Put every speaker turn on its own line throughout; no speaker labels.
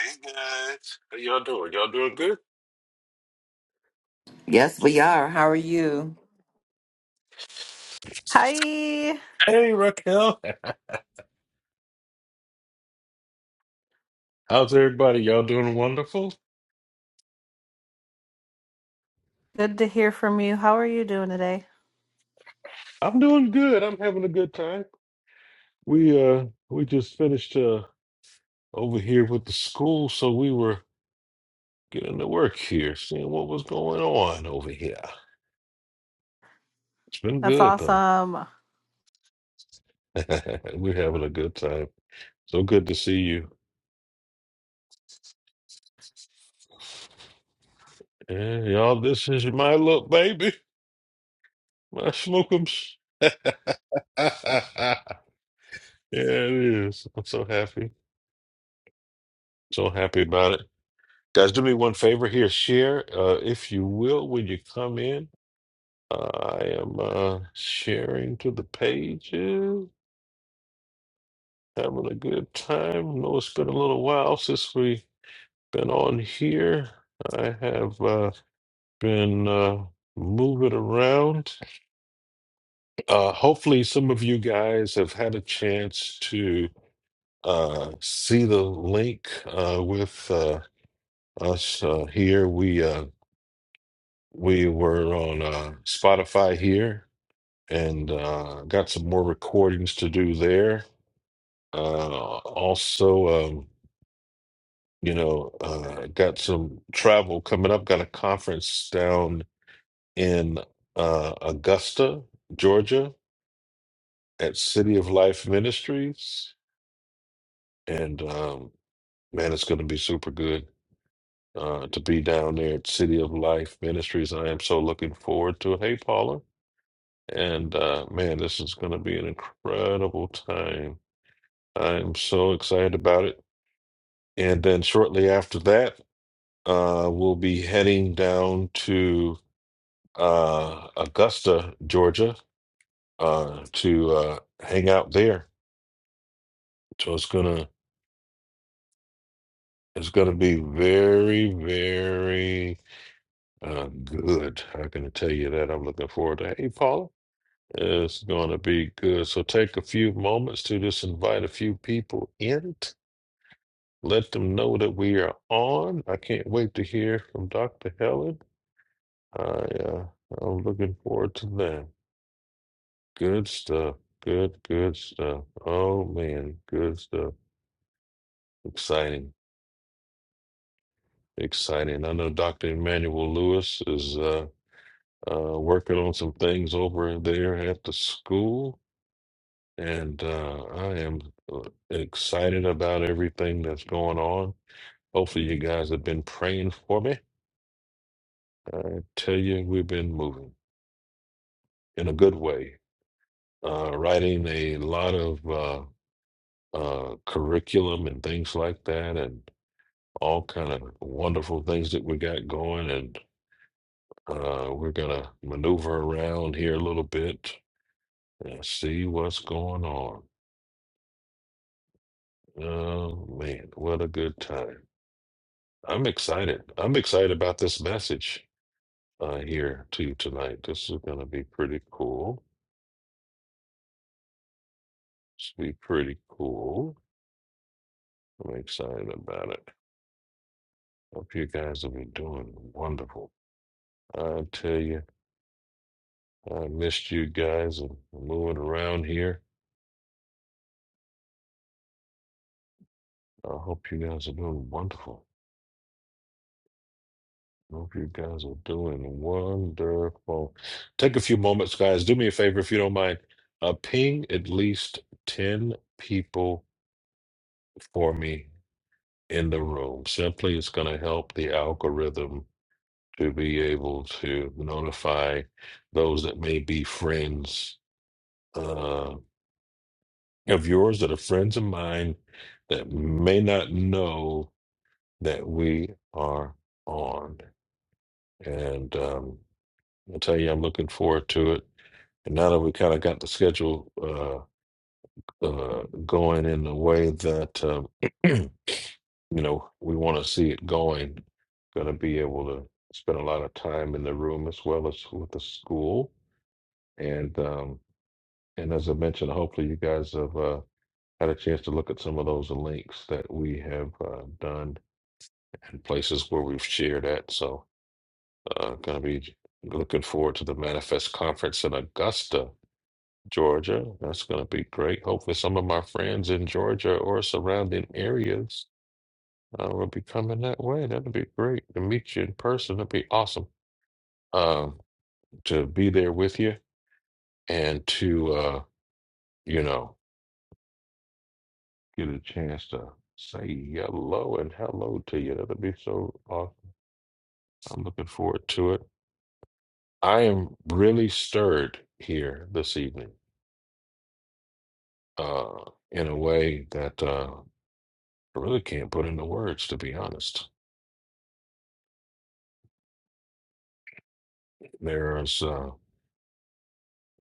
Hey guys, how y'all doing? Y'all doing good?
Yes, we are. How are you?
Hi.
Hey Raquel, how's everybody? Y'all doing wonderful?
Good to hear from you. How are you doing today?
I'm doing good. I'm having a good time. We uh we just finished uh over here with the school, so we were getting to work here, seeing what was going on over here. It's been
That's
good though.
awesome.
We're having a good time. So good to see you. Yeah, y'all, this is my little baby, my Schmookums. yeah, it is. I'm so happy. So happy about it. Guys, do me one favor here. Share, uh, if you will, when you come in. I am uh, sharing to the pages, having a good time. Know it's been a little while since we've been on here. I have uh, been uh, moving around. Uh, hopefully, some of you guys have had a chance to uh, see the link uh, with uh, us uh, here. We uh, We were on uh, Spotify here and uh, got some more recordings to do there. Uh, also, um, you know, uh, got some travel coming up. Got a conference down in uh, Augusta, Georgia, at City of Life Ministries, and um, man, it's going to be super good uh, to be down there at City of Life Ministries. I am so looking forward to it. Hey, Paula. And uh, man, this is going to be an incredible time. I'm so excited about it. And then shortly after that, uh, we'll be heading down to uh, Augusta, Georgia, uh, to uh, hang out there. So it's gonna it's gonna be very very uh, good. I can tell you that. I'm looking forward to. Hey, Paula. It's going to be good. So take a few moments to just invite a few people in Let them know that we are on. I can't wait to hear from Dr. Helen. I, uh, I'm looking forward to that. Good stuff. Good, good stuff. Oh, man. Good stuff. Exciting. Exciting. I know Dr. Emmanuel Lewis is uh, uh, working on some things over there at the school. And uh, I am uh, excited about everything that's going on. Hopefully, you guys have been praying for me. I tell you, we've been moving. in a good way, uh, writing a lot of uh, uh, curriculum and things like that, and all kind of wonderful things that we got going. And uh, we're gonna maneuver around here a little bit and see what's going on. Oh man, what a good time! I'm excited. I'm excited about this message uh, here too tonight. This is gonna be pretty cool. It's be pretty cool. I'm excited about it. Hope you guys will be doing wonderful. I tell you, I missed you guys and moving around here. I hope you guys are doing wonderful. I hope you guys are doing wonderful. Take a few moments, guys. Do me a favor if you don't mind. Uh, ping at least 10 people for me in the room. Simply, it's going to help the algorithm to be able to notify those that may be friends. Uh, of yours that are friends of mine that may not know that we are on. And um, I'll tell you, I'm looking forward to it. And now that we kind of got the schedule uh, uh, going in the way that, um, you know, we want to see it going, going to be able to spend a lot of time in the room as well as with the school. And um, and as I mentioned, hopefully you guys have. Uh, had a chance to look at some of those links that we have uh, done and places where we've shared at. So, uh, going to be looking forward to the Manifest Conference in Augusta, Georgia. That's going to be great. Hopefully, some of my friends in Georgia or surrounding areas uh, will be coming that way. That'll be great to meet you in person. That'd be awesome um, to be there with you and to, uh, you know, get a chance to say hello and hello to you. That'll be so awesome. I'm looking forward to it. I am really stirred here this evening, uh, in a way that uh, I really can't put into words, to be honest. There's uh,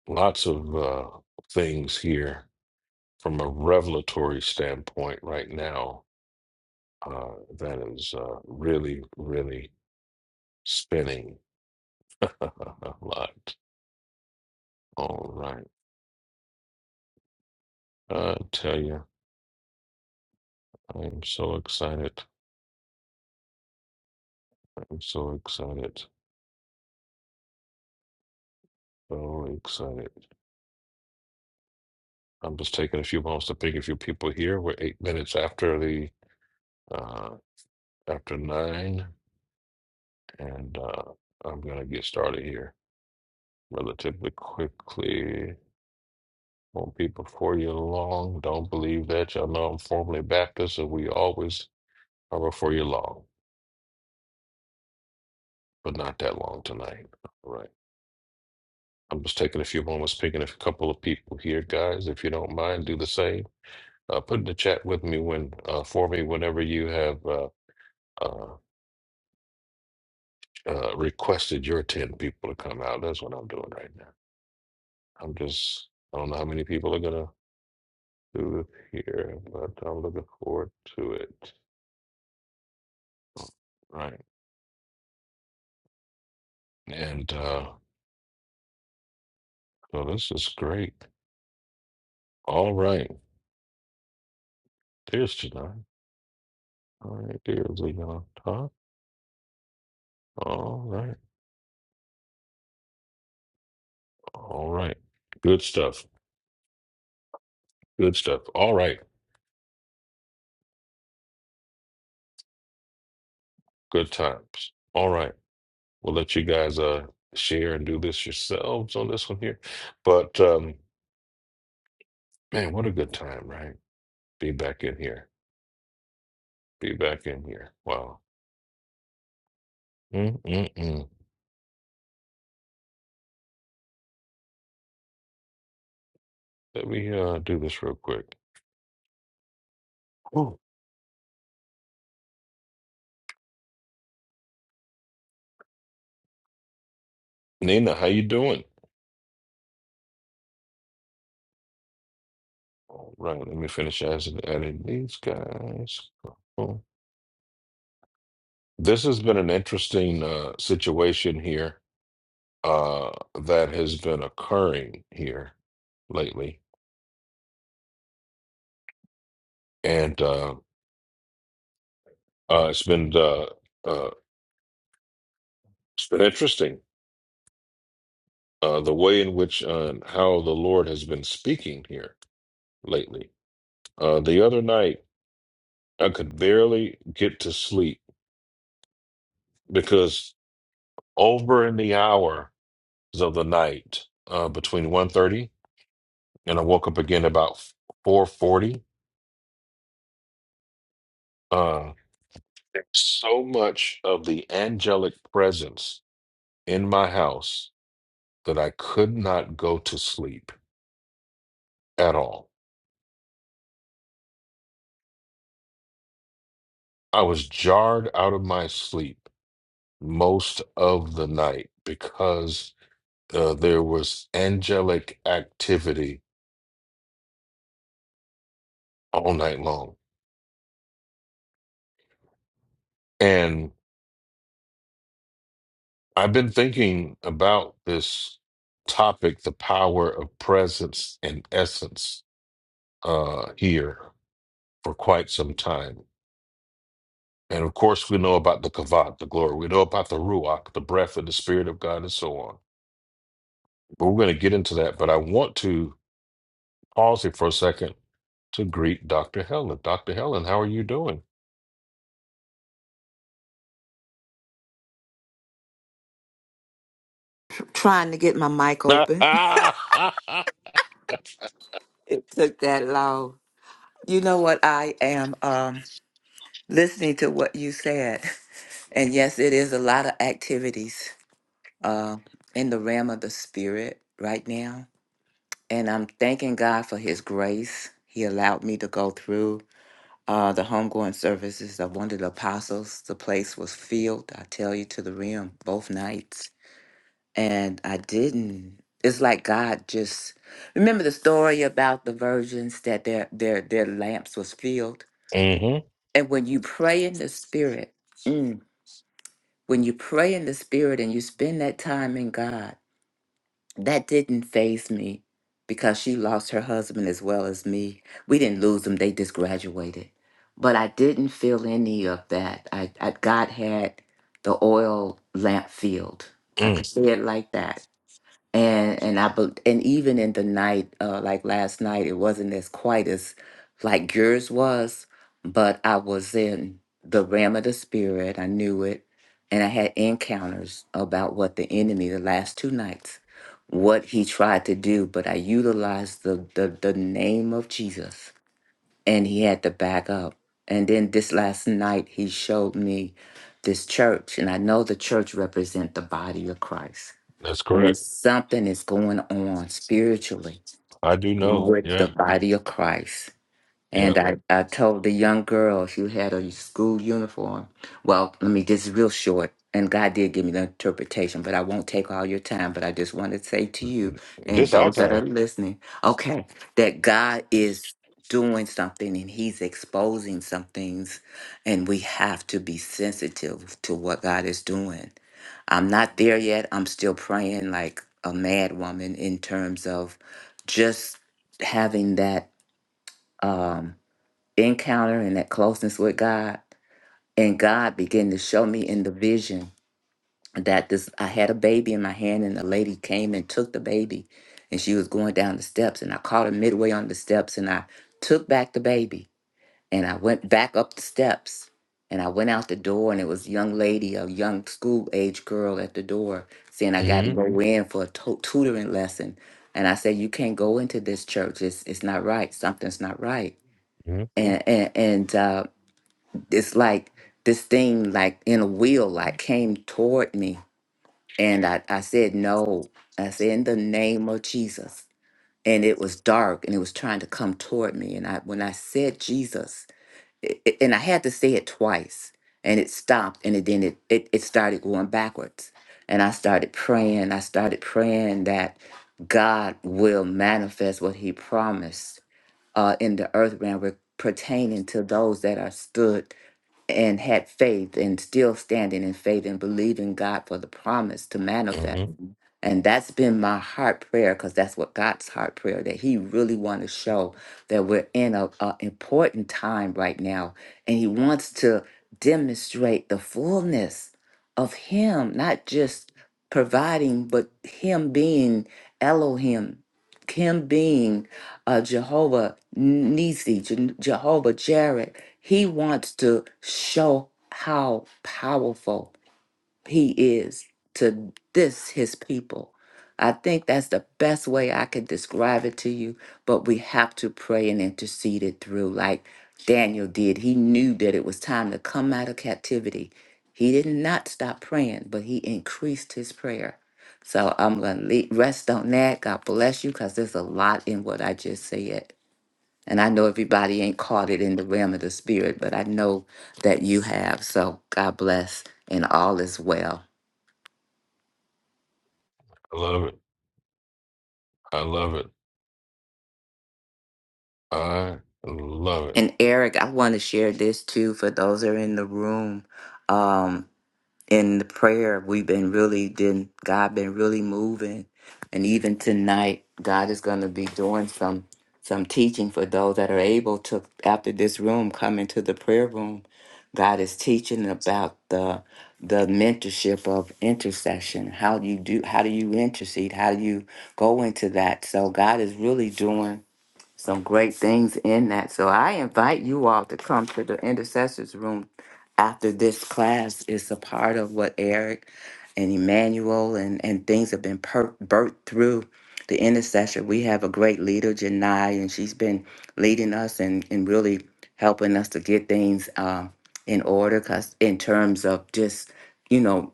lots of uh, things here from a revelatory standpoint right now uh, that is uh, really, really spinning a lot. All right. I tell you, I'm so excited. I'm so excited. So excited. I'm just taking a few moments to pick a few people here. We're eight minutes after the uh, after nine, and uh, I'm gonna get started here relatively quickly. Won't be before you long. Don't believe that. Y'all know I'm formerly Baptist, and we always are before you long, but not that long tonight. All right. I'm just taking a few moments, picking a couple of people here, guys. If you don't mind, do the same. Uh, put in the chat with me when uh, for me whenever you have. Uh, uh, uh, requested your 10 people to come out. That's what I'm doing right now. I'm just, I don't know how many people are going to do it here, but I'm looking forward to it. Right. And uh, so this is great. All right. There's tonight. All right. There's Leon on top. All right. All right. Good stuff. Good stuff. All right. Good times. All right. We'll let you guys uh share and do this yourselves on this one here. But um man, what a good time, right? Be back in here. Be back in here. Wow. Mm-mm-mm. Let me uh do this real quick. Ooh. Nina, how you doing? All right, let me finish as adding these guys. Cool. This has been an interesting uh situation here uh that has been occurring here lately. And uh uh it's been uh uh it's been interesting uh the way in which uh how the Lord has been speaking here lately. Uh the other night I could barely get to sleep because over in the hours of the night, uh, between one thirty and I woke up again about 4.40, uh, there's so much of the angelic presence in my house that I could not go to sleep at all. I was jarred out of my sleep most of the night because uh, there was angelic activity all night long. And I've been thinking about this topic, the power of presence and essence, uh, here for quite some time. And of course, we know about the Kavat, the glory. We know about the Ruach, the breath of the Spirit of God, and so on. But we're going to get into that. But I want to pause here for a second to greet Dr. Helen. Dr. Helen, how are you doing?
Tr- trying to get my mic
mm-hmm.
open. It took that long. You know what? I am um, listening to what you said. And yes, it is a lot of activities uh, in the realm of the spirit right now. And I'm thanking God for his grace. He allowed me to go through uh, the homegoing services of one of the apostles. The place was filled, I tell you, to the rim both nights. and I didn't. It's like God just remember the story about the virgins that their their their lamps was filled, and when you pray in the spirit, mm, when you pray in the spirit and you spend that time in God, that didn't phase me because she lost her husband as well as me. We didn't lose them; they just graduated. But I didn't feel any of that. I, I God had the oil lamp filled. I could
mm.
say it like that and and I bel- and even in the night, uh, like last night, it wasn't as quite as like yours was, but I was in the realm of the spirit. I knew it, and I had encounters about what the enemy the last two nights, what he tried to do, but I utilized the the, the name of Jesus, and he had to back up. And then this last night, he showed me this church, and I know the church represent the body of Christ
That's
when
correct.
something is going on spiritually
I do know.
with the
Yeah.
body of Christ,
Yeah.
and I, I told the young girl she had a school uniform. Well, let me, this is real short. And God did give me the interpretation, but I won't take all your time. But I just want to say to you and
This our
those that are
time.
listening, okay, that God is doing something and He's exposing some things. And we have to be sensitive to what God is doing. I'm not there yet. I'm still praying like a mad woman in terms of just having that. Um, encounter and that closeness with God. And God began to show me in the vision that this I had a baby in my hand and a lady came and took the baby and she was going down the steps and I caught her midway on the steps and I took back the baby and I went back up the steps and I went out the door and it was a young lady, a young school age girl at the door saying I got
Mm-hmm.
to go in for a to- tutoring lesson. And I said, you can't go into this church. It's, it's not right. Something's not right and and, and uh, it's like this thing like in a wheel like came toward me and I, I said no i said in the name of jesus and it was dark and it was trying to come toward me and i when i said jesus it, it- and i had to say it twice and it stopped and it then it, it, it started going backwards and i started praying i started praying that god will manifest what he promised uh, in the earth realm re- pertaining to those that are stood and had faith and still standing in faith and believing God for the promise to manifest.
Mm-hmm.
Mhm. And that's been my heart prayer because that's what God's heart prayer that He really want to show that we're in a, a important time right now, and He wants to demonstrate the fullness of Him, not just providing, but Him being Elohim, Him being uh, Jehovah Nisi, Jehovah Jared. He wants to show how powerful he is to this, his people. I think that's the best way I could describe it to you, but we have to pray and intercede it through like Daniel did. He knew that it was time to come out of captivity. He did not stop praying, but he increased his prayer. So I'm going to rest on that. God bless you because there's a lot in what I just said. And I know everybody ain't caught it in the realm of the spirit, but I know that you have. So God bless and all is well.
I love it. I love it. I love
And Eric, I want to share this too for those that are in the room. Um, in the prayer we've been really been god been really moving and even tonight god is going to be doing some some teaching for those that are able to after this room come into the prayer room god is teaching about the the mentorship of intercession how do you do how do you intercede how do you go into that so god is really doing some great things in that. So I invite you all to come to the intercessors room after this class. It's a part of what Eric and Emmanuel and, and things have been per- birthed through the intercession. We have a great leader, Janai, and she's been leading us and, and really helping us to get things um, in order 'cause in terms of just, you know,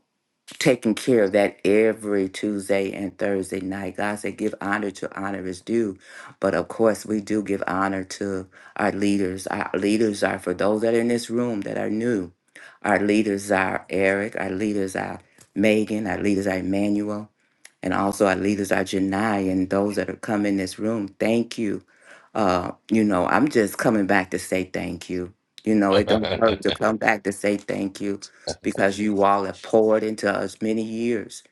taking care of that every Tuesday and Thursday night. God said, give honor to honor is due. But of course, we do give honor to our leaders. Our leaders are, for those that are in this room that are new, our leaders are Eric, our leaders are Megan, our leaders are Emmanuel and also our leaders, our Janai, and those that have come in this room. Thank you. Uh, you know, I'm just coming back to say thank you. You know, it don't hurt to
it.
come back to say thank you because you all have poured into us many years.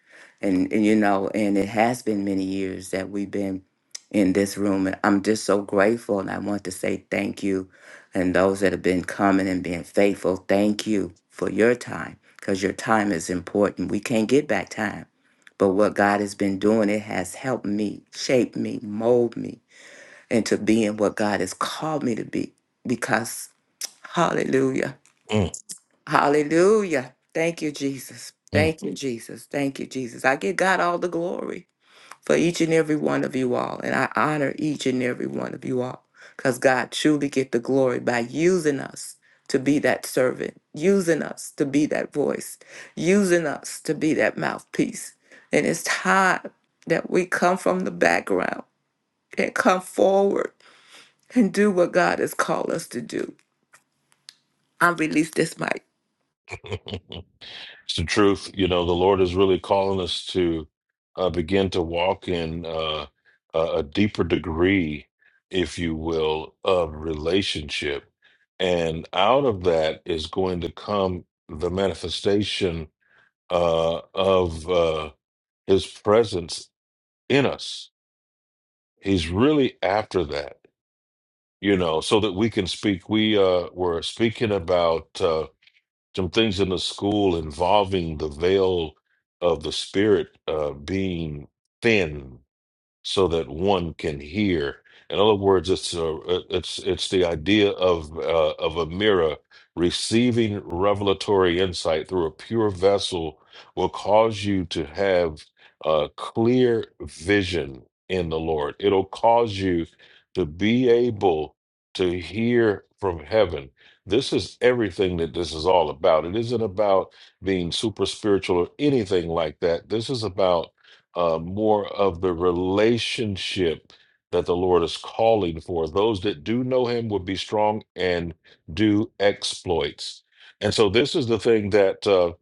And, and you know, and it has been many years that we've been in this room. And I'm just so grateful. And I want to say thank you. And those that have been coming and being faithful, thank you for your time because your time is important. We can't get back time but what God has been doing, it has helped me, shaped me, mold me into being what God has called me to be. Because, hallelujah,
Mm,
hallelujah. Thank you, Jesus.
mm.
Thank you, Jesus. Thank you, Jesus. I give God all the glory for each and every one of you all. And I honor each and every one of you all because God truly get the glory by using us to be that servant, using us to be that voice, using us to be that mouthpiece. And it's time that we come from the background and come forward and do what God has called us to do. I release this mic.
it's the truth. You know, the Lord is really calling us to uh, begin to walk in uh, a a deeper degree, if you will, of relationship. And out of that is going to come the manifestation uh, of uh, his presence in us. He's really after that you know, so that we can speak. We uh, were speaking about uh, some things in the school involving the veil of the spirit uh, being thin so that one can hear. In other words, it's a, uh, it's it's the idea of uh, of a mirror receiving revelatory insight through a pure vessel will cause you to have a clear vision in the Lord. It'll cause you to be able to hear from heaven. This is everything that this is all about. It isn't about being super spiritual or anything like that. This is about uh, more of the relationship that the Lord is calling for. Those that do know Him would be strong and do exploits. And so, this is the thing that uh,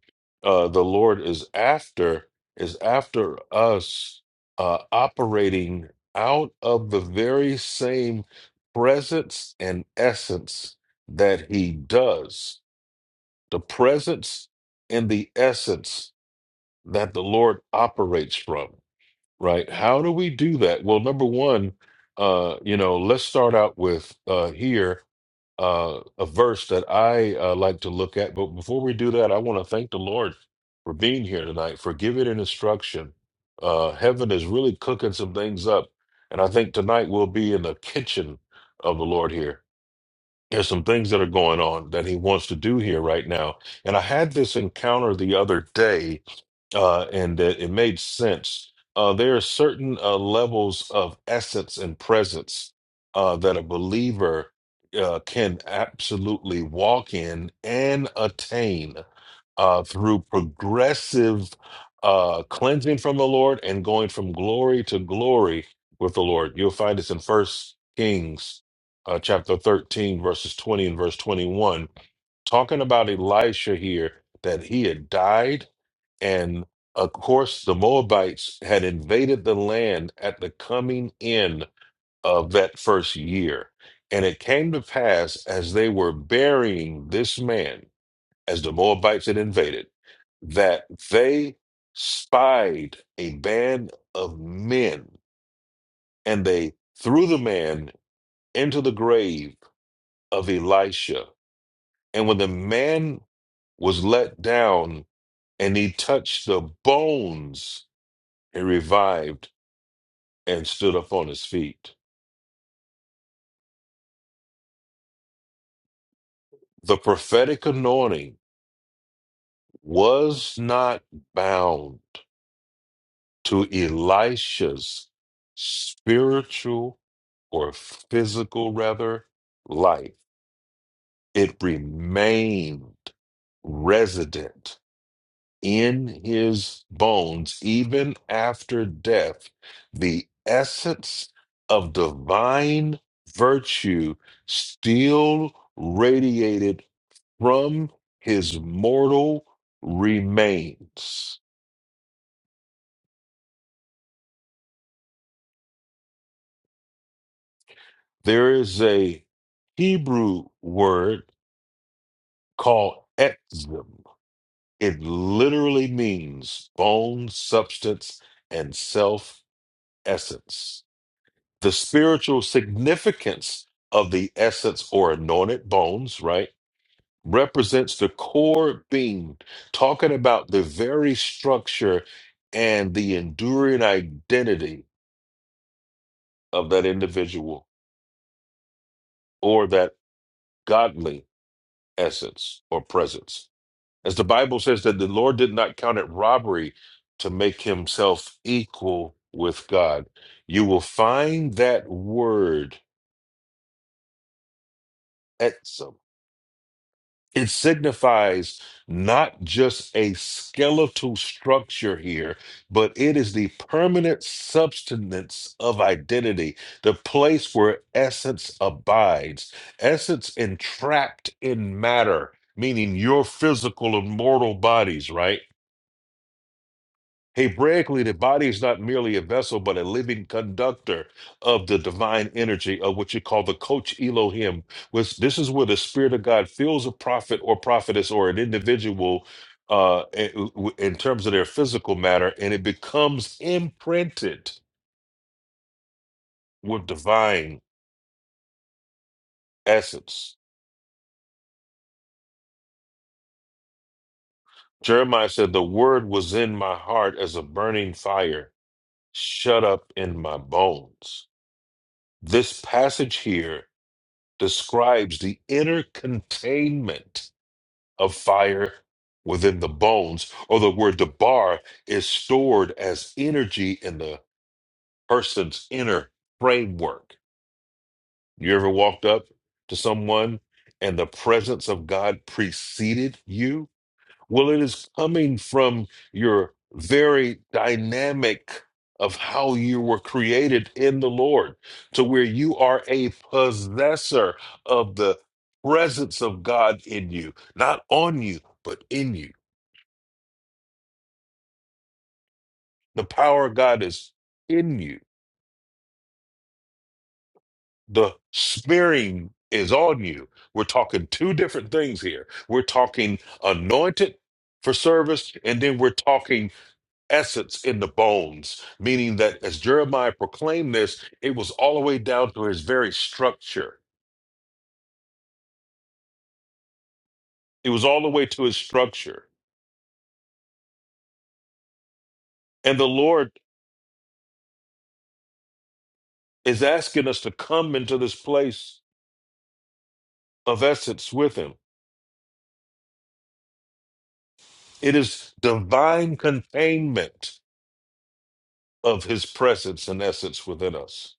uh, the Lord is after: is after us uh, operating out of the very same presence and essence that He does. The presence and the essence that the Lord operates from Right. How do we do that? Well, number one, uh, you know, let's start out with uh, here uh, a verse that I uh, like to look at. But before we do that, I want to thank the Lord for being here tonight, for giving an instruction. Uh, heaven is really cooking some things up. And I think tonight we'll be in the kitchen of the Lord here. There's some things that are going on that he wants to do here right now. And I had this encounter the other day uh, and that it made sense. Uh, there are certain uh, levels of essence and presence uh, that a believer uh, can absolutely walk in and attain uh, through progressive uh, cleansing from the Lord and going from glory to glory with the Lord. You'll find this in First Kings. Uh, chapter 13, verses 20 and verse 21, talking about Elisha here, that he had died and of course, the Moabites had invaded the land at the coming in of that first year. And it came to pass as they were burying this man, as the Moabites had invaded, that they spied a band of men and they threw the man into the grave of Elisha. And when the man was let down and he touched the bones He revived and stood up on his feet. The prophetic anointing was not bound to Elisha's spiritual or physical, rather, life. It remained resident in his bones, even after death, the essence of divine virtue still radiated from his mortal remains. There is a Hebrew word called exim. It literally means bone, substance, and self essence. the spiritual significance of the essence or anointed bones, right, represents the core being, talking about the very structure and the enduring identity of that individual or that godly essence or presence. As the Bible says, that the Lord did not count it robbery to make himself equal with God. You will find that word, It signifies not just a skeletal structure here, but it is the permanent substance of identity, the place where essence abides, essence entrapped in matter, meaning your physical and mortal bodies, right? Hebraically, the body is not merely a vessel, but a living conductor of the divine energy of what you call the coach Elohim. Which this is where the Spirit of God fills a prophet or prophetess or an individual uh, in in terms of their physical matter, and it becomes imprinted with divine essence. Jeremiah said, The word was in my heart as a burning fire, shut up in my bones. This passage here describes the inner containment of fire within the bones, or the word debar is stored as energy in the person's inner framework. You ever walked up to someone and the presence of God preceded you? Well, it is coming from your very dynamic of how you were created in the Lord, to where you are a possessor of the presence of God in you, not on you, but in you. The power of God is in you, the smearing is on you. We're talking two different things here. We're talking anointed for service, and then we're talking essence in the bones, meaning that as Jeremiah proclaimed this, it was all the way down to his very structure. It was all the way to his structure. And the Lord is asking us to come into this place of essence with him. It is divine containment of his presence and essence within us.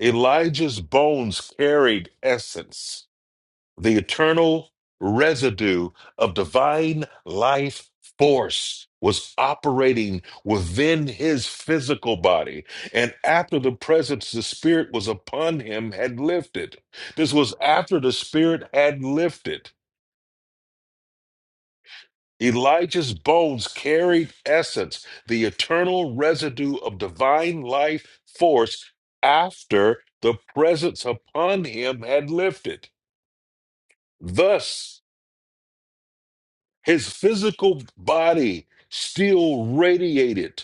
Elijah's bones carried essence. the eternal residue of divine life force was operating within his physical body and after the presence the spirit was upon him had lifted this was after the spirit had lifted elijah's bones carried essence the eternal residue of divine life force after the presence upon him had lifted thus His physical body still radiated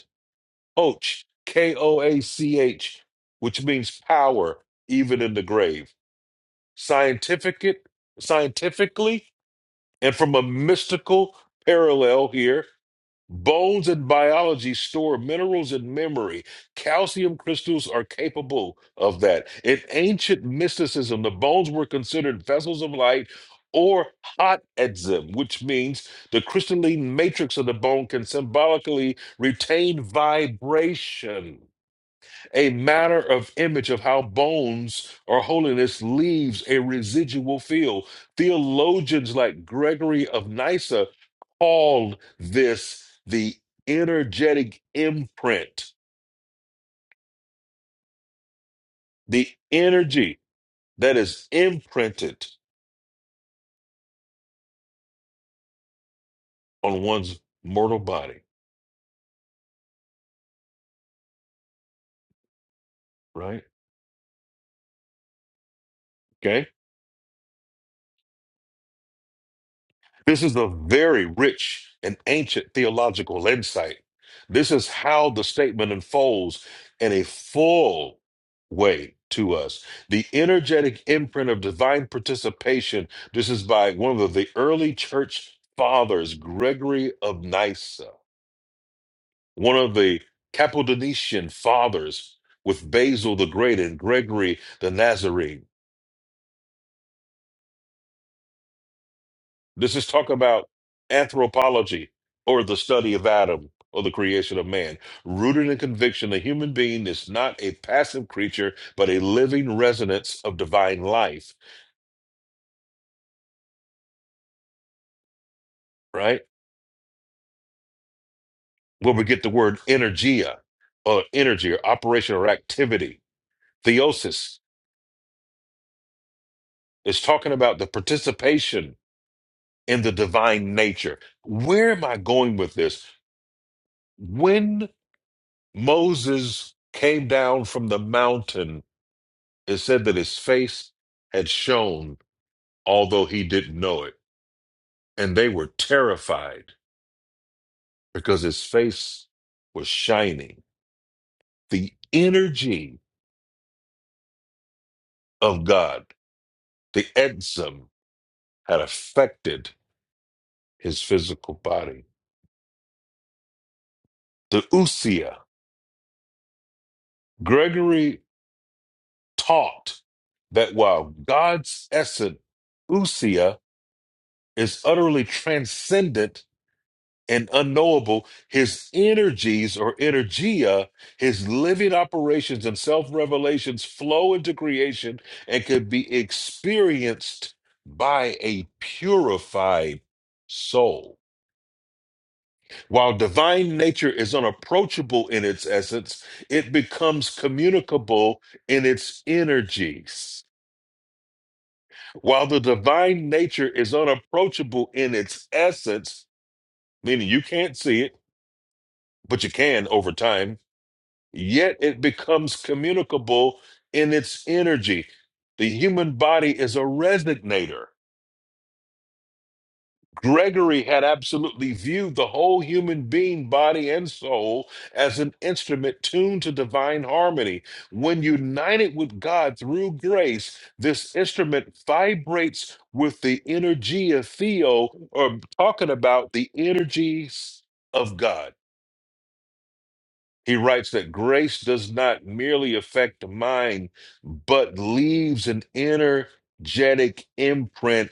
Och, K O A C H, which means power, even in the grave. Scientific, scientifically, and from a mystical parallel here, Bones and biology store minerals and memory. Calcium crystals are capable of that. In ancient mysticism, the bones were considered vessels of light or hot edzem, which means the crystalline matrix of the bone can symbolically retain vibration a matter of image of how bones or holiness leaves a residual feel. Theologians like Gregory of Nyssa called this the energetic imprint, the energy that is imprinted on one's mortal body, right? Okay. This is a very rich and ancient theological insight. This is how the statement unfolds in a full way to us. The energetic imprint of divine participation. This is by one of the early church fathers, Gregory of Nyssa, one of the Cappadonician fathers with Basil the Great and Gregory the Nazarene. This is talk about anthropology or the study of Adam or the creation of man. Rooted in conviction, the human being is not a passive creature, but a living resonance of divine life, right? Where we get the word energia or energy or operation or activity. Theosis is talking about the participation in the divine nature. Where am I going with this? When Moses came down from the mountain, It said that his face had shone, although he didn't know it. And they were terrified because his face was shining. The energy of God, the Edzim, had affected his physical body. The Usia, Gregory taught that while God's essence, Usia, is utterly transcendent and unknowable, his energies or energia, his living operations and self revelations flow into creation and can be experienced by a purified soul. While divine nature is unapproachable in its essence, it becomes communicable in its energies. While the divine nature is unapproachable in its essence, meaning you can't see it, but you can over time yet it becomes communicable in its energy. The human body is a resonator. Gregory had absolutely viewed the whole human being, body, and soul as an instrument tuned to divine harmony. When united with God through grace, this instrument vibrates with the energy of Theo, or talking about the energies of God. He writes that grace does not merely affect the mind, but leaves an energetic imprint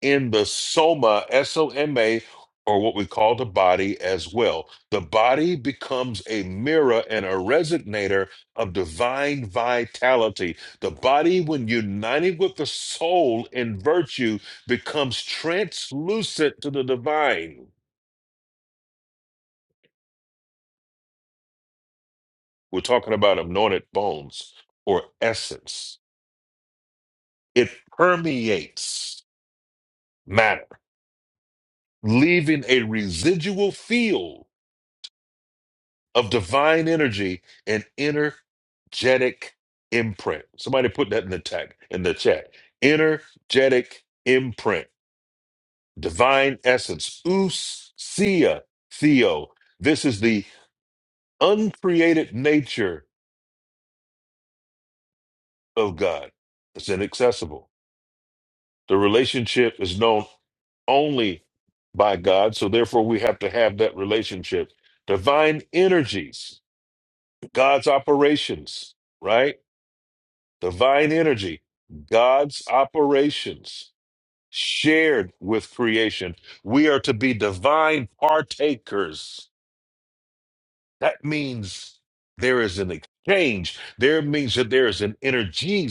in the soma, S O M A, or what we call the body as well. The body becomes a mirror and a resonator of divine vitality. The body, when united with the soul in virtue, becomes translucent to the divine. We're talking about anointed bones or essence It permeates matter, leaving a residual field of divine energy and energetic imprint. Somebody put that in the tag in the chat. Energetic imprint, divine essence, usia, theo. This is the uncreated nature of God. It's inaccessible. The relationship is known only by God, so therefore we have to have that relationship. Divine energies, God's operations, right? Divine energy, God's operations shared with creation. We are to be divine partakers That means there is an exchange. There means that there is an energy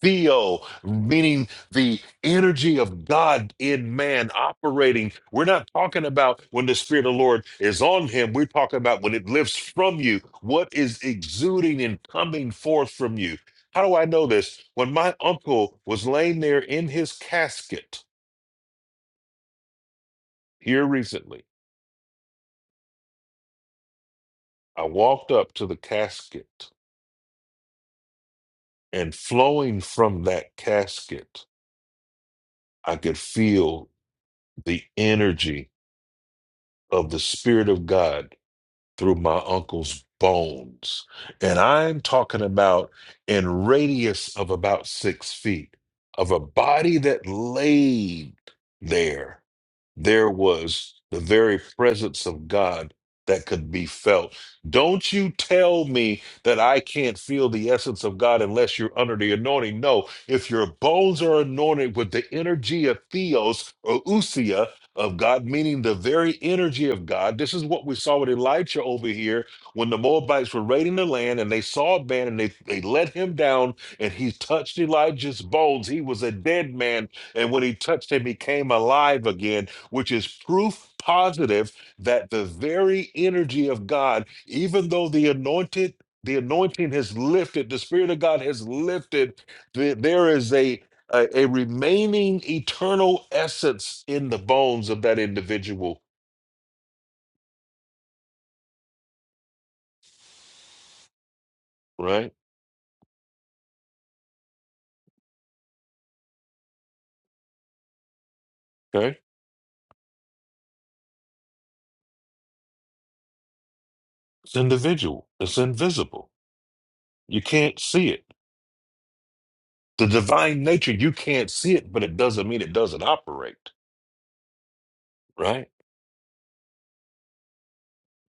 theo, meaning the energy of God in man operating. We're not talking about when the Spirit of the Lord is on him. We're talking about when it lifts from you. What is exuding and coming forth from you? How do I know this? When my uncle was laying there in his casket here recently, I walked up to the casket and flowing from that casket I could feel the energy of the Spirit of God through my uncle's bones. And I'm talking about in radius of about six feet of a body that laid there. There was the very presence of God that could be felt. Don't you tell me that I can't feel the essence of God unless you're under the anointing. No, if your bones are anointed with the energy of theos or usia, of God, meaning the very energy of God. This is what we saw with Elijah over here when the Moabites were raiding the land and they saw a man and they, they let him down and he touched Elijah's bones. He was a dead man. And when he touched him, he came alive again, which is proof positive that the very energy of God, even though the anointed the anointing has lifted, the Spirit of God has lifted. th- There is a a, a remaining eternal essence in the bones of that individual, right? Okay. It's individual, it's invisible. You can't see it. The divine nature, you can't see it, but it doesn't mean it doesn't operate, right?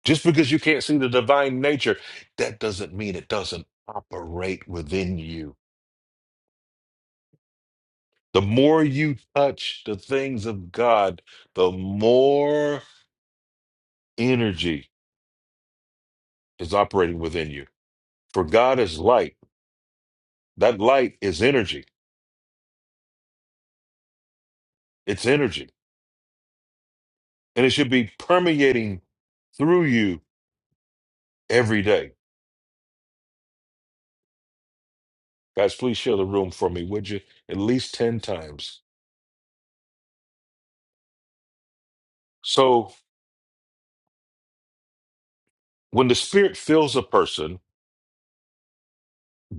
Just because you can't see the divine nature, that doesn't mean it doesn't operate within you. The more you touch the things of God, the more energy is operating within you. For God is light. That light is energy It's energy. And it should be permeating through you every day. Guys, please share the room for me, would you? At least 10 times. So when the Spirit fills a person,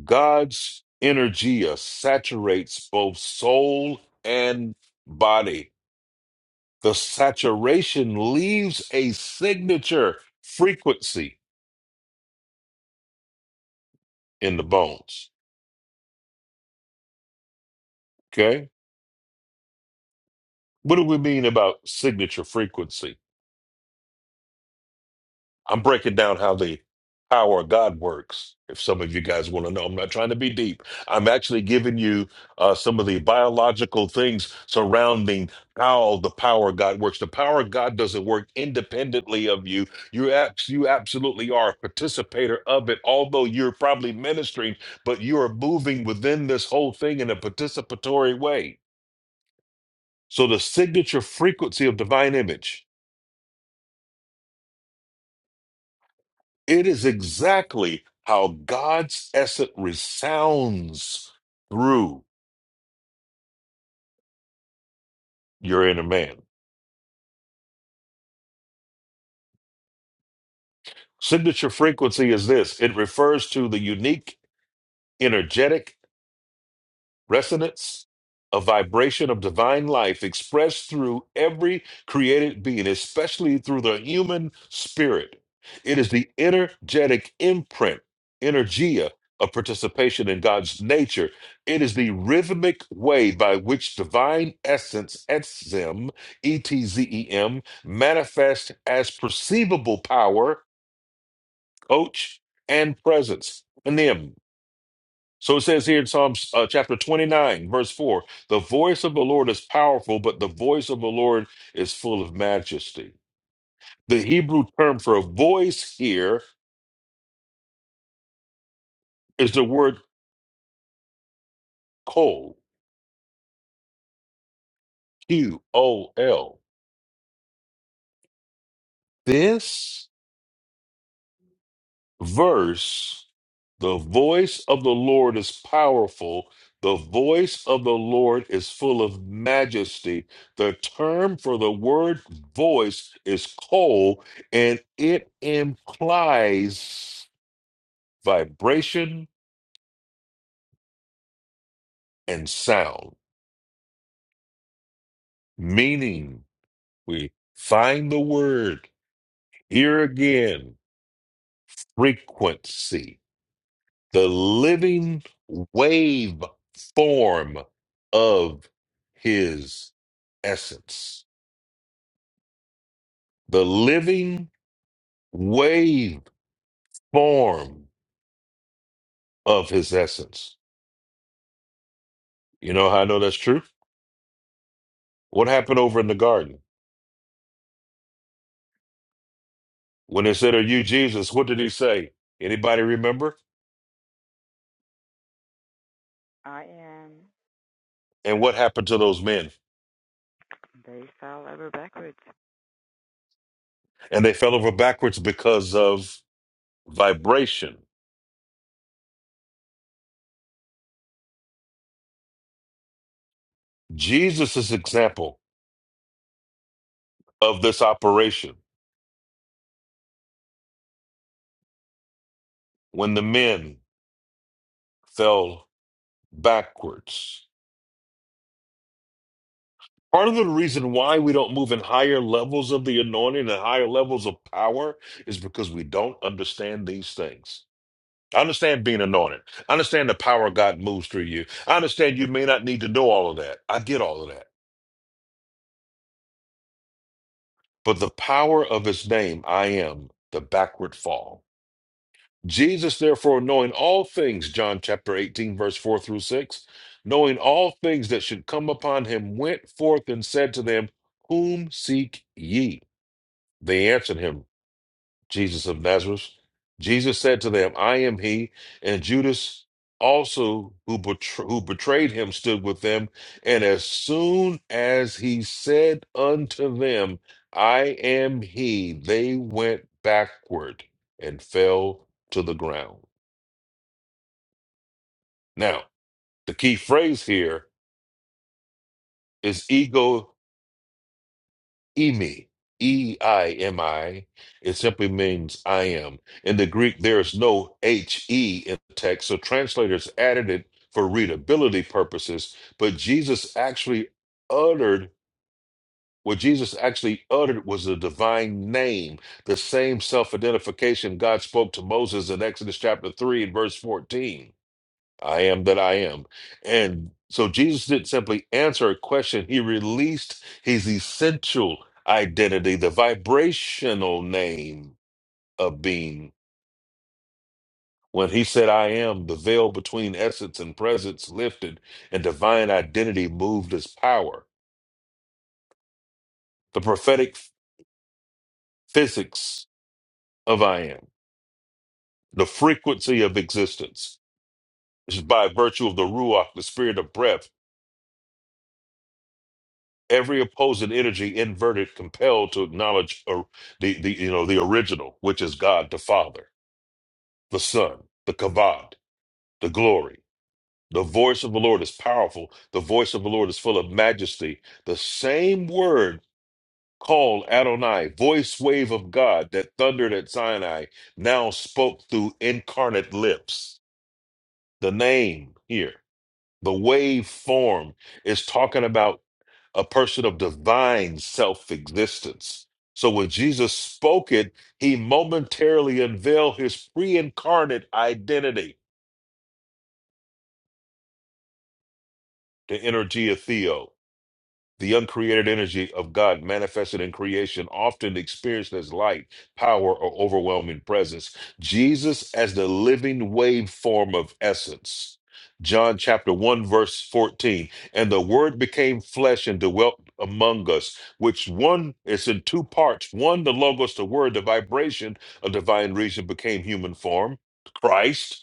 God's energy uh, saturates both soul and body. The saturation leaves a signature frequency in the bones. Okay? What do we mean about signature frequency? I'm breaking down how the power of God works. If some of you guys want to know, I'm not trying to be deep. I'm actually giving you uh, some of the biological things surrounding how the power of God works. The power of God doesn't work independently of you. You abs- you absolutely are a participator of it, although you're probably ministering, but you are moving within this whole thing in a participatory way. So the signature frequency of divine image It is exactly how God's essence resounds through your inner man. Signature frequency is this it refers to the unique, energetic, resonance, a vibration of divine life expressed through every created being, especially through the human spirit. It is the energetic imprint, energia, of participation in God's nature. It is the rhythmic way by which divine essence, etzem, E T Z E M, manifests as perceivable power, coach, and presence, enim. So it says here in Psalms uh, chapter 29, verse 4 the voice of the Lord is powerful, but the voice of the Lord is full of majesty. The Hebrew term for voice here is the word kol, Q O L. This verse, the voice of the Lord is powerful. The voice of the Lord is full of majesty. The term for the word voice is kol, and it implies vibration and sound, meaning we find the word here again, frequency the living wave form of his essence. The living wave form of his essence. You know how I know that's true? What happened over in the garden? When they said, Are you Jesus? What did he say? Anybody remember?
I am.
And what happened to those men?
They fell over backwards.
And they fell over backwards because of vibration. Jesus' example of this operation when the men fell backwards. Part of the reason why we don't move in higher levels of the anointing and higher levels of power is because we don't understand these things. I understand being anointed. I understand the power of God moves through you. I understand you may not need to know all of that. I get all of that. But the power of his name, I am the backward fall. Jesus, therefore, knowing all things, John chapter 18, verse 4 through 6, knowing all things that should come upon him, went forth and said to them, Whom seek ye? They answered him, Jesus of Nazareth. Jesus said to them, I am he. And Judas also, who, betr- who betrayed him, stood with them. And as soon as he said unto them, I am he, they went backward and fell to the ground. Now, the key phrase here is ego Emi, E I M I, it simply means I am. In the Greek, there is no H E in the text, so translators added it for readability purposes. But Jesus actually uttered what Jesus actually uttered was the divine name, the same self identification God spoke to Moses in Exodus chapter 3 and verse 14. I am that I am. And so Jesus didn't simply answer a question, he released his essential identity, the vibrational name of being. When he said, I am, the veil between essence and presence lifted, and divine identity moved as power. The prophetic physics of I am, the frequency of existence, is by virtue of the Ruach, the spirit of breath, every opposing energy inverted compelled to acknowledge or the, the you know the original which is god the father the son the kavod the glory the voice of the lord is powerful the voice of the lord is full of majesty the same word called adonai voice wave of god that thundered at sinai now spoke through incarnate lips the name here the wave form is talking about a person of divine self existence. So when Jesus spoke it, he momentarily unveiled his pre incarnate identity, the energia theo. The uncreated energy of God manifested in creation, often experienced as light, power, or overwhelming presence. Jesus as the living waveform of essence. John chapter 1, verse 14. And the word became flesh and dwelt among us, which one is in two parts. One, the logos, the word, the vibration of divine reason became human form, Christ.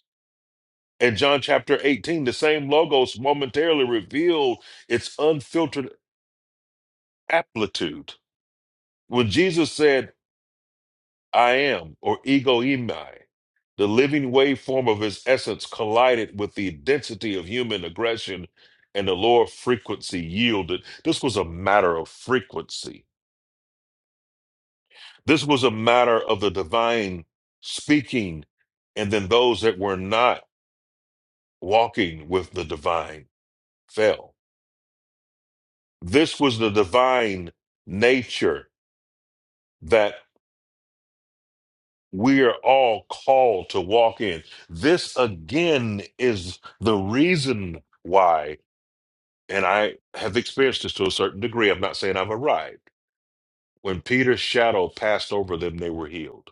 And John chapter 18, the same logos momentarily revealed its unfiltered Amplitude. When Jesus said, I am, or ego imai, the living waveform of his essence collided with the density of human aggression, and the lower frequency yielded. This was a matter of frequency. This was a matter of the divine speaking, and then those that were not walking with the divine fell. This was the divine nature that. we are all called to walk in. This again is the reason why, and I have experienced this to a certain degree. I'm not saying I've arrived. When Peter's shadow passed over them, they were healed.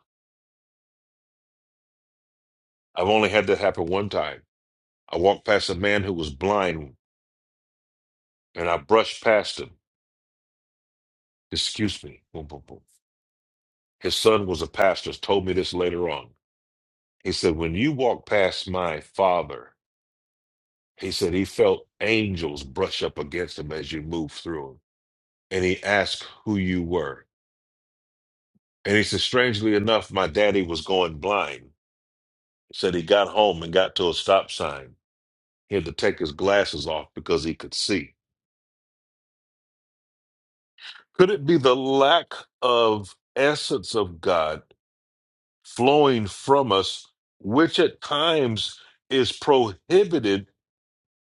I've only had that happen one time. I walked past a man who was blind and I brushed past him. Excuse me. Boom, boom, boom. His son was a pastor, told me this later on. He said, When you walk past my father, he said he felt angels brush up against him as you move through him. and he asked who you were. And he said, strangely enough, my daddy was going blind. He said he got home and got to a stop sign. He had to take his glasses off because he could see. Could it be the lack of essence of God flowing from us, which at times is prohibited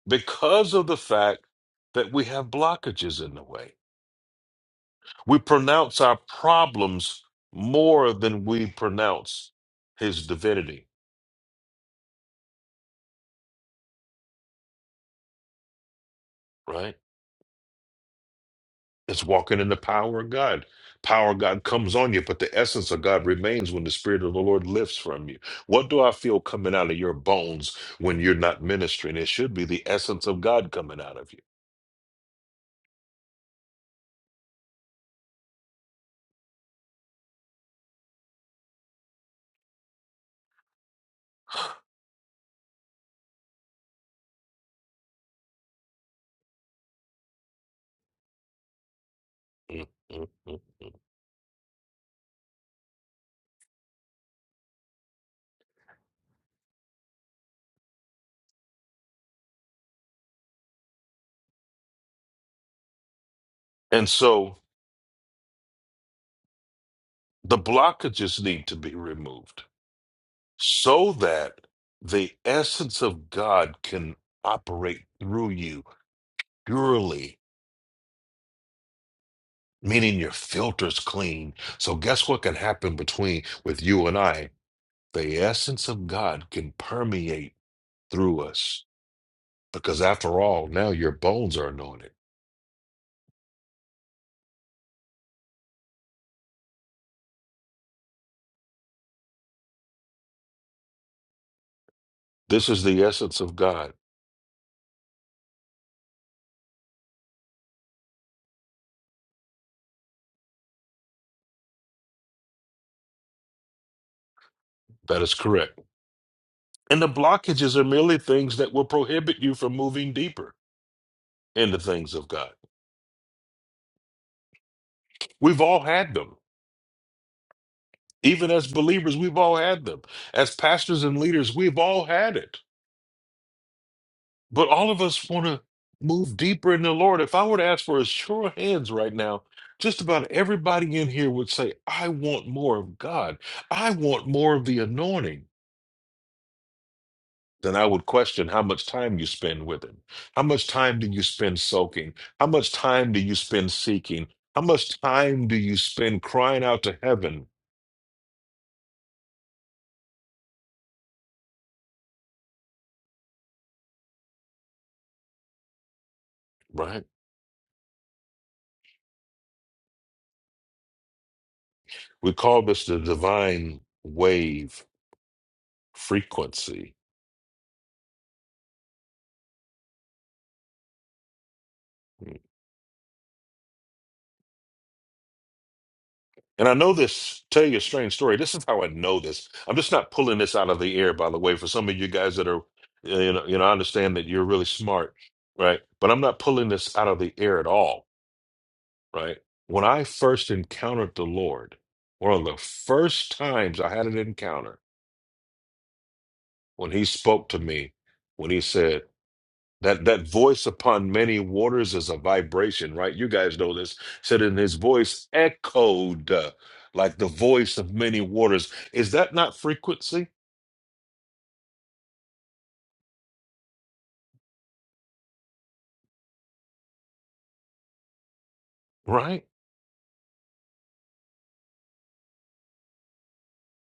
because of the fact that we have blockages in the way? We pronounce our problems more than we pronounce his divinity, right? It's walking in the power of God. Power of God comes on you, but the essence of God remains when the Spirit of the Lord lifts from you. What do I feel coming out of your bones when you're not ministering? It should be the essence of God coming out of you. Mm, mm, mm, mm. And so the blockages need to be removed so that the essence of God can operate through you purely, meaning your filter's clean. So guess what can happen between with you and I? The essence of God can permeate through us because, after all, now your bones are anointed. This is the essence of God. That is correct. And the blockages are merely things that will prohibit you from moving deeper into things of God. We've all had them. Even as believers, we've all had them. As pastors and leaders, we've all had it. But all of us want to move deeper in the Lord. If I were to ask for a show of hands right now, just about everybody in here would say, I want more of God. I want more of the anointing. Then I would question how much time you spend with Him. How much time do you spend soaking? How much time do you spend seeking? How much time do you spend crying out to heaven? Right? We call this the divine wave frequency. And I know this, tell you a strange story. This is how I know this. I'm just not pulling this out of the air, by the way, for some of you guys that are, uh, you know, you know, I understand that you're really smart, right? But I'm not pulling this out of the air at all, right? When I first encountered the Lord, one of the first times I had an encounter when he spoke to me, when he said, That that voice upon many waters is a vibration, right? You guys know this. Said in his voice echoed uh, like the voice of many waters. Is that not frequency? Right?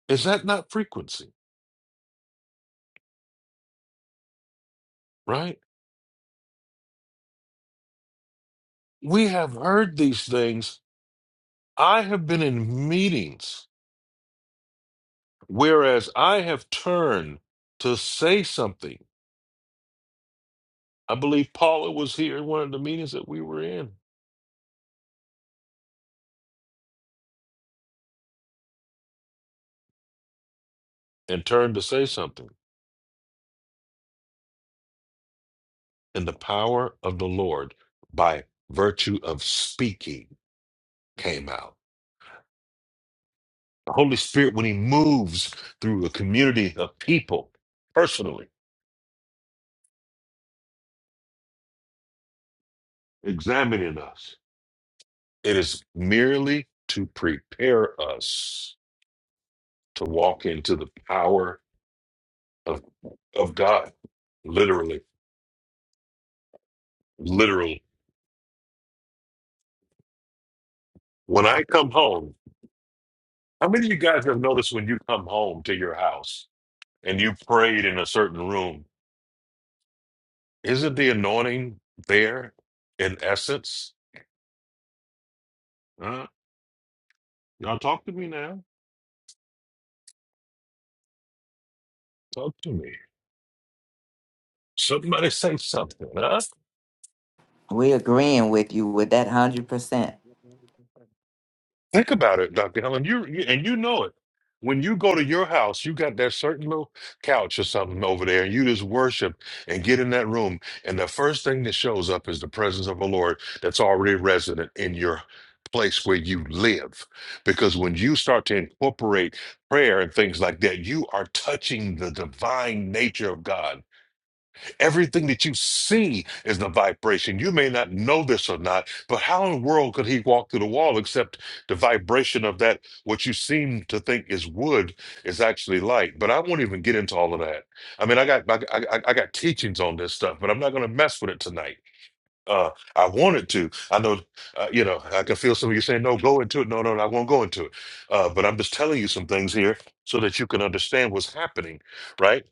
Is that not frequency? Right? We have heard these things. I have been in meetings, whereas I have turned to say something. I believe Paula was here in one of the meetings that we were in and turned to say something and the power of the Lord by virtue of speaking came out. The Holy Spirit, when He moves through a community of people personally examining us, it is merely to prepare us to walk into the power of, of God. Literally, literally. When I come home, how many of you guys have noticed when you come home to your house and you prayed in a certain room? Isn't the anointing there in essence? Huh? Y'all talk to me now. Talk to me. Somebody say something. Huh?
We agreeing with you with that one hundred percent.
Think about it, Dr. Helen. You, you and you know it. When you go to your house, you got that certain little couch or something over there, and you just worship and get in that room, and the first thing that shows up is the presence of the Lord that's already resident in your place where you live. Because when you start to incorporate prayer and things like that, you are touching the divine nature of God Everything that you see is the vibration. You may not know this or not, but how in the world could he walk through the wall except the vibration of that, what you seem to think is wood, is actually light? But I won't even get into all of that. I mean, I got I, I, I got teachings on this stuff, but I'm not going to mess with it tonight. Uh, I wanted to. I know, uh, you know, I can feel some of you saying, no, go into it. No, no, no I won't go into it. Uh, but I'm just telling you some things here so that you can understand what's happening, right?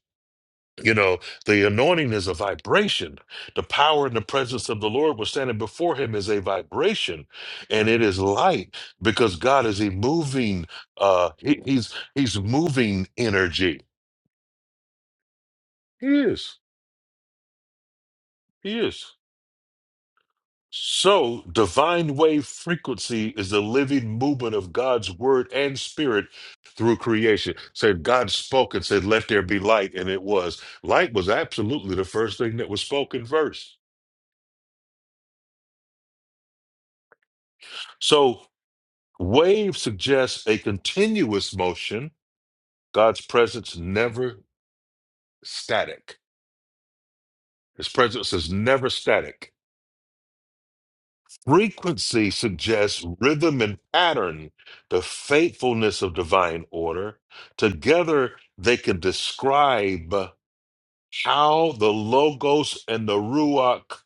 You know, the anointing is a vibration. The power and the presence of the Lord was standing before him is a vibration, and it is light because God is a moving. Uh, he- he's he's moving energy. He is. He is. So, divine wave frequency is the living movement of God's word and spirit through creation. Said God spoke and said, "Let there be light," and it was. Light was absolutely the first thing that was spoken first. So. Wave suggests a continuous motion. God's presence never static. His presence is never static. Frequency suggests rhythm and pattern, the faithfulness of divine order. Together, they can describe how the Logos and the Ruach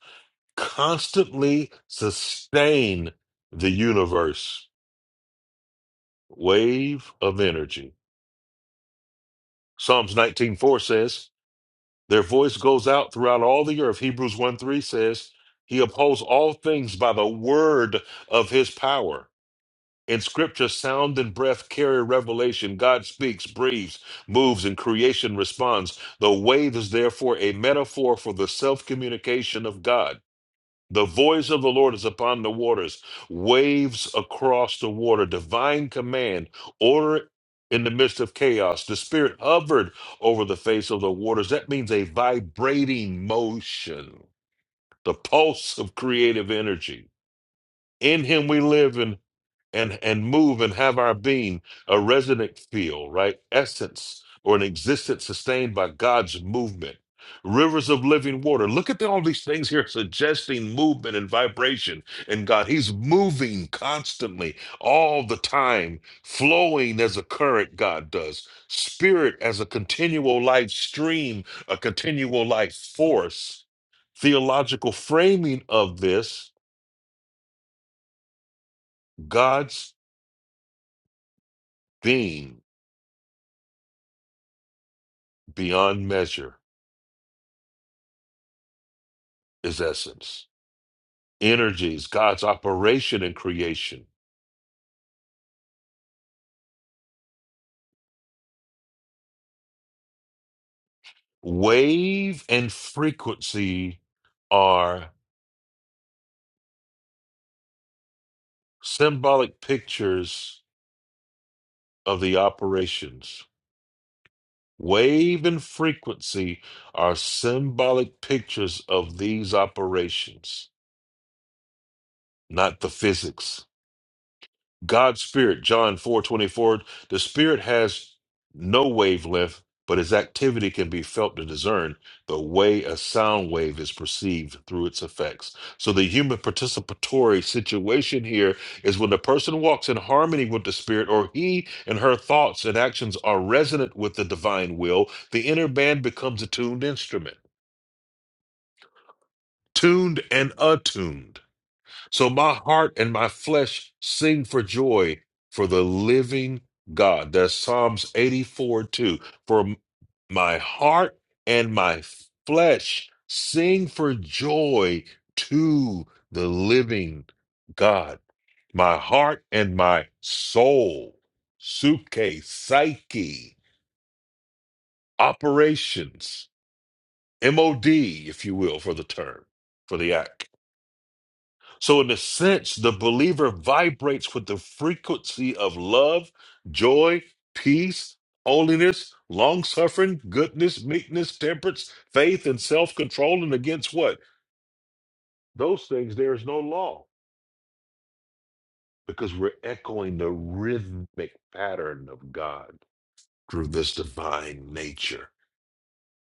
constantly sustain the universe. Wave of energy. Psalms 19:4 says, Their voice goes out throughout all the earth. Hebrews 1 3 says, He upholds all things by the word of his power. In scripture, sound and breath carry revelation. God speaks, breathes, moves, and creation responds. The wave is therefore a metaphor for the self communication of God. The voice of the Lord is upon the waters, waves across the water, divine command, order in the midst of chaos. The Spirit hovered over the face of the waters. That means a vibrating motion, the pulse of creative energy. In Him we live and and and move and have our being a resonant feel right essence or an existence sustained by god's movement rivers of living water look at the- all these things here suggesting movement and vibration in god he's moving constantly all the time flowing as a current god does spirit as a continual life stream a continual life force theological framing of this god's being beyond measure is essence, energies, God's operation in creation. Wave and frequency are symbolic pictures of the operations. Wave and frequency are symbolic pictures of these operations, not the physics God's spirit, John 4 24. the spirit has no wavelength, but its activity can be felt to discern the way a sound wave is perceived through its effects. So the human participatory situation here is when the person walks in harmony with the spirit, or he and her thoughts and actions are resonant with the divine will, the inner band becomes a tuned instrument, tuned and attuned. So my heart and my flesh sing for joy for the living God. That's Psalms 84 2. For m- my heart and my flesh sing for joy to the living God. My heart and my soul, suke, psyche, operations, MOD, if you will, for the term, for the act. So, in a sense, the believer vibrates with the frequency of love, joy, peace, holiness, long suffering, goodness, meekness, temperance, faith, and self control. And against what? Those things, there is no law because we're echoing the rhythmic pattern of God through this divine nature.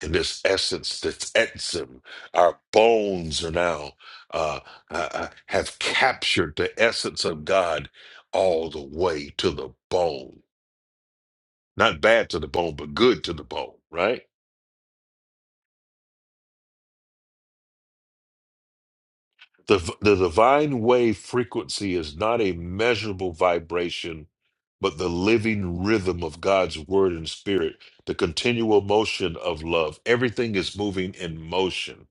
and this essence that's etzim, our bones are now uh, uh, uh, have captured the essence of God all the way to the bone. Not bad to the bone, but good to the bone. Right? The the divine wave frequency is not a measurable vibration, but the living rhythm of God's word and spirit, the continual motion of love. Everything is moving in motion.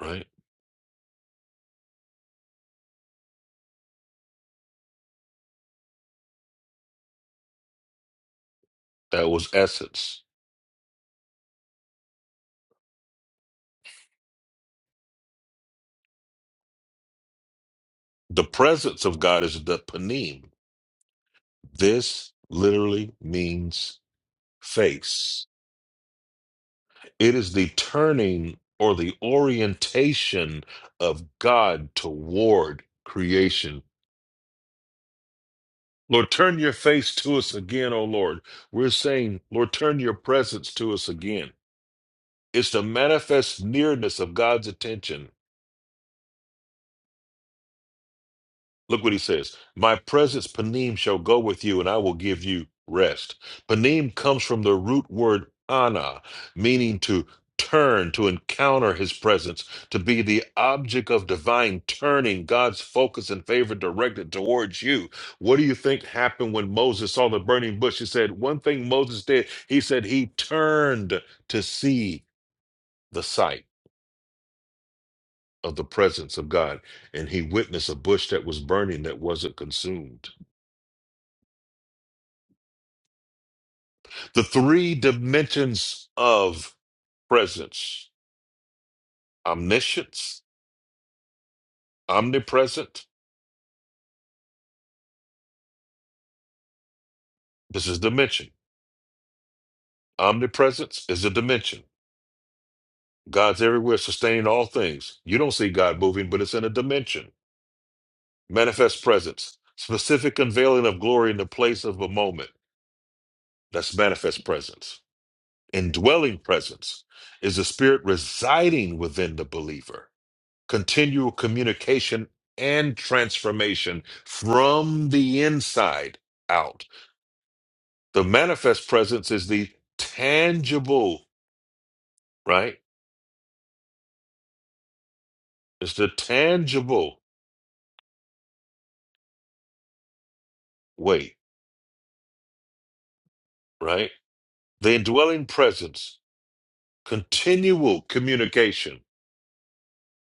Right? That was essence The presence of God is the panim. This literally means face. It is the turning or the orientation of God toward creation. Lord, turn your face to us again, O Lord. We're saying, Lord, turn your presence to us again. It's the manifest nearness of God's attention Look what he says. My presence, panim, shall go with you, and I will give you rest. Panim comes from the root word ana, meaning to turn, to encounter his presence, to be the object of divine turning, God's focus and favor directed towards you. What do you think happened when Moses saw the burning bush? He said, One thing Moses did, he said he turned to see the sight of the presence of God, and he witnessed a bush that was burning that wasn't consumed. the three dimensions of presence omniscience, omnipresent. This is dimension. Omnipresence is a dimension. God's everywhere, sustaining all things. You don't see God moving, but it's in a dimension. Manifest presence, specific unveiling of glory in the place of a moment. That's manifest presence. Indwelling presence is the spirit residing within the believer. continual communication and transformation from the inside out. The manifest presence is the tangible, right? It's the tangible way, right? The indwelling presence, continual communication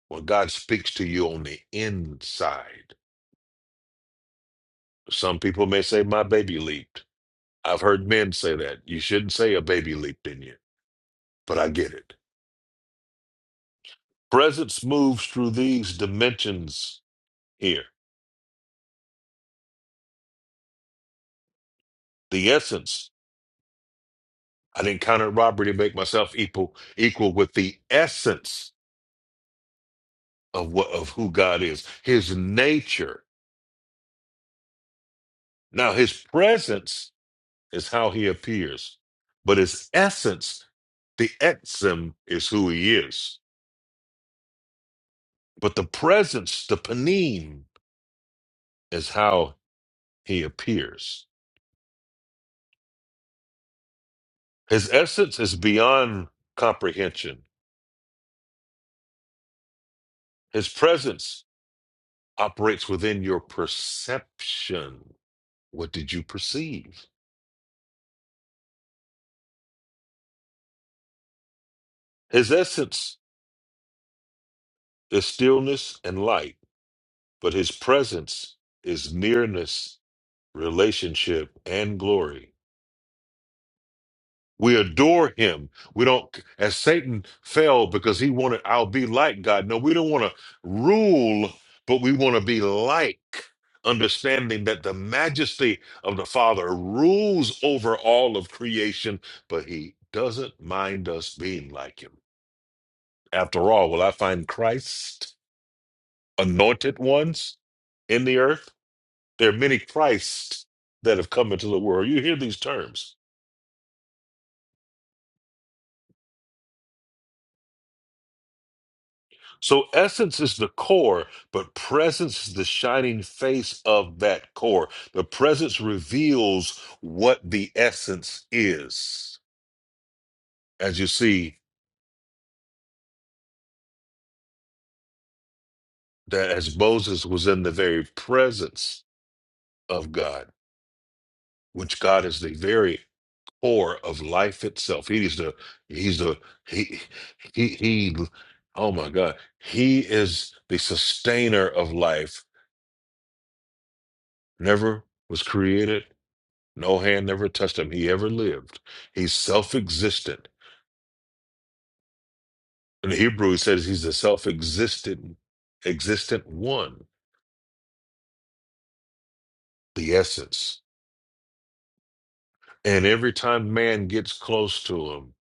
when God speaks to you on the inside. Some people may say, My baby leaped. I've heard men say that. You shouldn't say a baby leaped in you, but I get it. Presence moves through these dimensions here. The essence. I didn't counter robbery to make myself equal equal with the essence of what of who God is, his nature. Now his presence is how he appears, but his essence, the exim is who he is. But the presence, the panim, is how he appears. His essence is beyond comprehension. His presence operates within your perception. What did you perceive? His essence is stillness and light, but his presence is nearness, relationship, and glory. We adore him. We don't, as Satan fell because he wanted, I'll be like God. No, we don't want to rule, but we want to be like, understanding that the majesty of the Father rules over all of creation, but he doesn't mind us being like him. After all, will I find Christ? anointed ones in the earth. There are many Christs that have come into the world. You hear these terms. So, essence is the core, but presence is the shining face of that core. The presence reveals what the essence is. As you see, that as Moses was in the very presence of God, which God is the very core of life itself. He is the he's the he he he oh my God. He is the sustainer of life. Never was created. No hand never touched him. He ever lived. He's self-existent. In Hebrew, it says he's the self-existent existent one, the essence. And every time man gets close to him,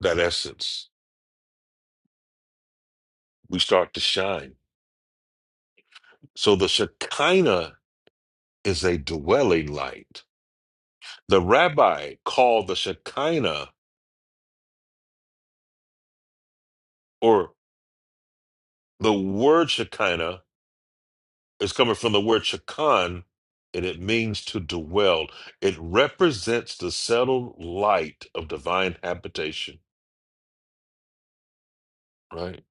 that essence, we start to shine. So the Shekinah is a dwelling light The rabbi called the Shekinah, or the word Shekinah, is coming from the word Shekan, and it means to dwell. It represents the settled light of divine habitation, right?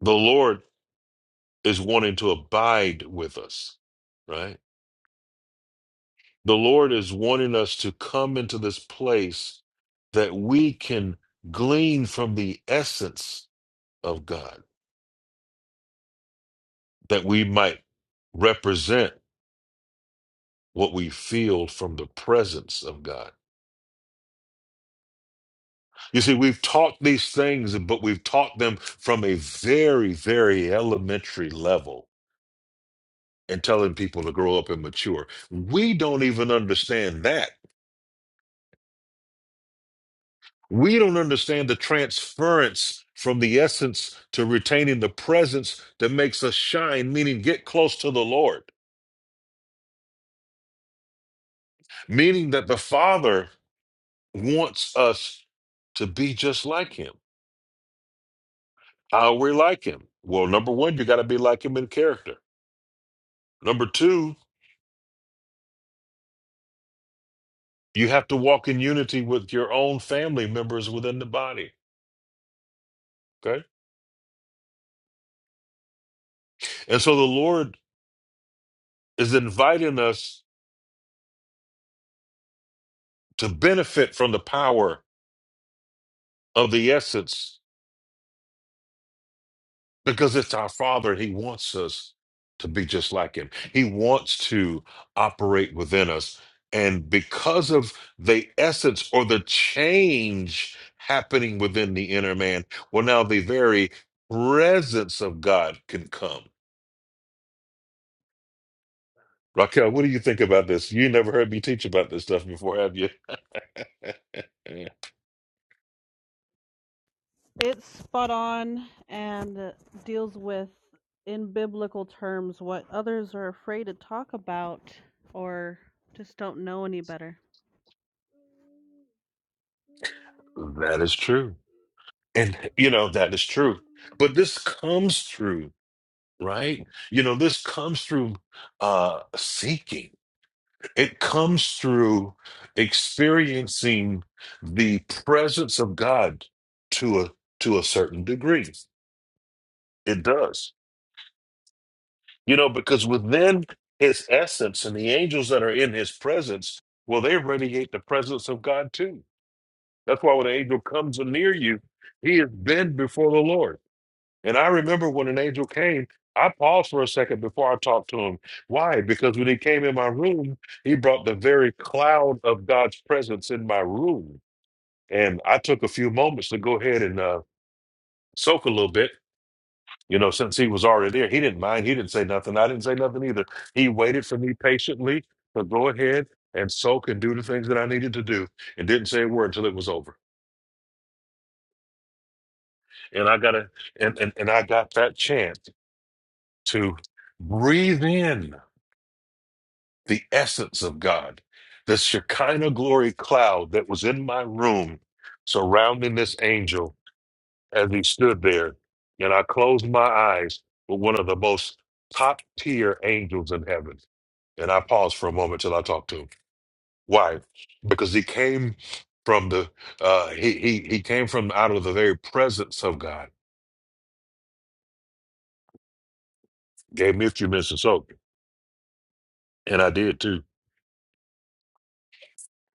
The Lord is wanting to abide with us, right? The Lord is wanting us to come into this place that we can glean from the essence of God, that we might represent. what we feel from the presence of God. You see, we've taught these things, but we've taught them from a very, very elementary level and telling people to grow up and mature. We don't even understand that. We don't understand the transference from the essence to retaining the presence that makes us shine, meaning get close to the Lord, meaning that the Father wants us to be just like Him. How are we like Him? Well, number one, you got to be like Him in character. Number two, you have to walk in unity with your own family members within the body. Okay. And so the Lord is inviting us to benefit from the power of the essence because it's our Father and He wants us to be just like Him. He wants to operate within us. And because of the essence or the change happening within the inner man, well, now the very presence of God can come. Raquel, what do you think about this? You ain't never heard me teach about this stuff before, have you?
It's spot on and deals with, in biblical terms, what others are afraid to talk about or just don't know any better.
That is true. And, you know, that is true. But this comes through, right? You know, this comes through uh, seeking, it comes through experiencing the presence of God to a, to a certain degree. It does, you know, because within his essence and the angels that are in his presence, well, they radiate the presence of God too That's why when an angel comes near you, he has been before the Lord. And I remember when an angel came, I paused for a second before I talked to him. Why? Because when he came in my room, he brought the very cloud of God's presence in my room. And I took a few moments to go ahead and uh, soak a little bit. You know, since he was already there, he didn't mind. He didn't say nothing. I didn't say nothing either. He waited for me patiently to go ahead and soak and do the things that I needed to do and didn't say a word until it was over. and I gotta and, and and I got that chance to breathe in the essence of God, the Shekinah glory cloud that was in my room, surrounding this angel as he stood there, and I closed my eyes with one of the most top tier angels in heaven, and I paused for a moment till I talked to him. Why? Because he came from the uh, he he he came from out of the very presence of God. Gave me a few minutes to soak, and I did too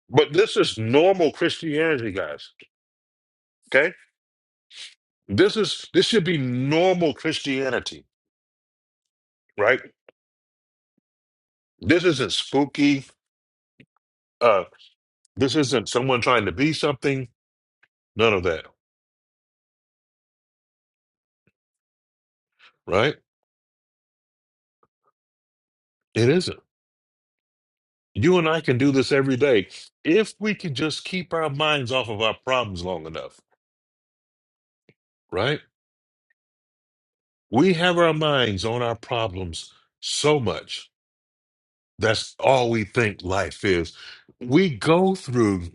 But this is normal Christianity, guys. Okay? This is this should be normal Christianity, right? This isn't spooky. Uh this isn't someone trying to be something. None of that, right? It isn't. You and I can do this every day if we can just keep our minds off of our problems long enough, right? We have our minds on our problems so much. That's all we think life is. We go through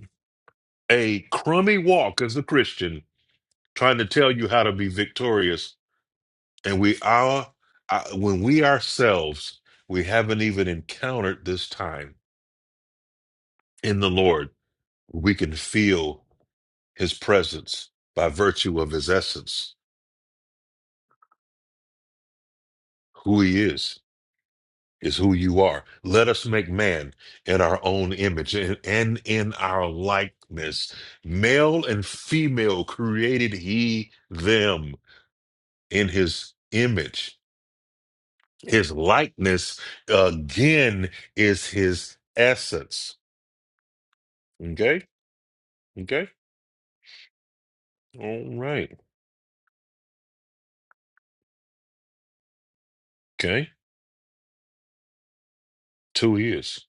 a crummy walk as a Christian trying to tell you how to be victorious and we are uh, when we ourselves we haven't even encountered this time in the lord we can feel his presence by virtue of his essence who he is is who you are let us make man in our own image and, and in our likeness male and female created he them in his image His likeness again is his essence. Okay. Okay. All right. Okay. It's who he is.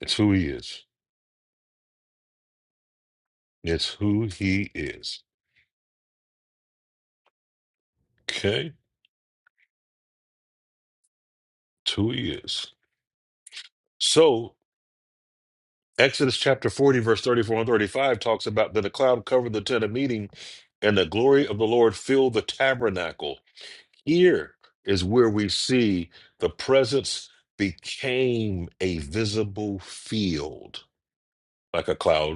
It's who he is. It's who he is. Okay. It's who he is. So Exodus chapter 40, verse 34 and 35 talks about that a cloud covered the tent of meeting and the glory of the Lord filled the tabernacle. Here is where we see the presence became a visible field like a cloud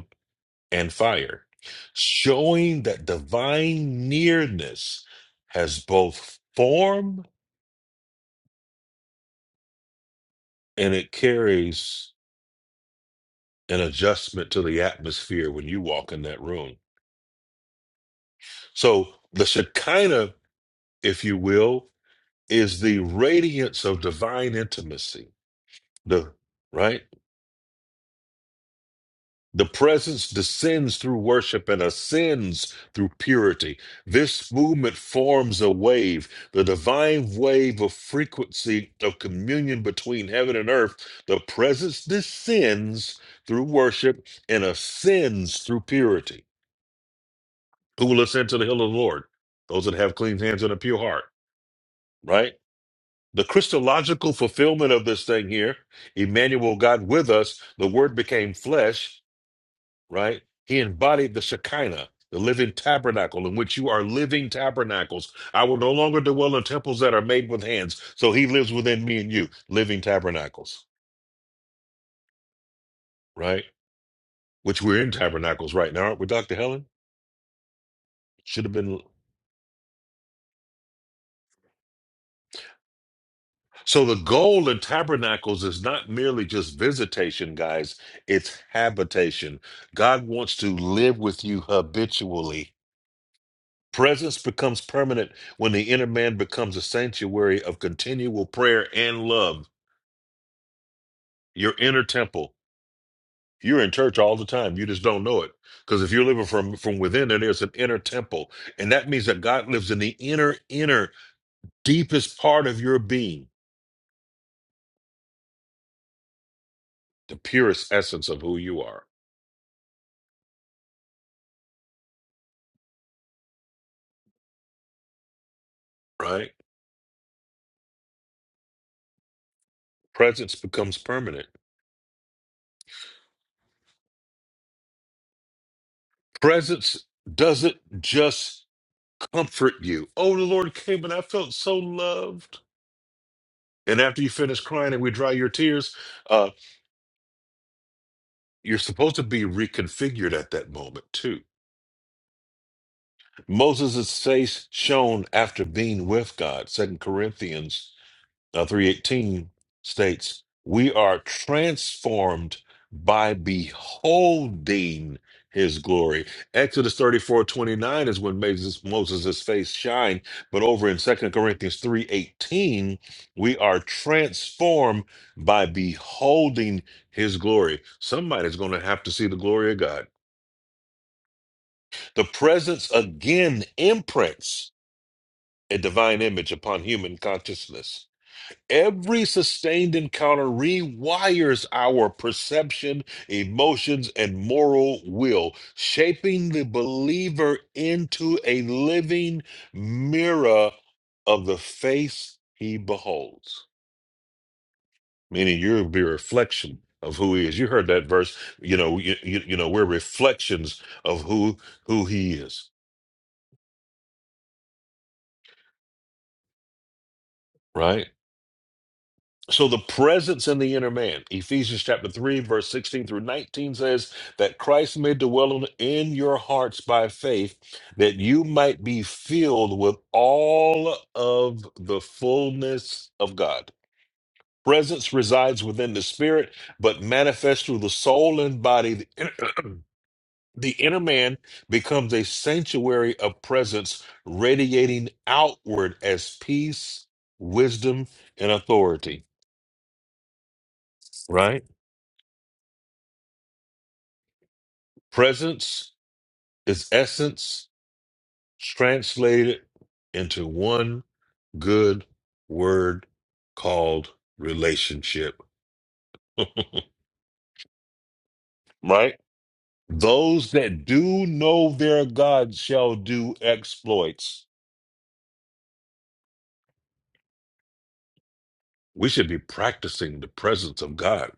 and fire, showing that divine nearness has both form and it carries an adjustment to the atmosphere when you walk in that room. So the Shekinah, if you will, is the radiance of divine intimacy. The right? The presence descends through worship and ascends through purity. This movement forms a wave, the divine wave of frequency of communion between heaven and earth. The presence descends through worship and ascends through purity. Who will ascend to the hill of the Lord? Those that have clean hands and a pure heart, right? The Christological fulfillment of this thing here, Emmanuel, God with us, the Word became flesh right? He embodied the Shekinah, the living tabernacle in which you are living tabernacles. I will no longer dwell in temples that are made with hands. So he lives within me and you, living tabernacles, right? Which we're in tabernacles right now, aren't we, Dr. Helen? Should have been. So the goal in tabernacles is not merely just visitation, guys, it's habitation. God wants to live with you habitually Presence becomes permanent when the inner man becomes a sanctuary of continual prayer and love. Your inner temple. You're in church all the time. You just don't know it. Because if you're living from, from within, then there's an inner temple. And that means that God lives in the inner, inner, deepest part of your being, the purest essence of who you are, right? Presence becomes permanent. Presence doesn't just comfort you. Oh, the Lord came and I felt so loved. And after you finish crying and we dry your tears, uh, you're supposed to be reconfigured at that moment too. Moses' face shone after being with God, Second Corinthians Now, 318 states, We are transformed by beholding his glory. Exodus 34 29 is when Moses, Moses' face shined, but over in Second Corinthians 3 18 we are transformed by beholding his glory. Somebody's going to have to see the glory of God. The presence again imprints a divine image upon human consciousness Every sustained encounter rewires our perception, emotions, and moral will, shaping the believer into a living mirror of the face he beholds. Meaning, you'll be a reflection of who he is. You heard that verse. You know, you, you, you know, we're reflections of who who he is. Right So the presence in the inner man, Ephesians chapter 3, verse 16 through 19 says that Christ may dwell in your hearts by faith, that you might be filled with all of the fullness of God. Presence resides within the spirit, but manifests through the soul and body. The inner, the inner man becomes a sanctuary of presence, radiating outward as peace, wisdom, and authority. Right? Presence is essence translated into one good word called relationship. Right? Those that do know their God shall do exploits. We should be practicing the presence of God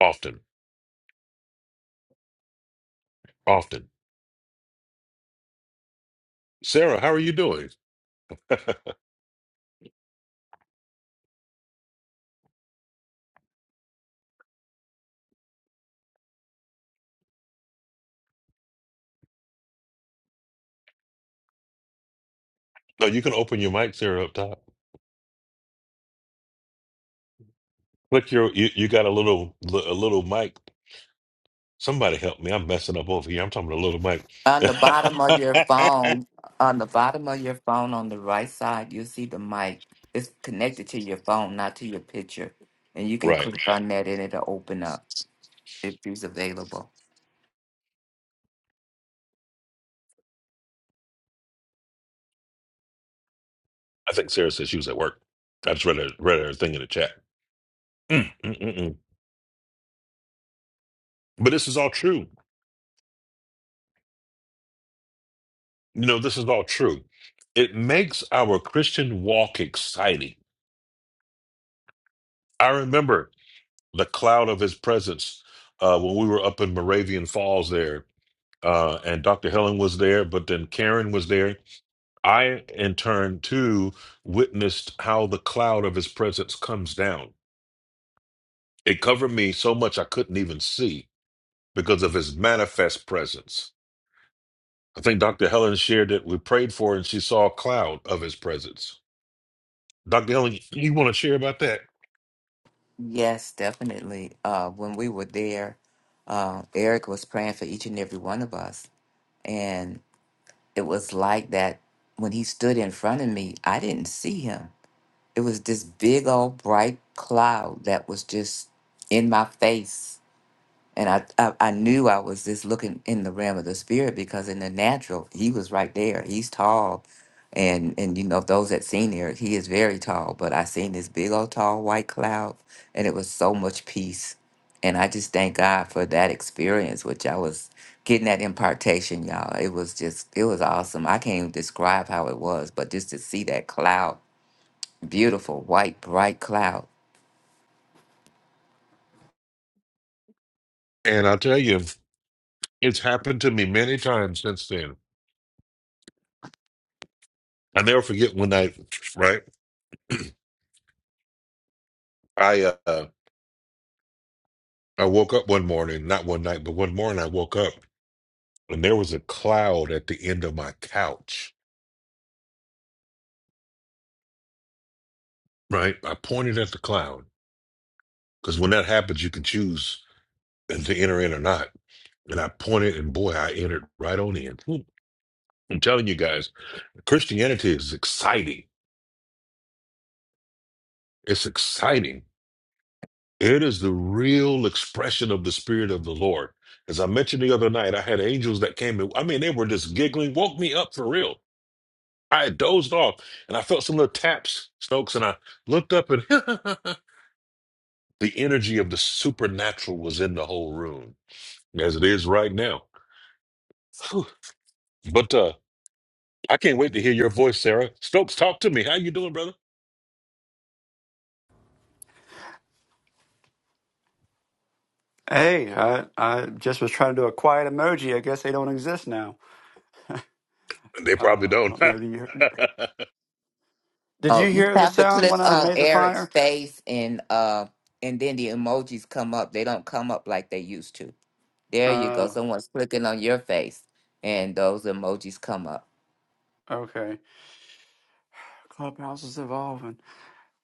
often, often. Sarah, how are you doing? No, you can open your mic, Sarah, up top. Click your you, you got a little a little mic Somebody help me. I'm messing up over here. I'm talking to Little Mike.
On the bottom of your phone, on the bottom of your phone on the right side, you'll see the mic. It's connected to your phone, not to your picture. And you can
right.
click on that and it'll open up if it's available.
I think Sarah said she was at work. I just read her, read her thing in the chat. Mm, mm, mm, mm. But this is all true. You know, this is all true. It makes our Christian walk exciting. I remember the cloud of his presence uh, when we were up in Moravian Falls there, uh, and Dr. Helen was there, but then Karen was there. I, in turn, too, witnessed how the cloud of his presence comes down It covered me so much I couldn't even see because of his manifest presence. I think Dr. Helen shared that we prayed for her and she saw a cloud of his presence. Dr. Helen, you want to share about that?
Yes, definitely. Uh, when we were there, uh, Eric was praying for each and every one of us. And it was like that when he stood in front of me, I didn't see him. It was this big old bright cloud that was just in my face And I, I, I knew I was just looking in the realm of the spirit because in the natural, he was right there. He's tall. And, and you know, those that seen here, he is very tall. But I seen this big old tall white cloud and it was so much peace. And I just thank God for that experience, which I was getting that impartation, y'all. It was just, it was awesome. I can't even describe how it was, but just to see that cloud, beautiful, white, bright cloud
And I'll tell you, it's happened to me many times since then. I never forget one night, right? I uh, I woke up one morning, not one night, but one morning I woke up and there was a cloud at the end of my couch, right? I pointed at the cloud because when that happens, you can choose to enter in or not And I pointed, and boy, I entered right on in. Hmm. I'm telling you guys, Christianity is exciting. It's exciting. It is the real expression of the Spirit of the Lord. As I mentioned the other night, I had angels that came in. I mean, they were just giggling, woke me up for real. I had dozed off and I felt some little taps, Stokes, and I looked up and the energy of the supernatural was in the whole room, as it is right now. Whew. But uh, I can't wait to hear your voice, Sarah. Stokes, talk to me. How you doing, brother?
Hey, I I just was trying to do a quiet emoji. I guess they don't exist now.
They
Uh,
probably
I
don't.
don't know. Do you
I'm
did
Oh,
you
you
hear the
have to
sound
click
when I
on
made the
Eric's
fire?
face and uh and then the emojis come up. They don't come up like they used to. There you go.
Oh,
Someone's clicking on your face and those emojis come up.
okay. Clubhouse is evolving.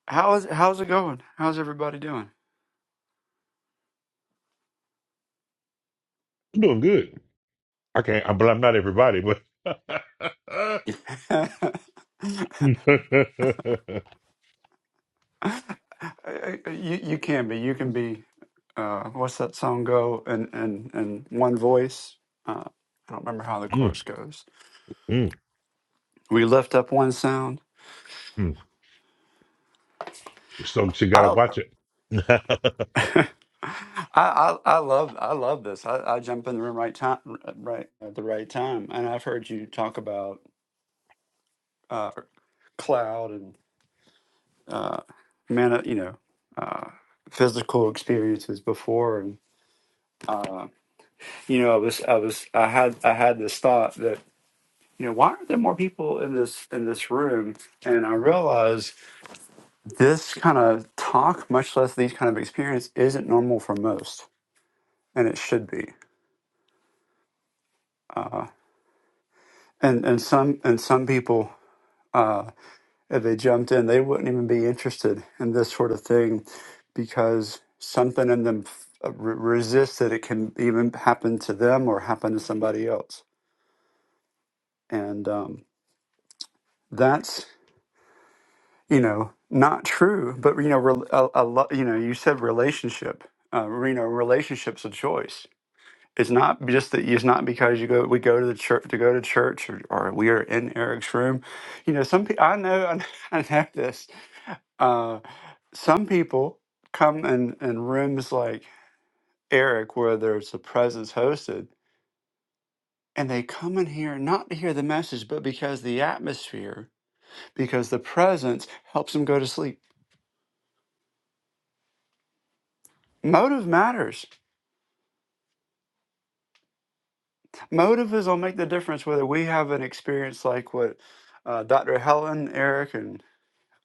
How is how's it going? How's everybody doing?
doing good. I can't, I- but I'm not everybody. But Mm,
you you can be. You can be. Uh, what's that song go? And and and one voice. Uh, I don't remember how the chorus goes.
mm,
We lift up one sound.
mm. so she gotta
I'll.
watch it.
I, I I love I love this. I, I jump in the room right time right at the right time, and I've heard you talk about uh, cloud and uh, mana, you know, uh, physical experiences before, and uh, you know, I was I was I had I had this thought that you know why aren't there more people in this in this room, and I realized this kind of talk, much less these kind of experience, isn't normal for most, and it should be. Uh, and and some and some people uh, if they jumped in they wouldn't even be interested in this sort of thing because something in them f- uh, re- resists that it can even happen to them or happen to somebody else and um, that's you know not true but you know rel a, a lo- you know you said relationship uh, you know relationships a choice it's not just that it's not because you go we go to the church to go to church or, or we are in Eric's room you know some people I know I know this Uh, some people come in, in rooms like Eric, where there's a presence hosted, and they come in here not to hear the message, but because the atmosphere, because the presence helps them go to sleep. Motive matters. Motive is will make the difference whether we have an experience like what uh, Dr. Helen, Eric, and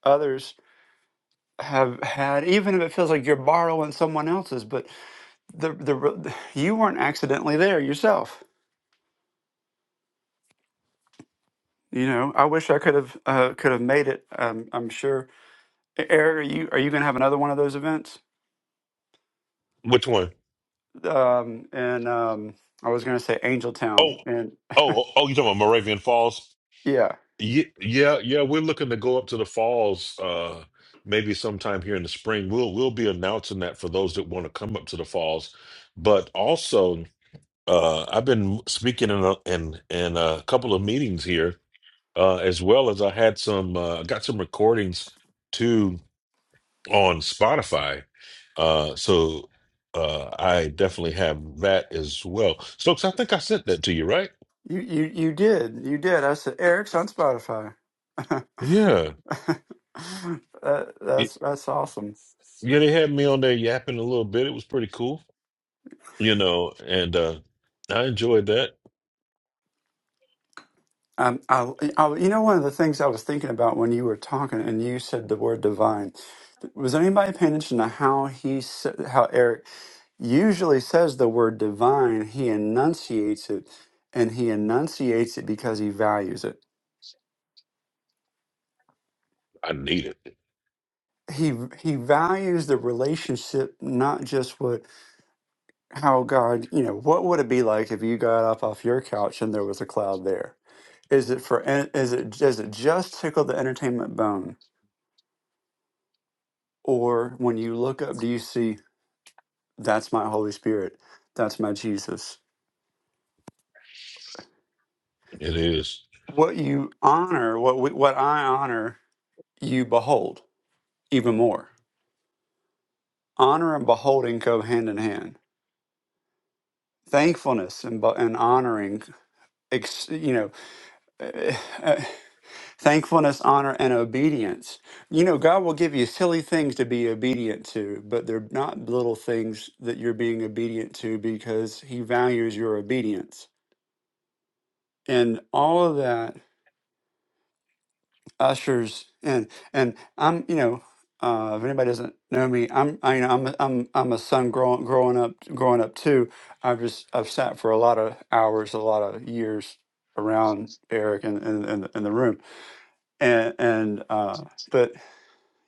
others have had, even if it feels like you're borrowing someone else's. But the the re- you weren't accidentally there yourself You know, I wish I could have uh, could have made it. Um, I'm sure. E, Eric, are you are you gonna have another one of those events?
Which one?
Um, and um, I was gonna say Angel
Oh,
Town, and
oh, oh! You talking about Moravian Falls?
yeah,
Yeah, yeah, yeah. We're looking to go up to the falls. Uh, maybe sometime here in the spring. We'll we'll be announcing that for those that want to come up to the falls. But also, uh, I've been speaking in a, in in a couple of meetings here uh, as well as I had some uh, got some recordings too on Spotify. Uh, so uh, I definitely have that as well. Stokes, I think I sent that to you, right?
you you you did, you did. I said Eric's on Spotify.
Yeah,
that,
Y-
that's that's awesome.
yeah. They had me on there yapping a little bit. It was pretty cool, you know, and uh, I enjoyed that.
Um, I, I, you know, one of the things I was thinking about when you were talking, and you said the word divine. Was anybody paying attention to how he said how Eric? usually says the word divine, he enunciates it, and he enunciates it because he values it.
I need it.
He he values the relationship, not just what how God, you know, what would it be like if you got up off your couch and there was a cloud there? Is it for en- is it does it just tickle the entertainment bone? Or when you look up, do you see that's my Holy Spirit, that's my Jesus?
It is.
What you honor, what we, what I honor, you behold even more honor and beholding go hand in hand thankfulness and, bo- and honoring ex- you know uh, uh, thankfulness honor and obedience you know god will give you silly things to be obedient to but they're not little things that you're being obedient to because he values your obedience and all of that ushers and and I'm you know uh, if anybody doesn't know me I'm I, you know I'm a- I'm I'm a son growing growing up growing up too I've just I've sat for a lot of hours a lot of years around Eric in in, in, the, in the room and and uh, but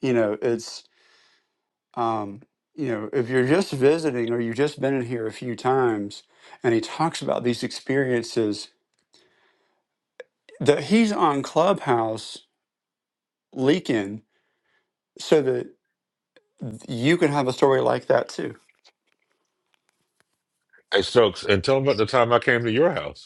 you know it's um, you know if you're just visiting or you've just been in here a few times and he talks about these experiences that he's on Clubhouse leaking so that you can have a story like that too.
Hey, Stokes, and tell them about the time I came to your house.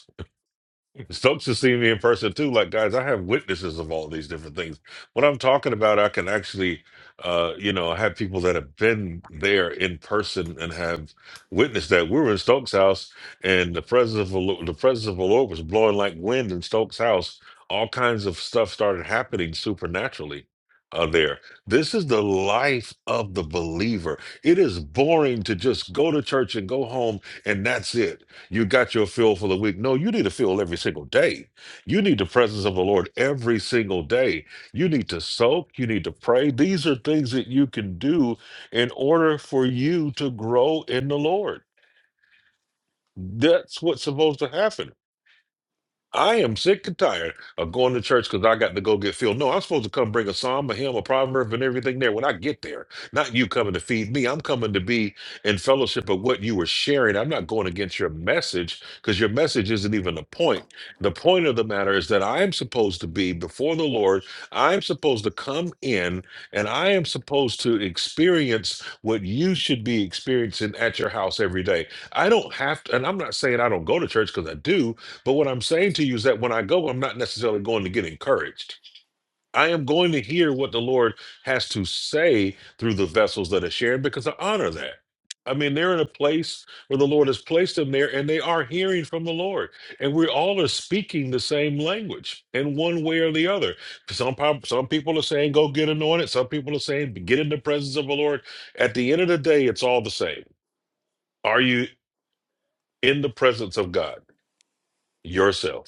Stokes has seen me in person too. Like, guys, I have witnesses of all these different things. What I'm talking about, I can actually, uh, you know, I have people that have been there in person and have witnessed that. We were in Stokes' house, and the president of the Lord, the presence of the Lord was blowing like wind in Stokes' house. All kinds of stuff started happening supernaturally. Uh, there. This is the life of the believer. It is boring to just go to church and go home and that's it you got your fill for the week. No, you need a fill every single day. You need the presence of the Lord every single day. You need to soak. You need to pray. These are things that you can do in order for you to grow in the Lord. That's what's supposed to happen. I am sick and tired of going to church because I got to go get filled. No, I'm supposed to come bring a psalm, a hymn, a proverb, and everything there when I get there. Not you coming to feed me. I'm coming to be in fellowship of what you were sharing. I'm not going against your message because your message isn't even the point. The point of the matter is that I am supposed to be before the Lord. I am supposed to come in and I am supposed to experience what you should be experiencing at your house every day. I don't have to, and I'm not saying I don't go to church because I do. But what I'm saying to you is that when I go, I'm not necessarily going to get encouraged. I am going to hear what the Lord has to say through the vessels that are shared because I honor that. I mean, they're in a place where the Lord has placed them there and they are hearing from the Lord. And we all are speaking the same language in one way or the other. Some, pop- some people are saying, go get anointed. Some people are saying, get in the presence of the Lord. At the end of the day, it's all the same. Are you in the presence of God yourself?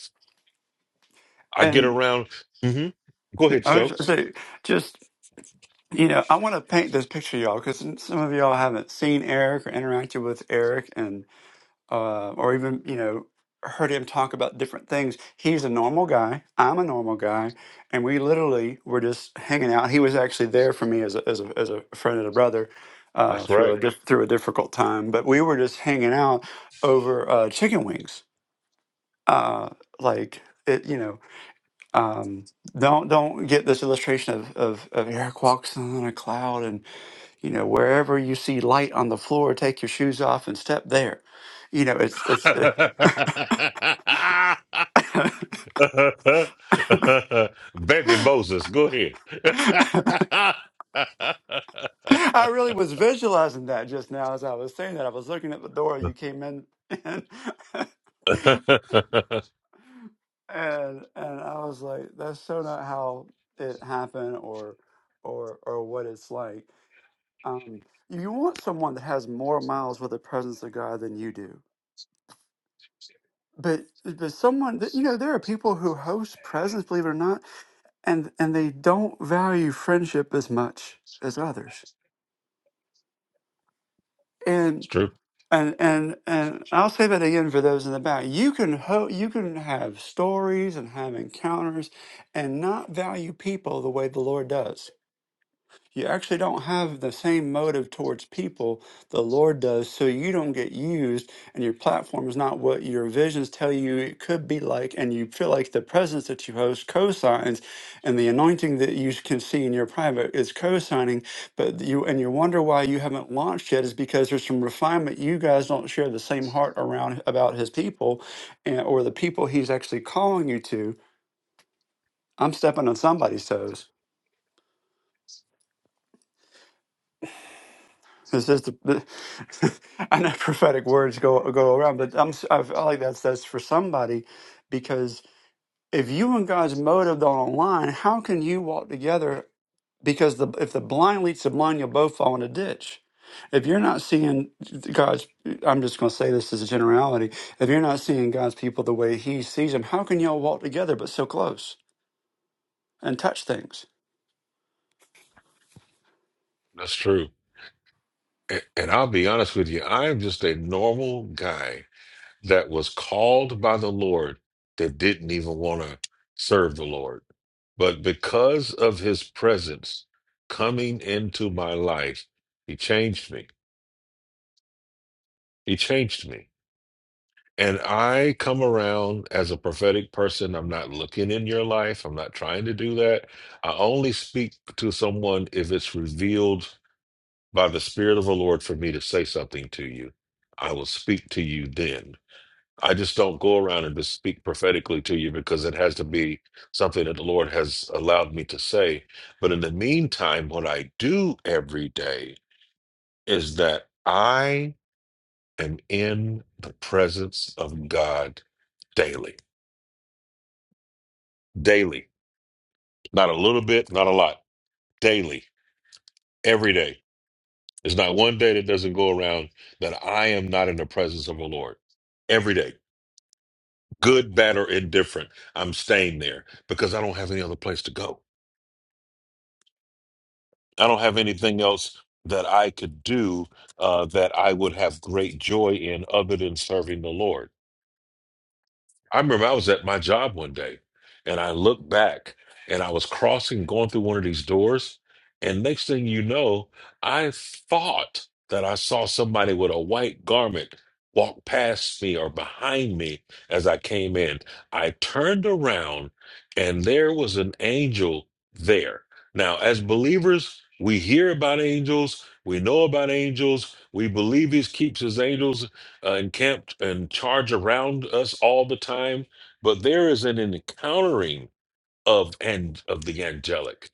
I get
And
around. hmm Go ahead,
I was
Stokes.
say, just you know, I want to paint this picture, y'all, because some of y'all haven't seen Eric or interacted with Eric, and uh, or even you know heard him talk about different things. He's a normal guy. I'm a normal guy, and we literally were just hanging out. He was actually there for me as a as a, as a friend and a brother. Uh,
That's
through
right.
a dif- through a difficult time, but we were just hanging out over uh, chicken wings, uh, like it, you know, um, don't don't get this illustration of, of of Eric walks on a cloud, and you know wherever you see light on the floor, take your shoes off and step there. You know, it's it's.
Baby Moses, go ahead. it's
I really was visualizing that just now as I was saying that. I was looking at the door you came in, and and, and I was like, that's so not how it happened, or or or what it's like. Um, you want someone that has more miles with the presence of God than you do but but someone that you know there are people who host presents believe it or not and and they don't value friendship as much as others and
true.
and and and i'll say that again for those in the back you can ho- you can have stories and have encounters and not value people the way the lord does you actually don't have the same motive towards people the Lord does, so you don't get used and your platform is not what your visions tell you it could be like, and you feel like the presence that you host cosigns and the anointing that you can see in your private is cosigning, but you and you wonder why you haven't launched yet is because there's some refinement you guys don't share the same heart around about his people and or the people he's actually calling you to. I'm stepping on somebody's toes It's just the, the- I know prophetic words go go around, but I'm s- I feel like that's that's for somebody because if you and God's motive don't align, how can you walk together? Because the if the blind leads the blind, you'll both fall in a ditch. If you're not seeing God's, I'm just going to say this as a generality. If you're not seeing God's people the way He sees them, how can y'all walk together but so close and touch things?
That's true. A- And I'll be honest with you, I'm just a normal guy that was called by the Lord that didn't even want to serve the Lord. But because of his presence coming into my life, he changed me. He changed me. And I come around as a prophetic person. I'm not looking in your life. I'm not trying to do that. I only speak to someone if it's revealed by the Spirit of the Lord for me to say something to you. I will speak to you then. I just don't go around and just speak prophetically to you because it has to be something that the Lord has allowed me to say. But in the meantime, what I do every day is that I am in the presence of God daily, daily, not a little bit, not a lot, daily, every day. There's not one day that doesn't go around that I am not in the presence of the Lord every day, good, bad, or indifferent. I'm staying there because I don't have any other place to go. I don't have anything else that I could do uh, that I would have great joy in other than serving the Lord. I remember I was at my job one day and I looked back and I was crossing, going through one of these doors. And next thing you know, I thought that I saw somebody with a white garment walk past me or behind me as I came in. I turned around and there was an angel there. Now, as believers, we hear about angels, we know about angels, we believe he keeps his angels uh, encamped and charge around us all the time, but there is an encountering of and of the angelic.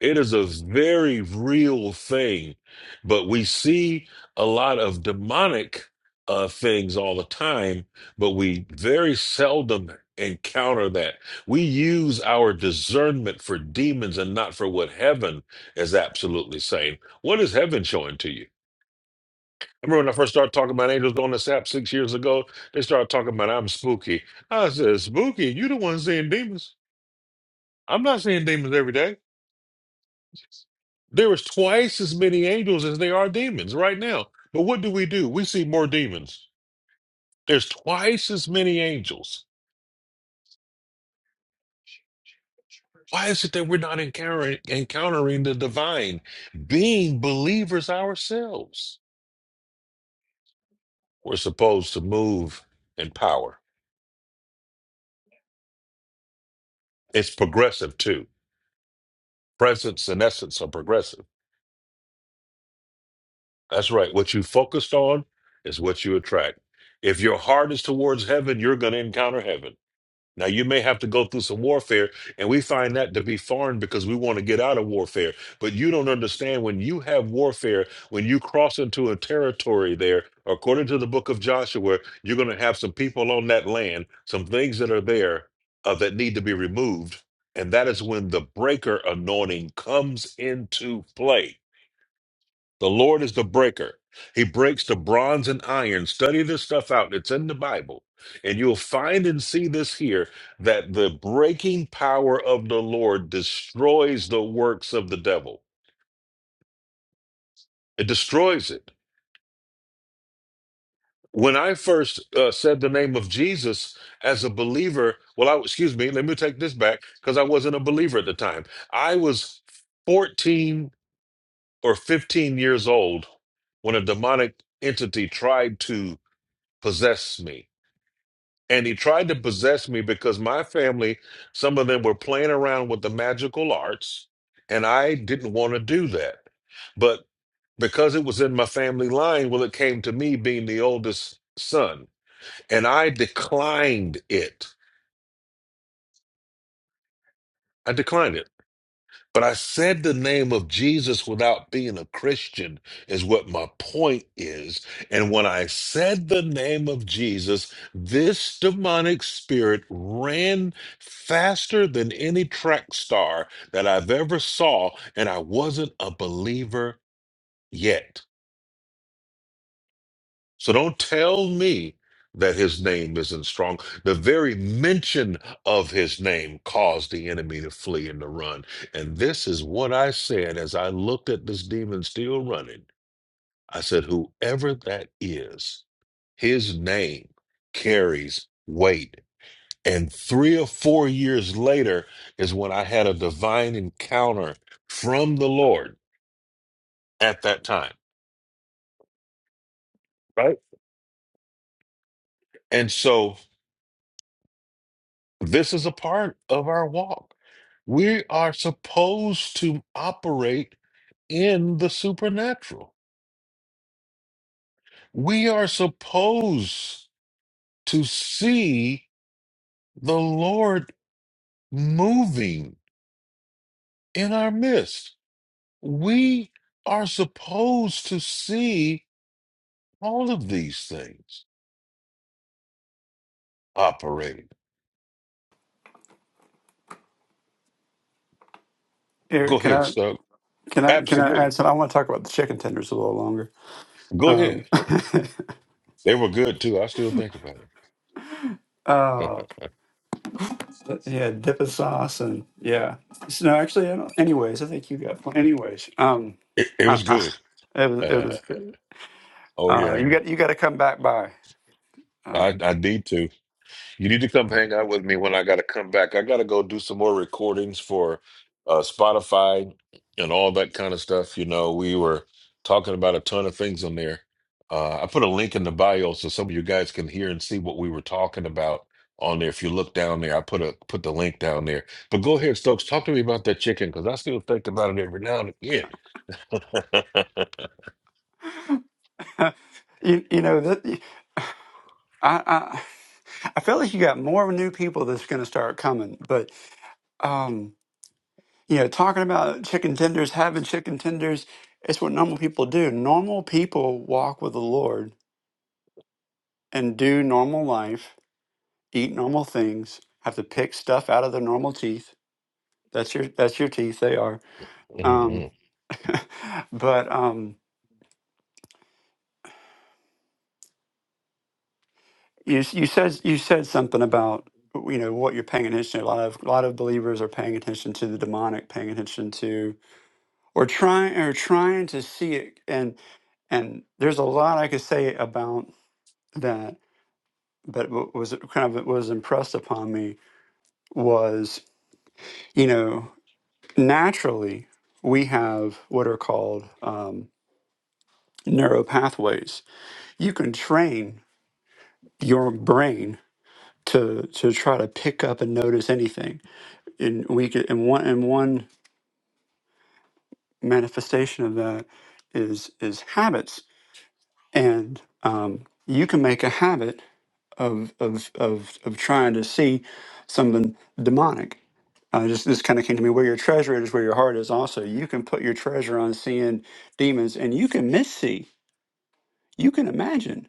It is a very real thing, but we see a lot of demonic uh, things all the time, but we very seldom encounter that. We use our discernment for demons and not for what heaven is absolutely saying. What is heaven showing to you? I remember when I first started talking about angels going to SAP six years ago, they started talking about I'm spooky. I said, Spooky, you the one seeing demons. I'm not seeing demons every day. There is twice as many angels as there are demons right now. But what do we do? We see more demons. There's twice as many angels. Why is it that we're not encountering, encountering the divine, being believers ourselves? We're supposed to move in power. It's progressive too. Presence and essence are progressive That's right. What you focused on is what you attract. If your heart is towards heaven, you're going to encounter heaven. Now, you may have to go through some warfare, and we find that to be foreign because we want to get out of warfare. But you don't understand when you have warfare, when you cross into a territory there, according to the book of Joshua, you're going to have some people on that land, some things that are there uh, that need to be removed. And that is when the breaker anointing comes into play the Lord is the breaker. He breaks the bronze and iron. Study this stuff out. It's in the Bible. And you'll find and see this here that the breaking power of the Lord destroys the works of the devil. It destroys it. When I first uh, said the name of Jesus as a believer, well, I, excuse me, let me take this back because I wasn't a believer at the time. I was 14 or 15 years old when a demonic entity tried to possess me And he tried to possess me because my family, some of them were playing around with the magical arts, and I didn't want to do that. But because it was in my family line, well, it came to me being the oldest son, and I declined it. I declined it. But I said the name of Jesus without being a Christian, is what my point is. And when I said the name of Jesus, this demonic spirit ran faster than any track star that I've ever saw, and I wasn't a believer yet. So don't tell me that his name isn't strong. The very mention of his name caused the enemy to flee and to run. And this is what I said as I looked at this demon still running. I said, Whoever that is, his name carries weight. And three or four years later is when I had a divine encounter from the Lord at that time. Right. And so this is a part of our walk We are supposed to operate in the supernatural. We are supposed to see the Lord moving in our midst. We are supposed to see all of these things operate.
Here,
Go
can
ahead,
I
Stug.
can I can I
Absolutely.
add something? I want to talk about the chicken tenders a little longer.
Go ahead.
Um,
They were good too. I still think about it.
oh. yeah, dip a sauce and yeah. So, no, actually, I don't, anyways, I think you got. pl- Anyways, um,
it, it
uh,
was
uh,
good.
it was it was.
oh
good. Uh,
yeah.
you got you got to come back by.
I,
Um,
I need to. You need to come hang out with me when I got to come back. I got to go do some more recordings for uh, Spotify and all that kind of stuff. You know, we were talking about a ton of things on there. Uh, I put a link in the bio so some of you guys can hear and see what we were talking about on there. If you look down there, I put a put the link down there. But go ahead, Stokes. Talk to me about that chicken because I still think about it every now and again.
you you know that I I I feel like you got more new people that's going to start coming, but um, you know, talking about chicken tenders, having chicken tenders, it's what normal people do. Normal people walk with the Lord and do normal life eat normal things, have to pick stuff out of their normal teeth. That's your that's your teeth. They are. Um,
hmm
but um, you you said you said something about you know what you're paying attention. To. A lot of a lot of believers are paying attention to the demonic, paying attention to or trying or trying to see it. And and there's a lot I could say about that. But what was kind of was impressed upon me was you know naturally we have what are called um, neural pathways. You can train your brain to to try to pick up and notice anything. And we could, and one and one manifestation of that is is habits. And um, you can make a habit of of of of trying to see something demonic. Uh, just this kind of came to me. Where your treasure is, where your heart is. Also, you can put your treasure on seeing demons, and you can miss see. You can imagine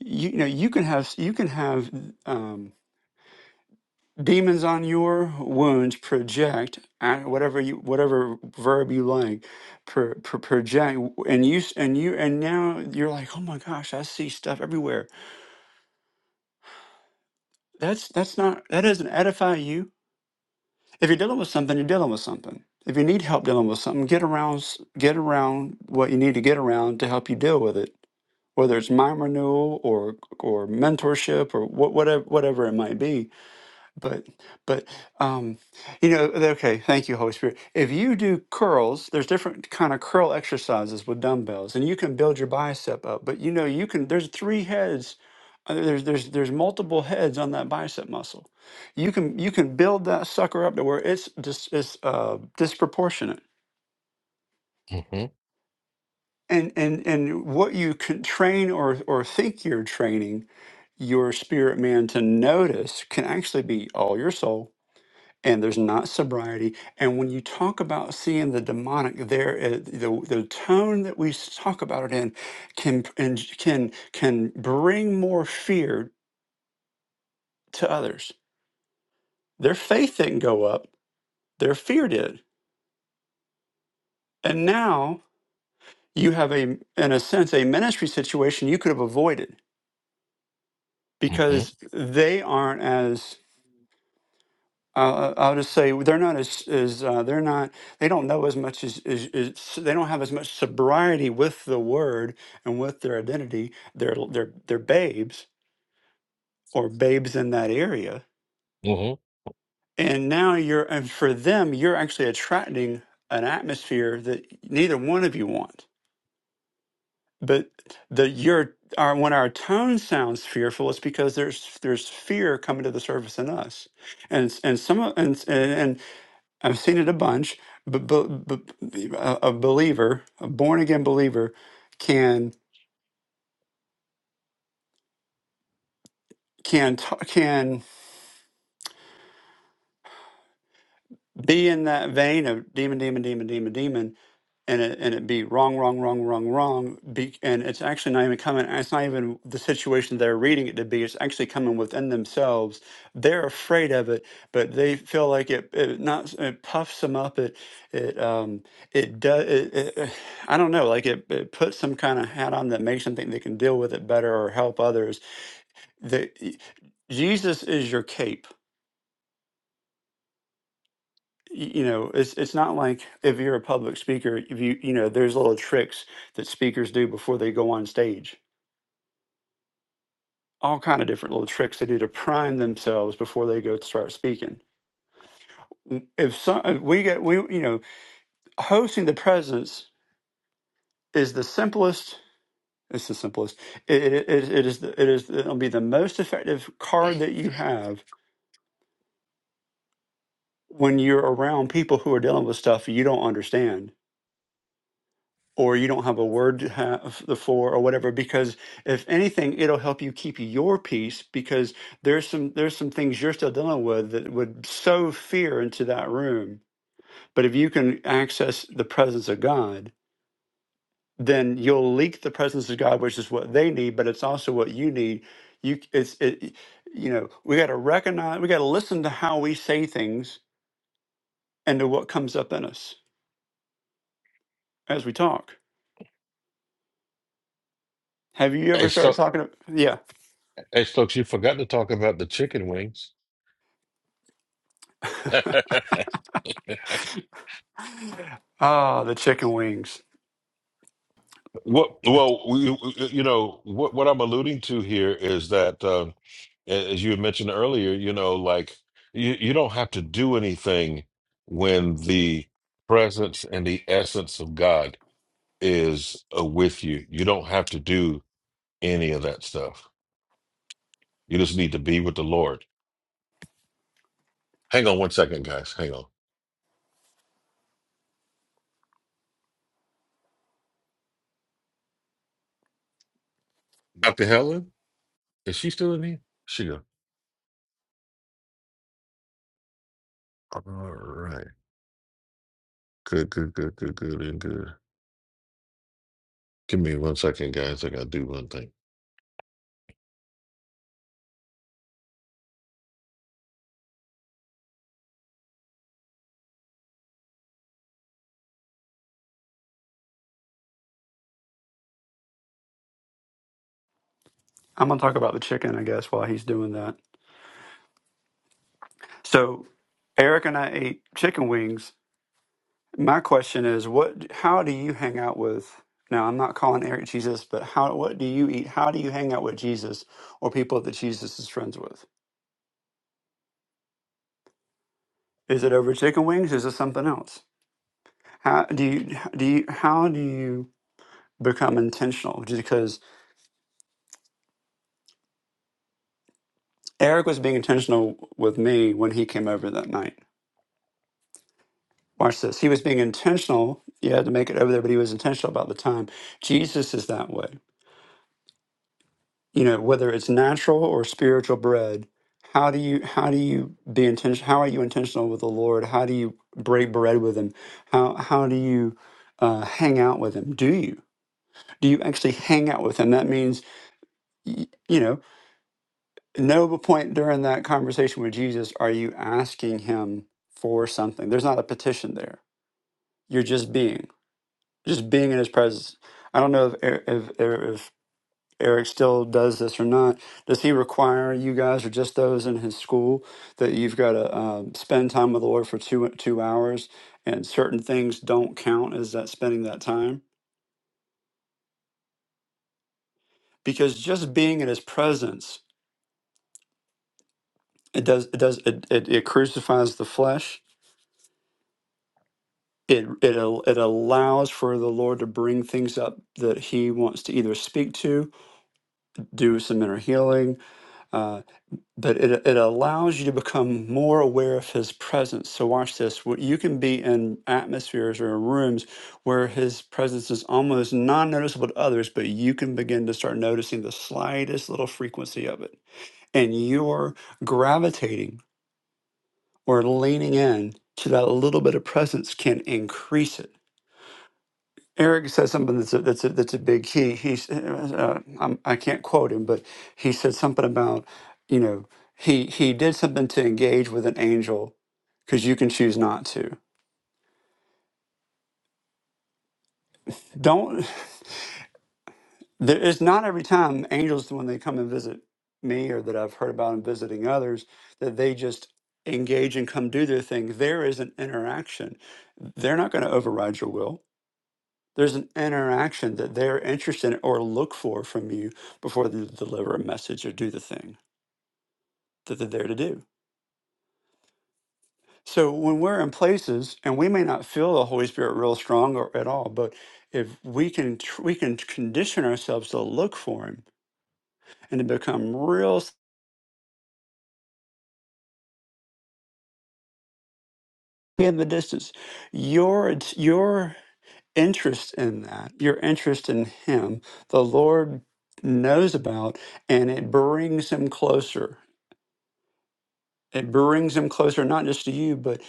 you, you know you can have you can have um, demons on your wounds project uh, whatever you whatever verb you like pro, pro, project w- and you s- and you and now you're like oh my gosh I see stuff everywhere that's that's not that doesn't edify you if you're dealing with something you're dealing with something if you need help dealing with something get around s- get around what you need to get around to help you deal with it whether it's mind renewal or or mentorship or wh- whatever whatever it might be but but um you know okay thank you holy spirit if you do curls there's different kind of curl exercises with dumbbells and you can build your bicep up but you know you can there's three heads uh, there's there's there's multiple heads on that bicep muscle you can you can build that sucker up to where it's just it's uh disproportionate
hmm
and and and what you can train or or think you're training your spirit man to notice can actually be all your soul and there's not sobriety. And when you talk about seeing the demonic, there, uh, the the tone that we s- talk about it in can and can can bring more fear to others. Their faith didn't go up; their fear did. And now you have a, in a sense, a ministry situation you could have avoided
hmm
because they aren't as Uh, I'll just say they're not as, as uh, they're not they don't know as much as, as, as they don't have as much sobriety with the word and with their identity. They're they're they're babes or babes in that area,
hmm
and now you're and for them you're actually attracting an atmosphere that neither one of you want. But the your our when our tone sounds fearful, it's because there's there's fear coming to the surface in us, and and some of and and. I've seen it a bunch, but, but, but a a believer, a born again believer, can can t- can be in that vein of demon, demon, demon, demon, demon, and it and it be wrong, wrong, wrong, wrong, wrong. Be, and it's actually not even coming. It's not even the situation they're reading it to be. It's actually coming within themselves. They're afraid of it, but they feel like it. It not. It puffs them up. It. It. Um. It does. It, it, I don't know. Like it. It puts some kind of hat on that makes them think they can deal with it better or help others. The, Jesus is your cape y- you know it's it's not like if you're a public speaker if you you know there's little tricks that speakers do before they go on stage all kind of different little tricks they do to prime themselves before they go to start speaking Mm, if some if we get we you know hosting the presence is the simplest it's the simplest it, it, it it is the, it is it'll be the most effective card that you have when you're around people who are dealing with stuff you don't understand or you don't have a word to have the for or whatever because if anything it'll help you keep your peace because there's some there's some things you're still dealing with that would sow fear into that room but if you can access the presence of god then you'll leak the presence of god which is what they need but it's also what you need you it's it you know we got to recognize we got to listen to how we say things and to what comes up in us as we talk have you ever
Hey,
started
Stokes,
talking to, yeah
hey, Stokes, you forgot to talk about the chicken wings.
ah the chicken wings
Well, well, we, you know what what I'm alluding to here is that, um, a- as you had mentioned earlier, you know, like you, you don't have to do anything when the presence and the essence of God is uh, with you. You don't have to do any of that stuff. You just need to be with the Lord. Hang on one second, guys. Hang on. Dr. Helen, is she still in here? She go. All right. Good, good, good, good, good, and good. Give me one second, guys. I gotta do one thing.
I'm gonna talk about the chicken, I guess, while he's doing that. So Eric and I ate chicken wings. My question is, what? How do you hang out with? Now, I'm not calling Eric Jesus, but how? What do you eat? How do you hang out with Jesus or people that Jesus is friends with? Is it over chicken wings? Is it something else? How do you? Do you? How do you become intentional? Just because Eric was being intentional with me when he came over that night Watch this. He was being intentional. You had to make it over there, but he was intentional about the time. Jesus is that way. You know, whether it's natural or spiritual bread, how do you how do you be intentional? How are you intentional with the Lord? How do you break bread with Him? How how do you uh, hang out with Him? Do you do you actually hang out with Him? That means y- you know, no point during that conversation with Jesus are you asking Him for something. There's not a petition there. You're just being. just being in his presence. I don't know if Er- if, Er- if Eric still does this or not. Does he require you guys or just those in his school that you've got to um, spend time with the Lord for two two hours, and certain things don't count as that spending that time because just being in his presence it does it does it it, it crucifies the flesh. It, it, al- it allows for the Lord to bring things up that He wants to either speak to, do some inner healing, uh, but it, it allows you to become more aware of his presence. So, watch this. wh- You can be in atmospheres or rooms where his presence is almost non noticeable to others, but you can begin to start noticing the slightest little frequency of it. And you're gravitating or leaning in to that little bit of presence can increase it. Eric said something that's a, that's a, that's a big key. He's uh, I'm, I can't quote him, but he said something about you know he he did something to engage with an angel because you can choose not to. Don't there is not every time angels when they come and visit me or that I've heard about them visiting others that they just engage and come do their thing. There is an interaction. They're not going to override your will There's an interaction that they're interested in or look for from you before they deliver a message or do the thing that they're there to do. So when we're in places and we may not feel the Holy Spirit real strong or at all, but if we can tr- we can condition ourselves to look for him and to become real s- in the distance, your int- your interest in that, your interest in him, the Lord knows about and it brings him closer It brings him closer, not just to you, but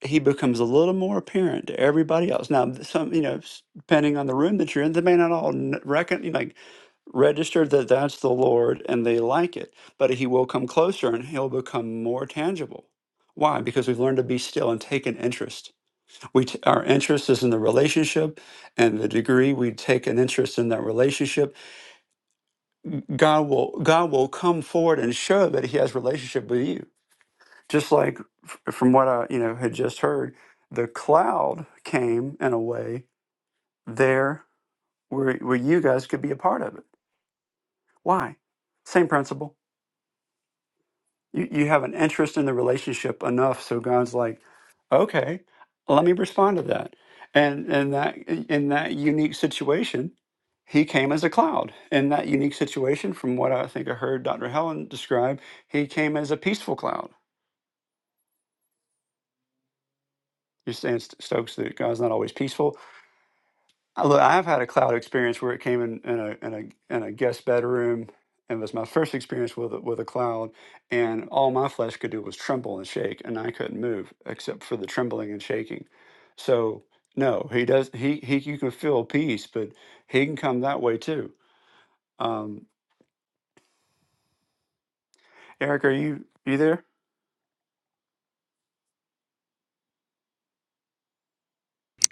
he becomes a little more apparent to everybody else. Now, th- some, you know, s- depending on the room that you're in, they may not all kn- reckon, you know, like register that that's the Lord and they like it, but he will come closer and he'll become more tangible. Why? Because we've learned to be still and take an interest. We t- our interest is in the relationship, and the degree we take an interest in that relationship, God will God will come forward and show that He has relationship with you just like f- from what I you know had just heard, the cloud came in a way there where where you guys could be a part of it. Why? Same principle. You you have an interest in the relationship enough, so God's like, okay, let me respond to that. And and that in that unique situation, he came as a cloud. In that unique situation, from what I think I heard Dr. Helen describe, he came as a peaceful cloud. You're saying Stokes that God's not always peaceful I- Look, I've had a cloud experience where it came in, in a in a in a guest bedroom, and it was my first experience with a, with a cloud. And all my flesh could do was tremble and shake, and I couldn't move except for the trembling and shaking. So no, he does. He he, you can feel peace, but he can come that way too. Um, Eric, are you you there?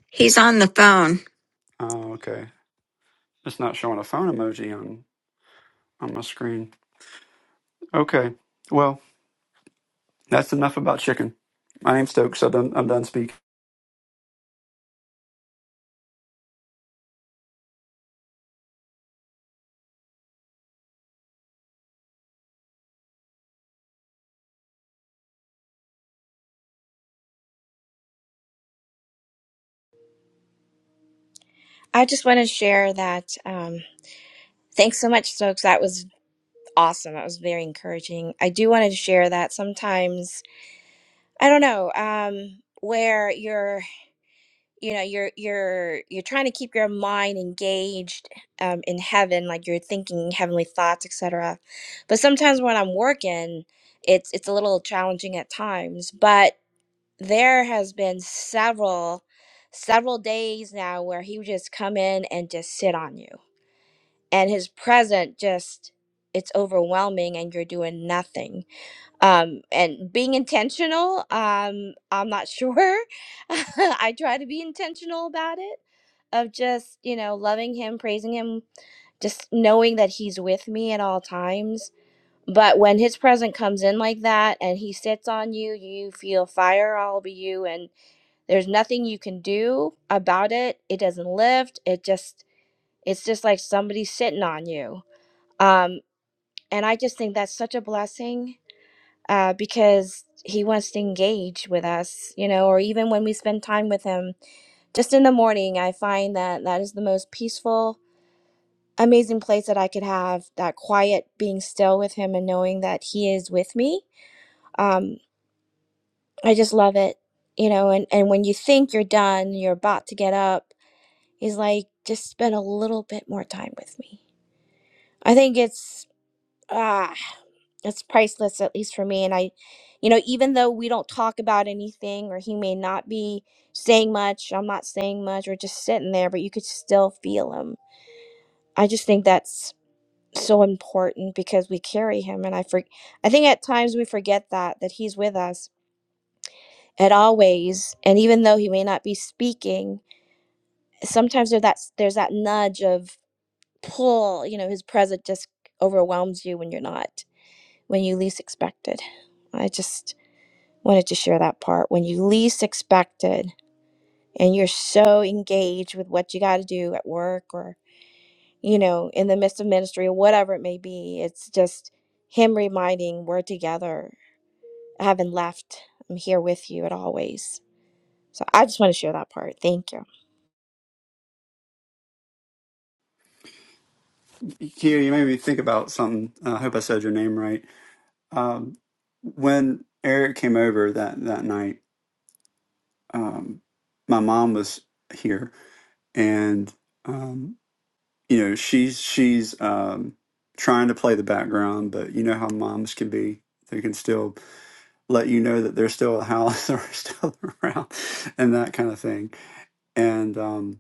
He's on the phone.
Oh, okay. It's not showing a phone emoji on on my screen. Okay. Well, that's enough about chicken. My name's Stokes. I'm done. I'm done speaking.
I just want to share that. Um, thanks so much, Stokes. That was awesome. That was very encouraging. I do want to share that sometimes I don't know um, where you're, you know, you're you're you're trying to keep your mind engaged um, in heaven, like you're thinking heavenly thoughts, etc. But sometimes when I'm working, it's it's a little challenging at times. But there has been several several days now where he would just come in and just sit on you and his present just it's overwhelming and you're doing nothing um and being intentional um i'm not sure i try to be intentional about it of just you know loving him praising him just knowing that he's with me at all times but when his present comes in like that and he sits on you you feel fire all over you and there's nothing you can do about it it doesn't lift it just it's just like somebody sitting on you Um, and I just think that's such a blessing uh, because he wants to engage with us, you know, or even when we spend time with him just in the morning, I find that that is the most peaceful, amazing place that I could have that quiet being still with him and knowing that he is with me. Um, I just love it, you know, and, and when you think you're done, you're about to get up, he's like, just spend a little bit more time with me. I think it's ah it's priceless at least for me and i you know even though we don't talk about anything or he may not be saying much i'm not saying much or just sitting there but you could still feel him i just think that's so important because we carry him and i for i think at times we forget that that he's with us at always and even though he may not be speaking sometimes there's that there's that nudge of pull you know his presence just overwhelms you when you're not when you least expect it i just Wanted to share that part when you least expected and you're so engaged with what you got to do at work or, you know, in the midst of ministry or whatever it may be. It's just Him reminding we're together. I haven't left. I'm here with you at always. So I just want to share that part. Thank you.
Kia, you made me think about something. Uh, I hope I said your name right. Um, when Eric came over that that night, um, my mom was here, and um, you know she's she's um, trying to play the background, but you know how moms can be. They can still let you know that they're still at the house or still around, and that kind of thing. And um,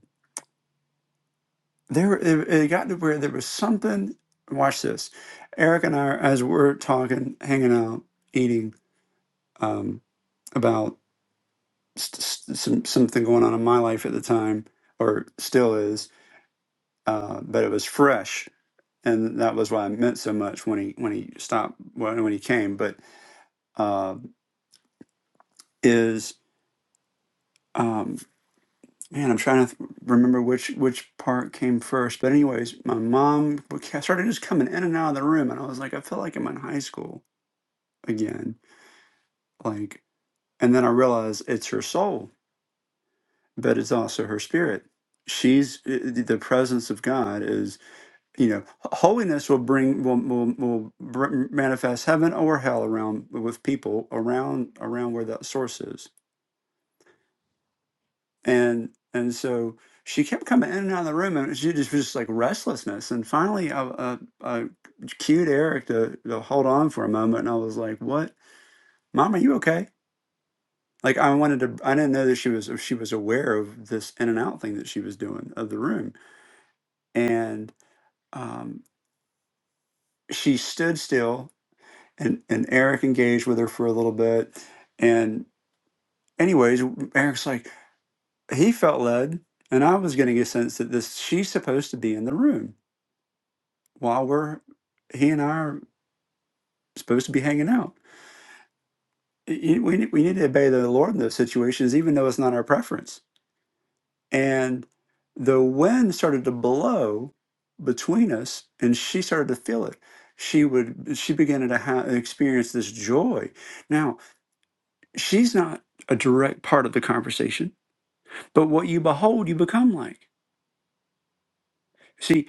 there it, it got to where there was something watch this eric and i as we're talking hanging out eating um, about st- st- some something going on in my life at the time or still is uh, but it was fresh and that was why i meant so much when he when he stopped when, when he came but uh, is um, man i'm trying to th- remember which which part came first but anyways my mom started just coming in and out of the room and i was like i feel like i'm in high school again. Like, and then I realize it's her soul, but it's also her spirit. She's eh, eh, the presence of God is, you know, holiness will bring will will, will br- manifest heaven or hell around with people around around where that source is, and and so she kept coming in and out of the room, and she just was just like restlessness. And finally, I, I, I cued Eric to to hold on for a moment, and I was like, "What, Mom? Are you okay?" Like I wanted to, I didn't know that she was she was aware of this in and out thing that she was doing of the room, and um, she stood still, and and Eric engaged with her for a little bit, and anyways, Eric's like he felt led, and I was getting a sense that this she's supposed to be in the room while we're he and I are supposed to be hanging out. Y- y- We need- we need to obey the Lord in those situations, even though it's not our preference And the wind started to blow between us, and she started to feel it. She would, she began to ha experience this joy. Now, she's not a direct part of the conversation, but what you behold, you become like. See,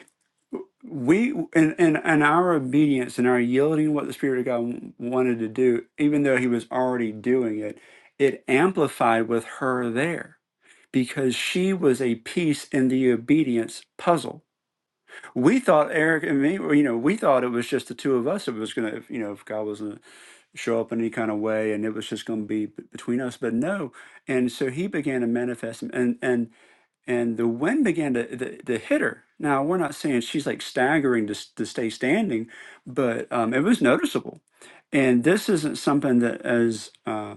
we and, and and our obedience and our yielding what the spirit of god w- wanted to do even though he was already doing it it amplified with her there because she was a piece in the obedience puzzle we thought Eric and me, well, you know, we thought it was just the two of us. It was gonna, if, you know, if God was gonna show up in any kind of way, and it was just gonna be b- between us. But no, and so he began to manifest, and and and the wind began to the, the hit her. Now we're not saying she's like staggering to s- to stay standing, but um, it was noticeable. And this isn't something that is. uh,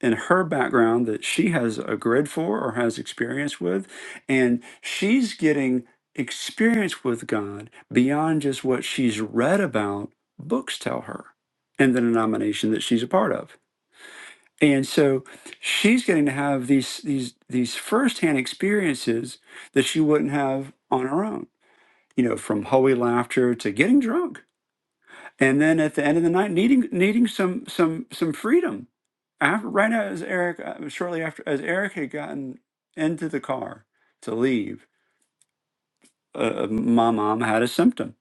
in her background that she has a grid for or has experience with and she's getting experience with god beyond just what she's read about books tell her in the denomination that she's a part of and so she's getting to have these these these firsthand experiences that she wouldn't have on her own you know from holy laughter to getting drunk and then at the end of the night needing needing some some some freedom after, right as eric uh, shortly after as eric had gotten into the car to leave uh, uh, my mom had a symptom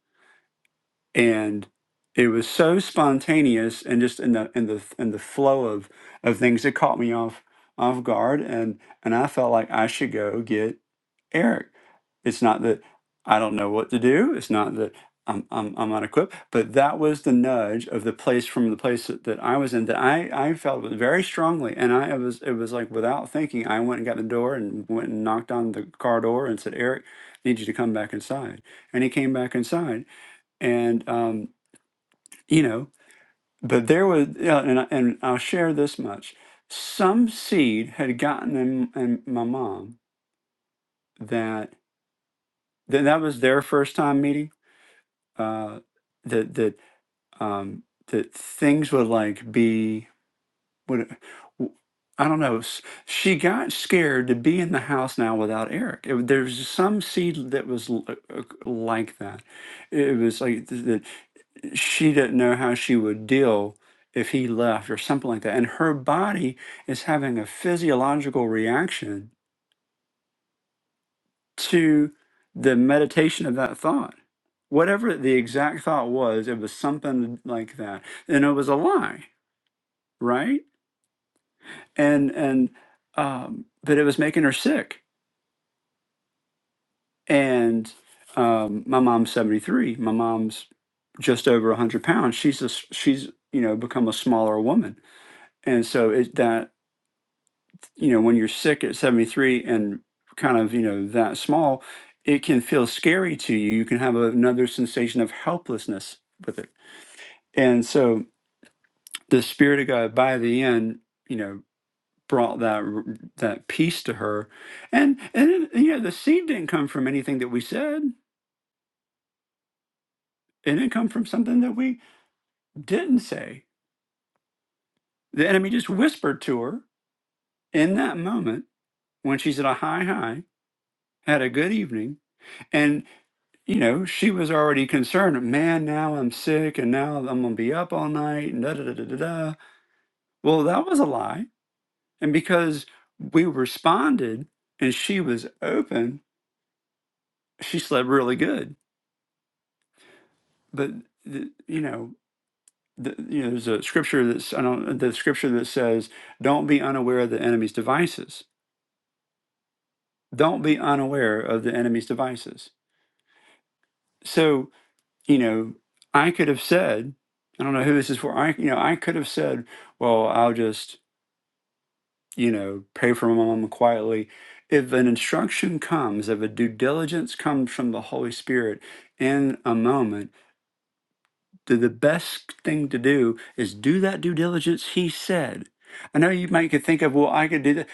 and it was so spontaneous and just in the in the in the flow of of things it caught me off off guard and and I felt like I should go get Eric. It's not that I don't know what to do. It's not that I'm I'm, I'm unequipped. But that was the nudge of the place from the place that, that I was in that I I felt it very strongly, and I it was it was like without thinking, I went and got the door and went and knocked on the car door and said, Eric, I need you to come back inside. And he came back inside, and um, you know, but there was, yeah, and I, and I'll share this much: some seed had gotten in, in my mom that that that was their first time meeting. Uh, that that um, that things would like be would. w- I don't know. s- She got scared to be in the house now without Eric. It, there was some seed that was l- uh, uh, like that. It was like th- that. she didn't know how she would deal if he left or something like that. And her body is having a physiological reaction to the meditation of that thought. Whatever the exact thought was, it was something like that. And it was a lie, right? And and um, but it was making her sick. And um, my mom's 73. My mom's just over 100 pounds. She's a, s- she's you know become a smaller woman and so it that you know, when you're sick at 73 and kind of, you know, that small, it can feel scary to you. You can have another sensation of helplessness with it. And so the spirit of God by the end, you know, brought that r- that peace to her. And and it- you know, the seed didn't come from anything that we said. It didn't come from something that we didn't say. The enemy just whispered to her in that moment when she's at a high high, had a good evening, you know, she was already concerned, man, now I'm sick and now I'm going to be up all night and da da da da da. da." Well, that was a lie. And because we responded and she was open, she slept really good. But, th- you know, the, you know, there's a scripture that's I don't the scripture that says, "Don't be unaware of the enemy's devices." Don't be unaware of the enemy's devices. So, you know, I could have said, I don't know who this is for. I, you know, I could have said, "Well, I'll just you know, pray for my mom quietly. If an instruction comes, if a due diligence comes from the Holy Spirit in a moment, th- the best thing to do is do that due diligence He said. I know you might could think of, well, I could do that.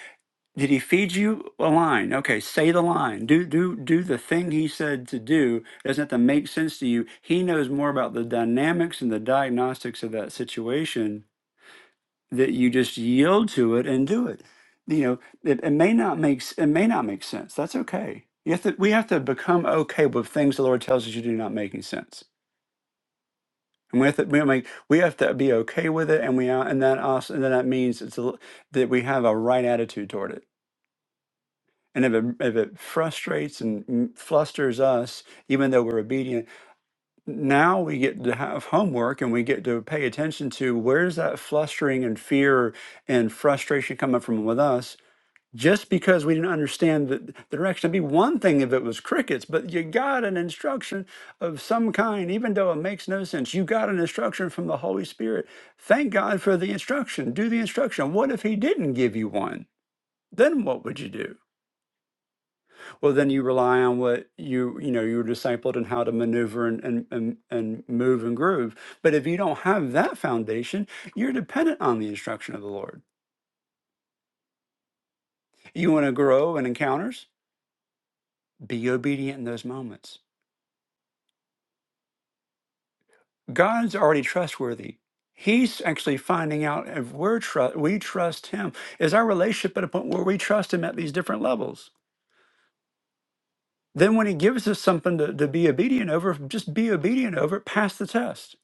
Did He feed you a line? Okay, say the line. Do do do the thing He said to do. It doesn't have to make sense to you. He knows more about the dynamics and the diagnostics of that situation that you just yield to it and do it. You know, it, it may not make s- it may not make sense. That's okay. You have to, we have to become okay with things the Lord tells us you do not making sense, and we have to we make we have to be okay with it, and we are- and that also and that means it's a, l- that we have a right attitude toward it. And if it, if it frustrates and m- flusters us, even though we're obedient, now we get to have homework and we get to pay attention to where's that flustering and fear and frustration coming from with us just because we didn't understand the, the direction. It'd be one thing if it was crickets, but you got an instruction of some kind, even though it makes no sense. You got an instruction from the Holy Spirit. Thank God for the instruction. Do the instruction. What if He didn't give you one? Then what would you do? Well, then you rely on what you you know you were discipled and how to maneuver and and, and and move and groove. But if you don't have that foundation, you're dependent on the instruction of the Lord. You want to grow in encounters? Be obedient in those moments God's already trustworthy. He's actually finding out if we're tru- we trust Him. Is our relationship at a point where we trust Him at these different levels? Then, when He gives us something to, to be obedient over, just be obedient over it, pass the test,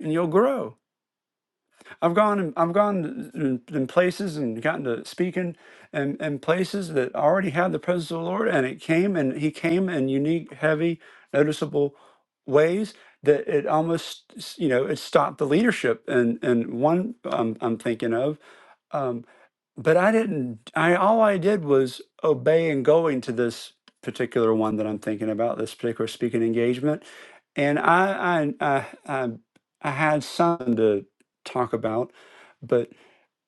and you'll grow. I've gone and I've gone in, in places and gotten to speaking and in places that already had the presence of the Lord, and it came and He came in unique, heavy, noticeable ways that it almost you know it stopped the leadership. And and one um, I'm thinking of um, but I didn't, I, all I did was obey and going to this particular one that I'm thinking about, this particular speaking engagement. And I, I, I, I, I had something to talk about, but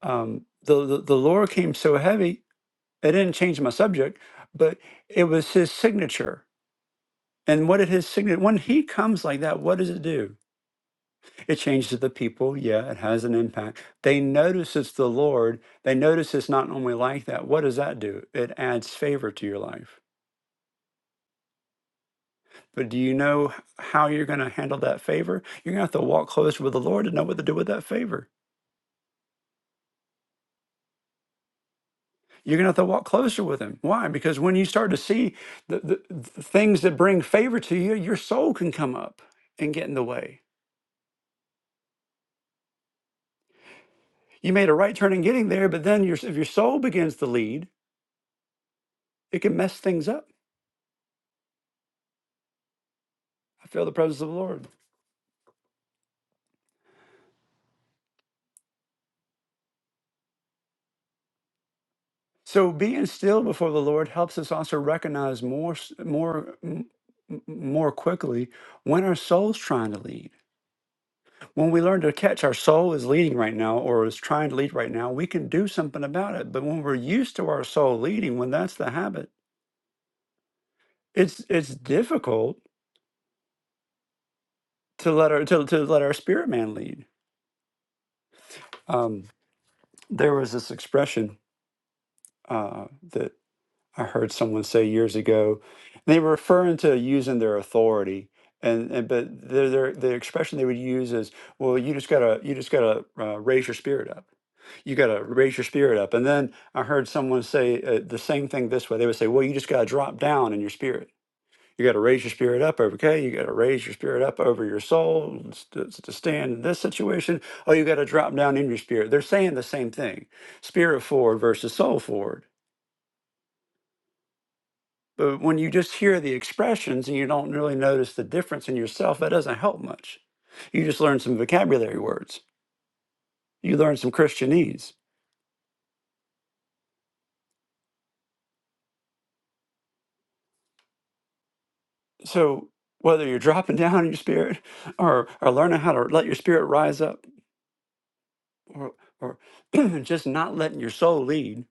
um, the, the, the lore came so heavy, it didn't change my subject, but it was his signature. And what did his signature, when he comes like that, what does it do? It changes the people. Yeah, it has an impact. They notice it's the Lord. They notice it's not normally like that. What does that do? It adds favor to your life. But do you know how you're going to handle that favor? You're going to have to walk closer with the Lord to know what to do with that favor. You're going to have to walk closer with Him. Why? Because when you start to see the, the, the things that bring favor to you, your soul can come up and get in the way. You made a right turn in getting there, but then your, if your soul begins to lead, it can mess things up. I feel the presence of the Lord. So being still before the Lord helps us also recognize more, s- more, m- m- more quickly when our soul's trying to lead. When we learn to catch our soul is leading right now or is trying to lead right now, we can do something about it. But when we're used to our soul leading, when that's the habit, it's it's difficult to let our to, to let our spirit man lead. Um, there was this expression uh, that I heard someone say years ago, they were referring to using their authority, and, and but their, their the expression they would use is, "Well, you just gotta you just gotta uh, raise your spirit up. You gotta raise your spirit up." And then I heard someone say uh, the same thing this way. They would say, "Well, you just gotta drop down in your spirit. You gotta raise your spirit up over okay. You gotta raise your spirit up over your soul and st- to stand in this situation. Oh, you gotta drop down in your spirit." They're saying the same thing: spirit forward versus soul forward But when you just hear the expressions and you don't really notice the difference in yourself, that doesn't help much. You just learn some vocabulary words, you learn some Christianese. So, whether you're dropping down in your spirit or, or learning how to let your spirit rise up or, or just not letting your soul lead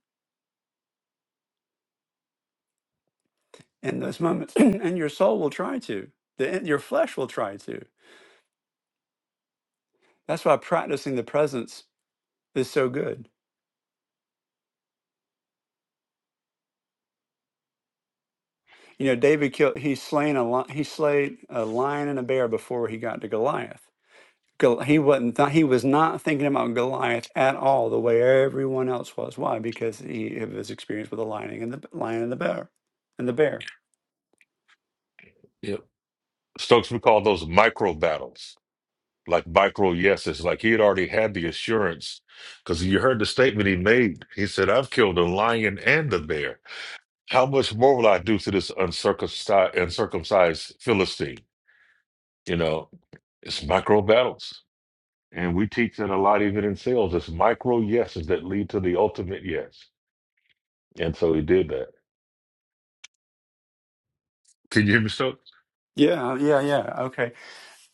in those moments, and your soul will try to, the, your flesh will try to. That's why practicing the presence is so good. You know, David killed, he slain a, li- he slayed a lion and a bear before he got to Goliath Gol- he wasn't th- he was not thinking about Goliath at all the way everyone else was. Why? Because he of his experience with the lion and the lion and the bear and the bear.
Yep. Stokes would call those micro battles, like micro yeses. Like he had already had the assurance, because you heard the statement he made. He said, "I've killed a lion and a bear. How much more will I do to this uncircumcised, uncircumcised Philistine?" You know, it's micro battles, and we teach that a lot, even in sales. It's micro yeses that lead to the ultimate yes, and so he did that. Can you hear me, Stokes?
Yeah, yeah, yeah. Okay,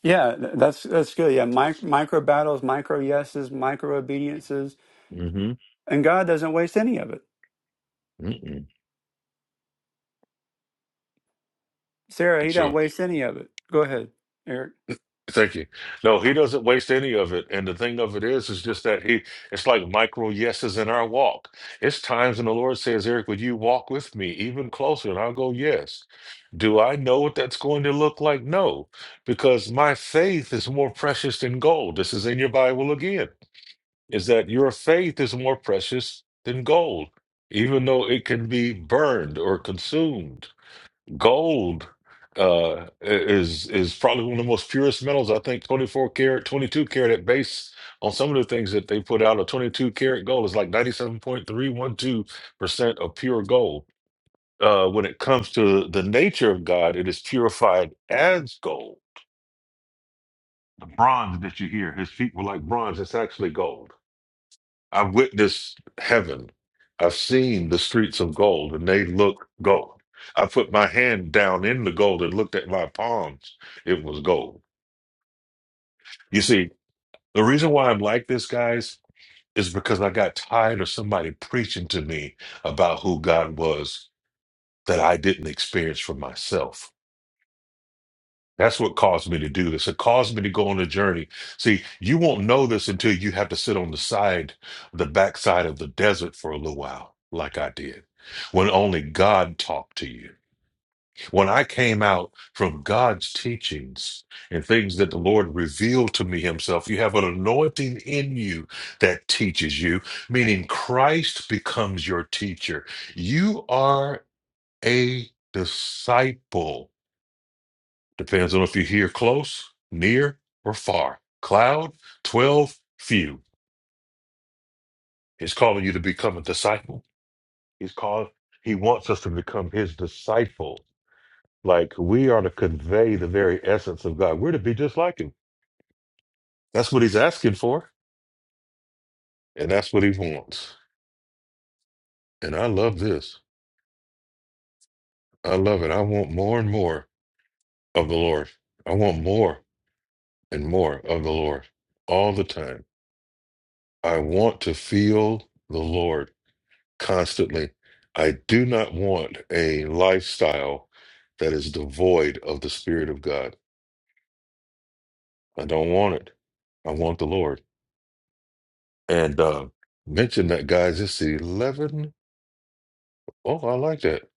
yeah, th- that's that's good. Yeah, mic- micro battles, micro yeses, micro obediences,
Mm-hmm.
and God doesn't waste any of it.
Mm-mm.
Sarah, he doesn't
Sure.
waste any of it. Go ahead, Eric.
Thank you. No, he doesn't waste any of it. And the thing of it is, is just that he, it's like micro yeses in our walk. It's times when the Lord says, Eric, would you walk with me even closer? And I'll go, yes. Do I know what that's going to look like? No, because my faith is more precious than gold. This is in your Bible again, is that your faith is more precious than gold, even though it can be burned or consumed. Gold uh, is is probably one of the most purest metals. I think 24 karat, 22 karat at base on some of the things that they put out. A 22 karat gold is like 97.312% of pure gold. Uh, when it comes to the nature of God, it is purified as gold. The bronze that you hear, his feet were like bronze, it's actually gold. I've witnessed heaven. I've seen the streets of gold, and they look gold. I put my hand down in the gold and looked at my palms. It was gold. You see, the reason why I'm like this, guys, is because I got tired of somebody preaching to me about who God was that I didn't experience for myself. That's what caused me to do this. It caused me to go on a journey. See, you won't know this until you have to sit on the side, the backside of the desert for a little while, like I did, when only God talked to you. When I came out from God's teachings and things that the Lord revealed to me Himself, you have an anointing in you that teaches you, meaning Christ becomes your teacher. You are a disciple Depends on if you hear close, near, or far. Cloud, 12, few. He's calling you to become a disciple. He's called, he wants us to become his disciple. Like we are to convey the very essence of God. We're to be just like him. That's what he's asking for. And that's what he wants. And I love this. I love it. I want more and more of the Lord. I want more and more of the Lord all the time. I want to feel the Lord. constantly. I do not want a lifestyle that is devoid of the Spirit of God. I don't want it. I want the Lord. And uh, mention that, guys. It's 11. Oh, I like that.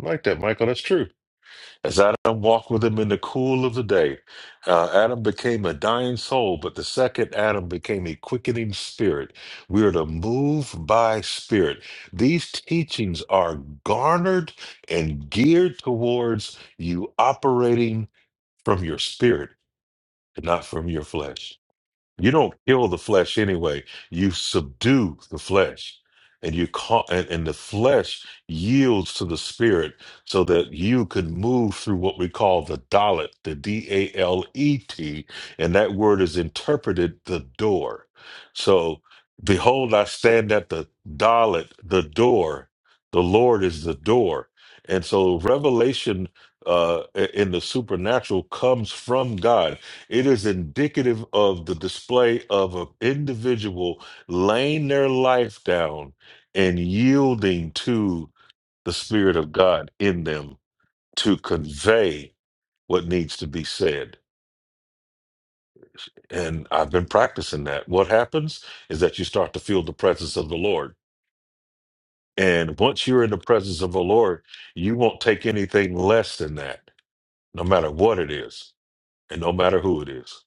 I like that, Michael. That's true. As Adam walked with him in the cool of the day, uh, Adam became a dying soul, but the second Adam became a quickening spirit. We are to move by spirit. These teachings are garnered and geared towards you operating from your spirit and not from your flesh. You don't kill the flesh anyway. You subdue the flesh. And you call and, and the flesh yields to the spirit so that you could move through what we call the Dalet, the D-A-L-E-T, and that word is interpreted the door. So behold, I stand at the Dalet, the door. The Lord is the door. And so revelation uh in the supernatural comes from God it is indicative of the display of an individual laying their life down and yielding to the Spirit of God in them to convey what needs to be said. And I've been practicing that. What happens is that you start to feel the presence of the Lord. And once you're in the presence of the Lord, you won't take anything less than that, no matter what it is and no matter who it is.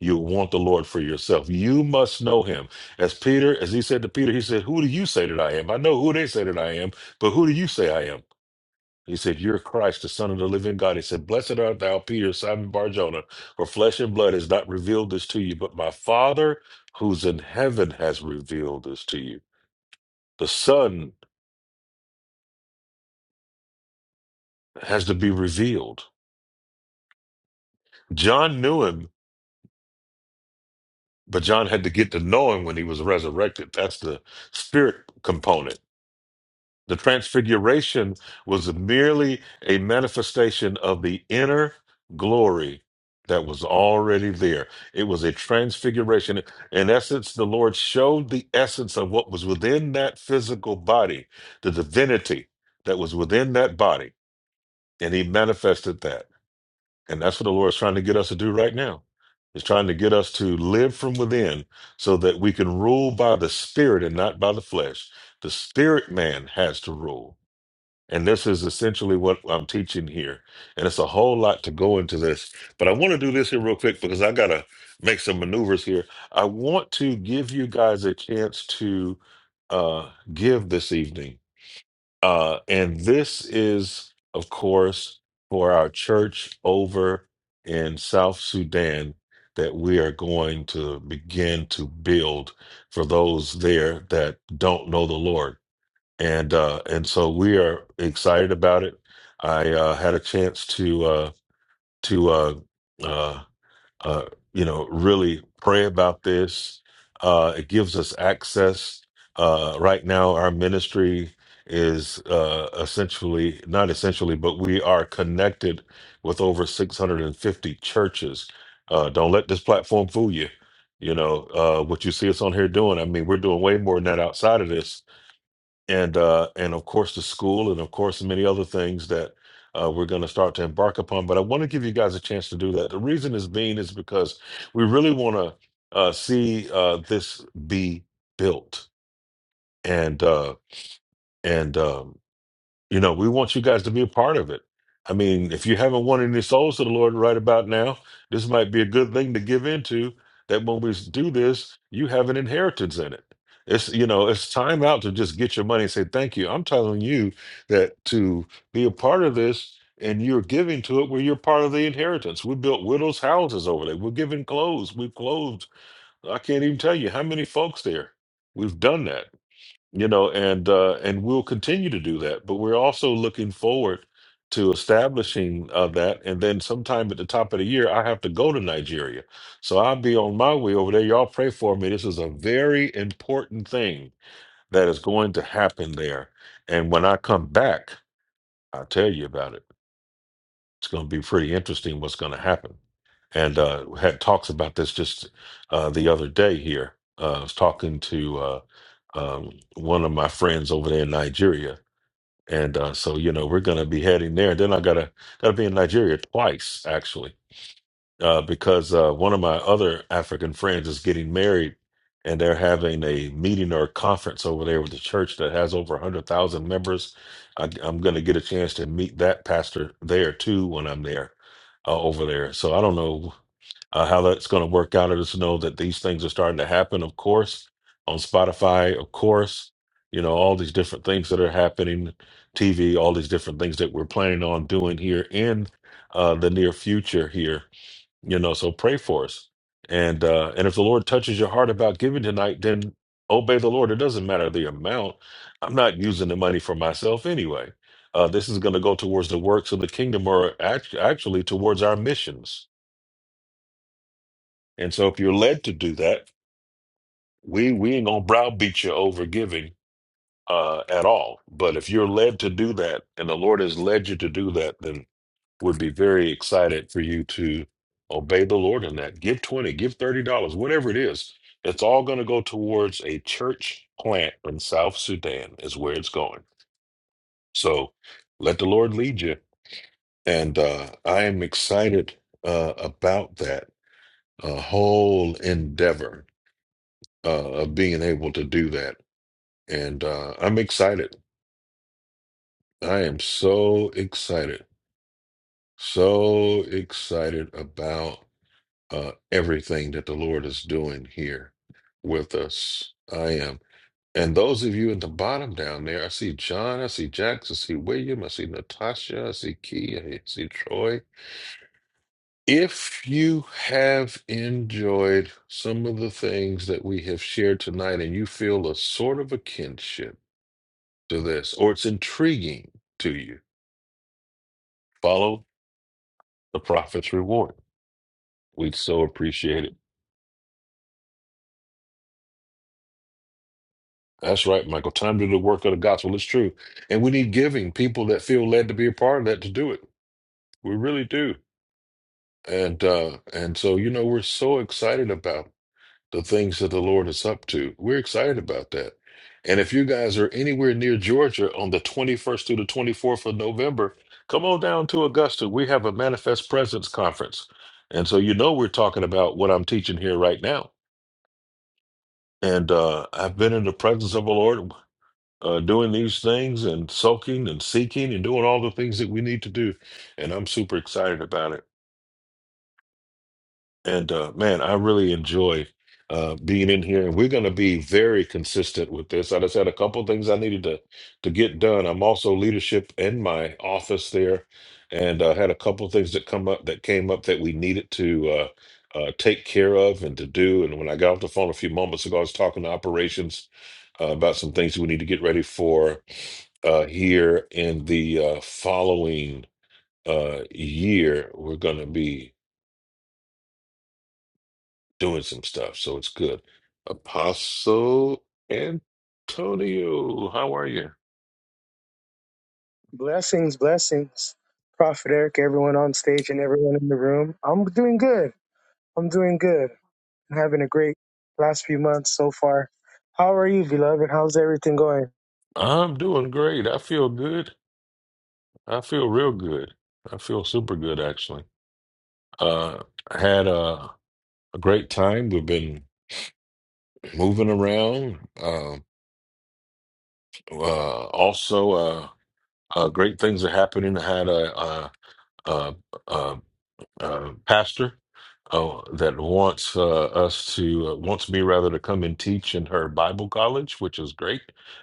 you want the Lord for yourself. You must know him. As Peter, as he said to Peter, he said, Who do you say that I am? I know who they say that I am, but who do you say I am? He said, You're Christ, the Son of the living God. He said, Blessed art thou, Peter, Simon Barjona, for flesh and blood has not revealed this to you, but my Father who's in heaven has revealed this to you. The Son has to be revealed. John knew him, but John had to get to know him when he was resurrected. That's the spirit component The transfiguration was merely a manifestation of the inner glory that was already there. It was a transfiguration. In essence, the Lord showed the essence of what was within that physical body, the divinity that was within that body, and He manifested that. And that's what the Lord is trying to get us to do right now. He's trying to get us to live from within so that we can rule by the Spirit and not by the flesh. The Spirit man has to rule and this is essentially what I'm teaching here. And it's a whole lot to go into this. But I want to do this here real quick because I got to make some maneuvers here. I want to give you guys a chance to uh, give this evening. Uh, and this is, of course, for our church over in South Sudan that we are going to begin to build for those there that don't know the Lord and uh, and so we are excited about it. I uh, had a chance to uh, to uh, uh, uh, you know really pray about this. Uh, it gives us access. Uh, right now, our ministry is uh, essentially not essentially, but we are connected with over 650 churches. Uh, don't let this platform fool you. You know uh, what you see us on here doing. I mean, we're doing way more than that outside of this and uh, and of course the school, and of course many other things that uh, we're going to start to embark upon. But I want to give you guys a chance to do that. The reason is being is because we really want to uh, see uh, this be built, and uh, and um, you know, we want you guys to be a part of it. I mean, if you haven't won any souls to the Lord right about now, this might be a good thing to give into that when we do this, you have an inheritance in it. It's you know, it's time out to just get your money and say thank you. I'm telling you that to be a part of this and you're giving to it where you're part of the inheritance. We built widows' houses over there. We're giving clothes. We've clothed I can't even tell you how many folks there. We've done that you know and uh and we'll continue to do that but we're also looking forward to establishing uh, that and then sometime at the top of the year i have to go to nigeria so i'll be on my way over there y'all pray for me this is a very important thing that is going to happen there and when i come back i'll tell you about it it's going to be pretty interesting what's going to happen and uh had talks about this just uh the other day here uh, i was talking to uh, um, one of my friends over there in Nigeria, and uh, so you know we're gonna be heading there. And then I gotta gotta be in Nigeria twice actually uh, because uh, one of my other African friends is getting married, and they're having a meeting or a conference over there with the church that has over 100,000 members. I, I'm going to get a chance to meet that pastor there too when I'm there uh, over there. So I don't know uh, how that's going to work out. I just know that these things are starting to happen, of course, on Spotify, of course, you know, all these different things that are happening, TV, all these different things that we're planning on doing here in uh, the near future here you know so pray for us and uh and if the lord touches your heart about giving tonight then obey the lord it doesn't matter the amount i'm not using the money for myself anyway uh this is going to go towards the works of the kingdom or act- actually towards our missions and so if you're led to do that we we ain't gonna browbeat you over giving uh at all but if you're led to do that and the lord has led you to do that then. would be very excited for you to obey the Lord in that. Give 20, give $30, whatever it is. It's all going to go towards a church plant in South Sudan, is where it's going. So let the Lord lead you. And uh, I am excited uh, about that uh, whole endeavor uh, of being able to do that. And uh, I'm excited. I am so excited. So excited about. uh, everything that the Lord is doing here with us. I am. And those of you in the bottom down there, I see John, I see Jax, I see William, I see Natasha, I see Key, I see Troy. If you have enjoyed some of the things that we have shared tonight and you feel a sort of a kinship to this, or it's intriguing to you, follow the prophet's reward. We'd so appreciate it. That's right, Michael. Time to do the work of the gospel. It's true. And we need giving people that feel led to be a part of that to do it. We really do. And uh and so you know we're so excited about the things that the Lord is up to. We're excited about that. And if you guys are anywhere near Georgia on the 21st through the 24th of November, come on down to Augusta. We have a Manifest Presence conference. And so you know we're talking about what I'm teaching here right now. And uh I've been in the presence of the Lord. uh, doing these things and soaking and seeking and doing all the things that we need to do. And I'm super excited about it. And uh, man, I really enjoy uh, being in here, and we're going to be very consistent with this. I just had a couple things I needed to to get done. I'm also leadership in my office there, and uh, had a couple things that come up that came up that we needed to uh, uh, take care of and to do. And when I got off the phone a few moments ago, I was talking to operations uh, about some things we need to get ready for uh, here in the uh, following uh, year. We're going to be doing some stuff, so it's good. Apostle Antonio, how are you?
Blessings, blessings. Prophet Eric, everyone on stage and everyone in the room. I'm doing good. I'm doing good. I'm having a great last few months so far. How are you, beloved? How's everything going?
I'm doing great. I feel good. I feel real good. I feel super good actually. Uh I had a, a great time. We've been moving around. Um uh also uh, uh great things are happening. I had a, a, a, a uh, pastor oh, that wants uh, us to uh, wants me rather to come and teach in her Bible college, which is great.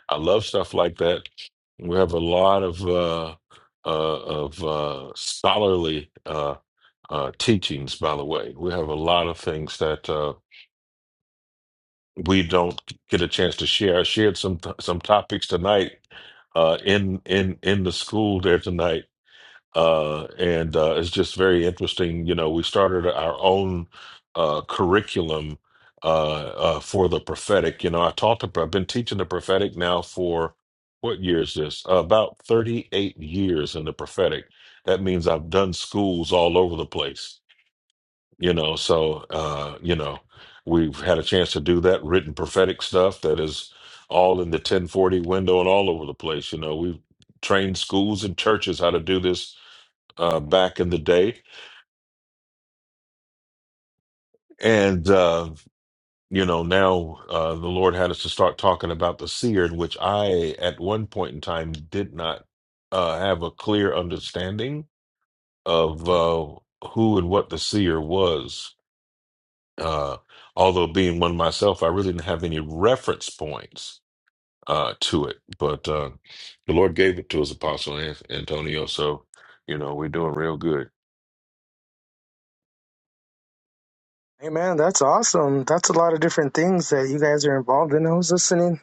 I love stuff like that. We have a lot of uh, uh, of uh, scholarly uh, uh, teachings, by the way. We have a lot of things that uh, we don't get a chance to share. I shared some some topics tonight uh, in in in the school there tonight uh, and uh, it's just very interesting. You know, we started our own uh, curriculum uh, uh, for the prophetic. You know, I taught the. I've been teaching the prophetic now for what year is this? Uh, about thirty-eight years in the prophetic. That means I've done schools all over the place. You know, so uh, you know, we've had a chance to do that written prophetic stuff that is all in the 1040 window and all over the place. You know, we've trained schools and churches how to do this uh, back in the day. And, uh, you know, now uh, the Lord had us to start talking about the seer, which I, at one point in time, did not uh, have a clear understanding of uh, who and what the seer was. Uh, although being one myself, I really didn't have any reference points uh, to it. But uh, the Lord gave it to us, Apostle An- Antonio. So, you know, we're doing real good.
Hey man, that's awesome. That's a lot of different things that you guys are involved in. I was listening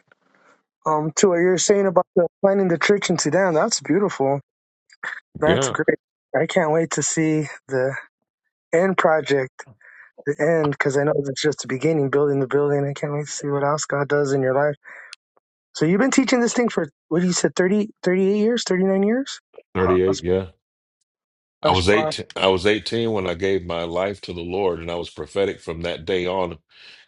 um to what you're saying about the, planning the church in Sudan. That's beautiful. That's
Yeah.
great. I can't wait to see the end project, the end, because I know that's just the beginning, building the building. I can't wait to see what else God does in your life. So you've been teaching this thing for what you said 30 38 years, thirty nine years. Wow, that's
38. Yeah. I
that's
was
powerful.
eighteen. I was eighteen when I gave my life to the Lord, and I was prophetic from that day on.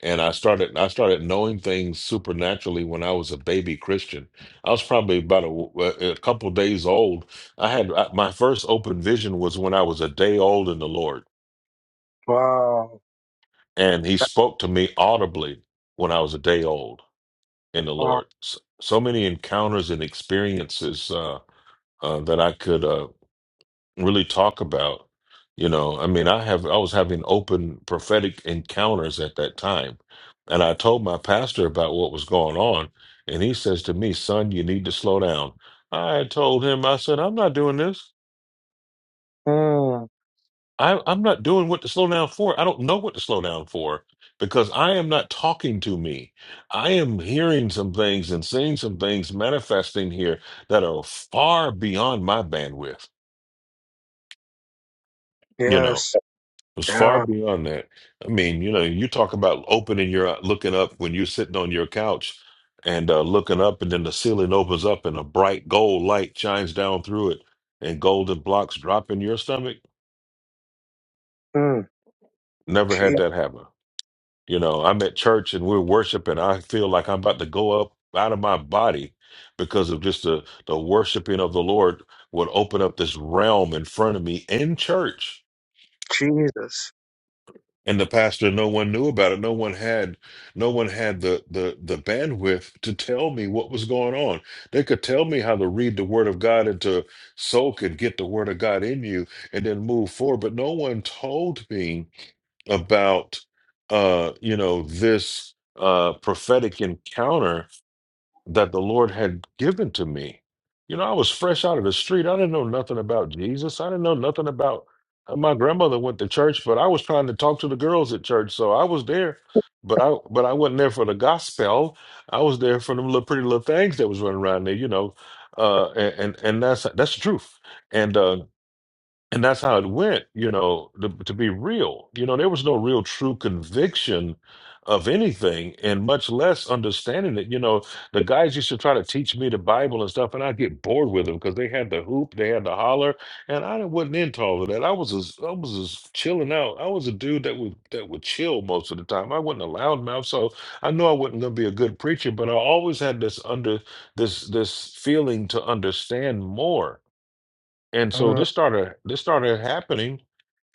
And I started. I started knowing things supernaturally when I was a baby Christian. I was probably about a, a couple days old. I had I, my first open vision was when I was a day old in the Lord,
Wow,
and He
that,
spoke to me audibly when I was a day old in the
wow.
Lord. So, so many encounters and experiences uh, uh, that I could. uh, really talk about you know i mean i have i was having open prophetic encounters at that time and i told my pastor about what was going on and he says to me son you need to slow down i told him i said i'm not doing this
Mm,
I, i'm not doing what to slow down for i don't know what to slow down for because i am not talking to me i am hearing some things and seeing some things manifesting here that are far beyond my bandwidth you know
yes,
was far
yeah.
beyond that. I mean, you know, you talk about opening your looking up when you're sitting on your couch and uh, looking up, and then the ceiling opens up and a bright gold light shines down through it, and golden blocks drop in your stomach.
Mm,
Never had
Je-
that happen. You know, I'm at church and we're worshiping. I feel like I'm about to go up out of my body because of just the the worshiping of the Lord would open up this realm in front of me in church
Jesus.
and the pastor no one knew about it no one had no one had the the the bandwidth to tell me what was going on they could tell me how to read the word of god and to soak and get the word of god in you and then move forward but no one told me about uh you know this uh prophetic encounter that the Lord had given to me. You know, I was fresh out of the street. I didn't know nothing about Jesus. I didn't know nothing about uh, my grandmother went to church, but I was trying to talk to the girls at church, so I was there. But I but I wasn't there for the gospel. I was there for them little pretty little things that was running around there, you know. Uh, and and, and that's that's the truth. And uh, and that's how it went you know to, to be real you know there was no real true conviction of anything and much less understanding it you know the guys used to try to teach me the bible and stuff and i'd get bored with them because they had the hoop they had the holler and i wasn't into all of that i was as i was as chilling out i was a dude that would that would chill most of the time i wasn't a loudmouth so i knew i wasn't going to be a good preacher but i always had this under this this feeling to understand more and so
Mm,
this started this started happening,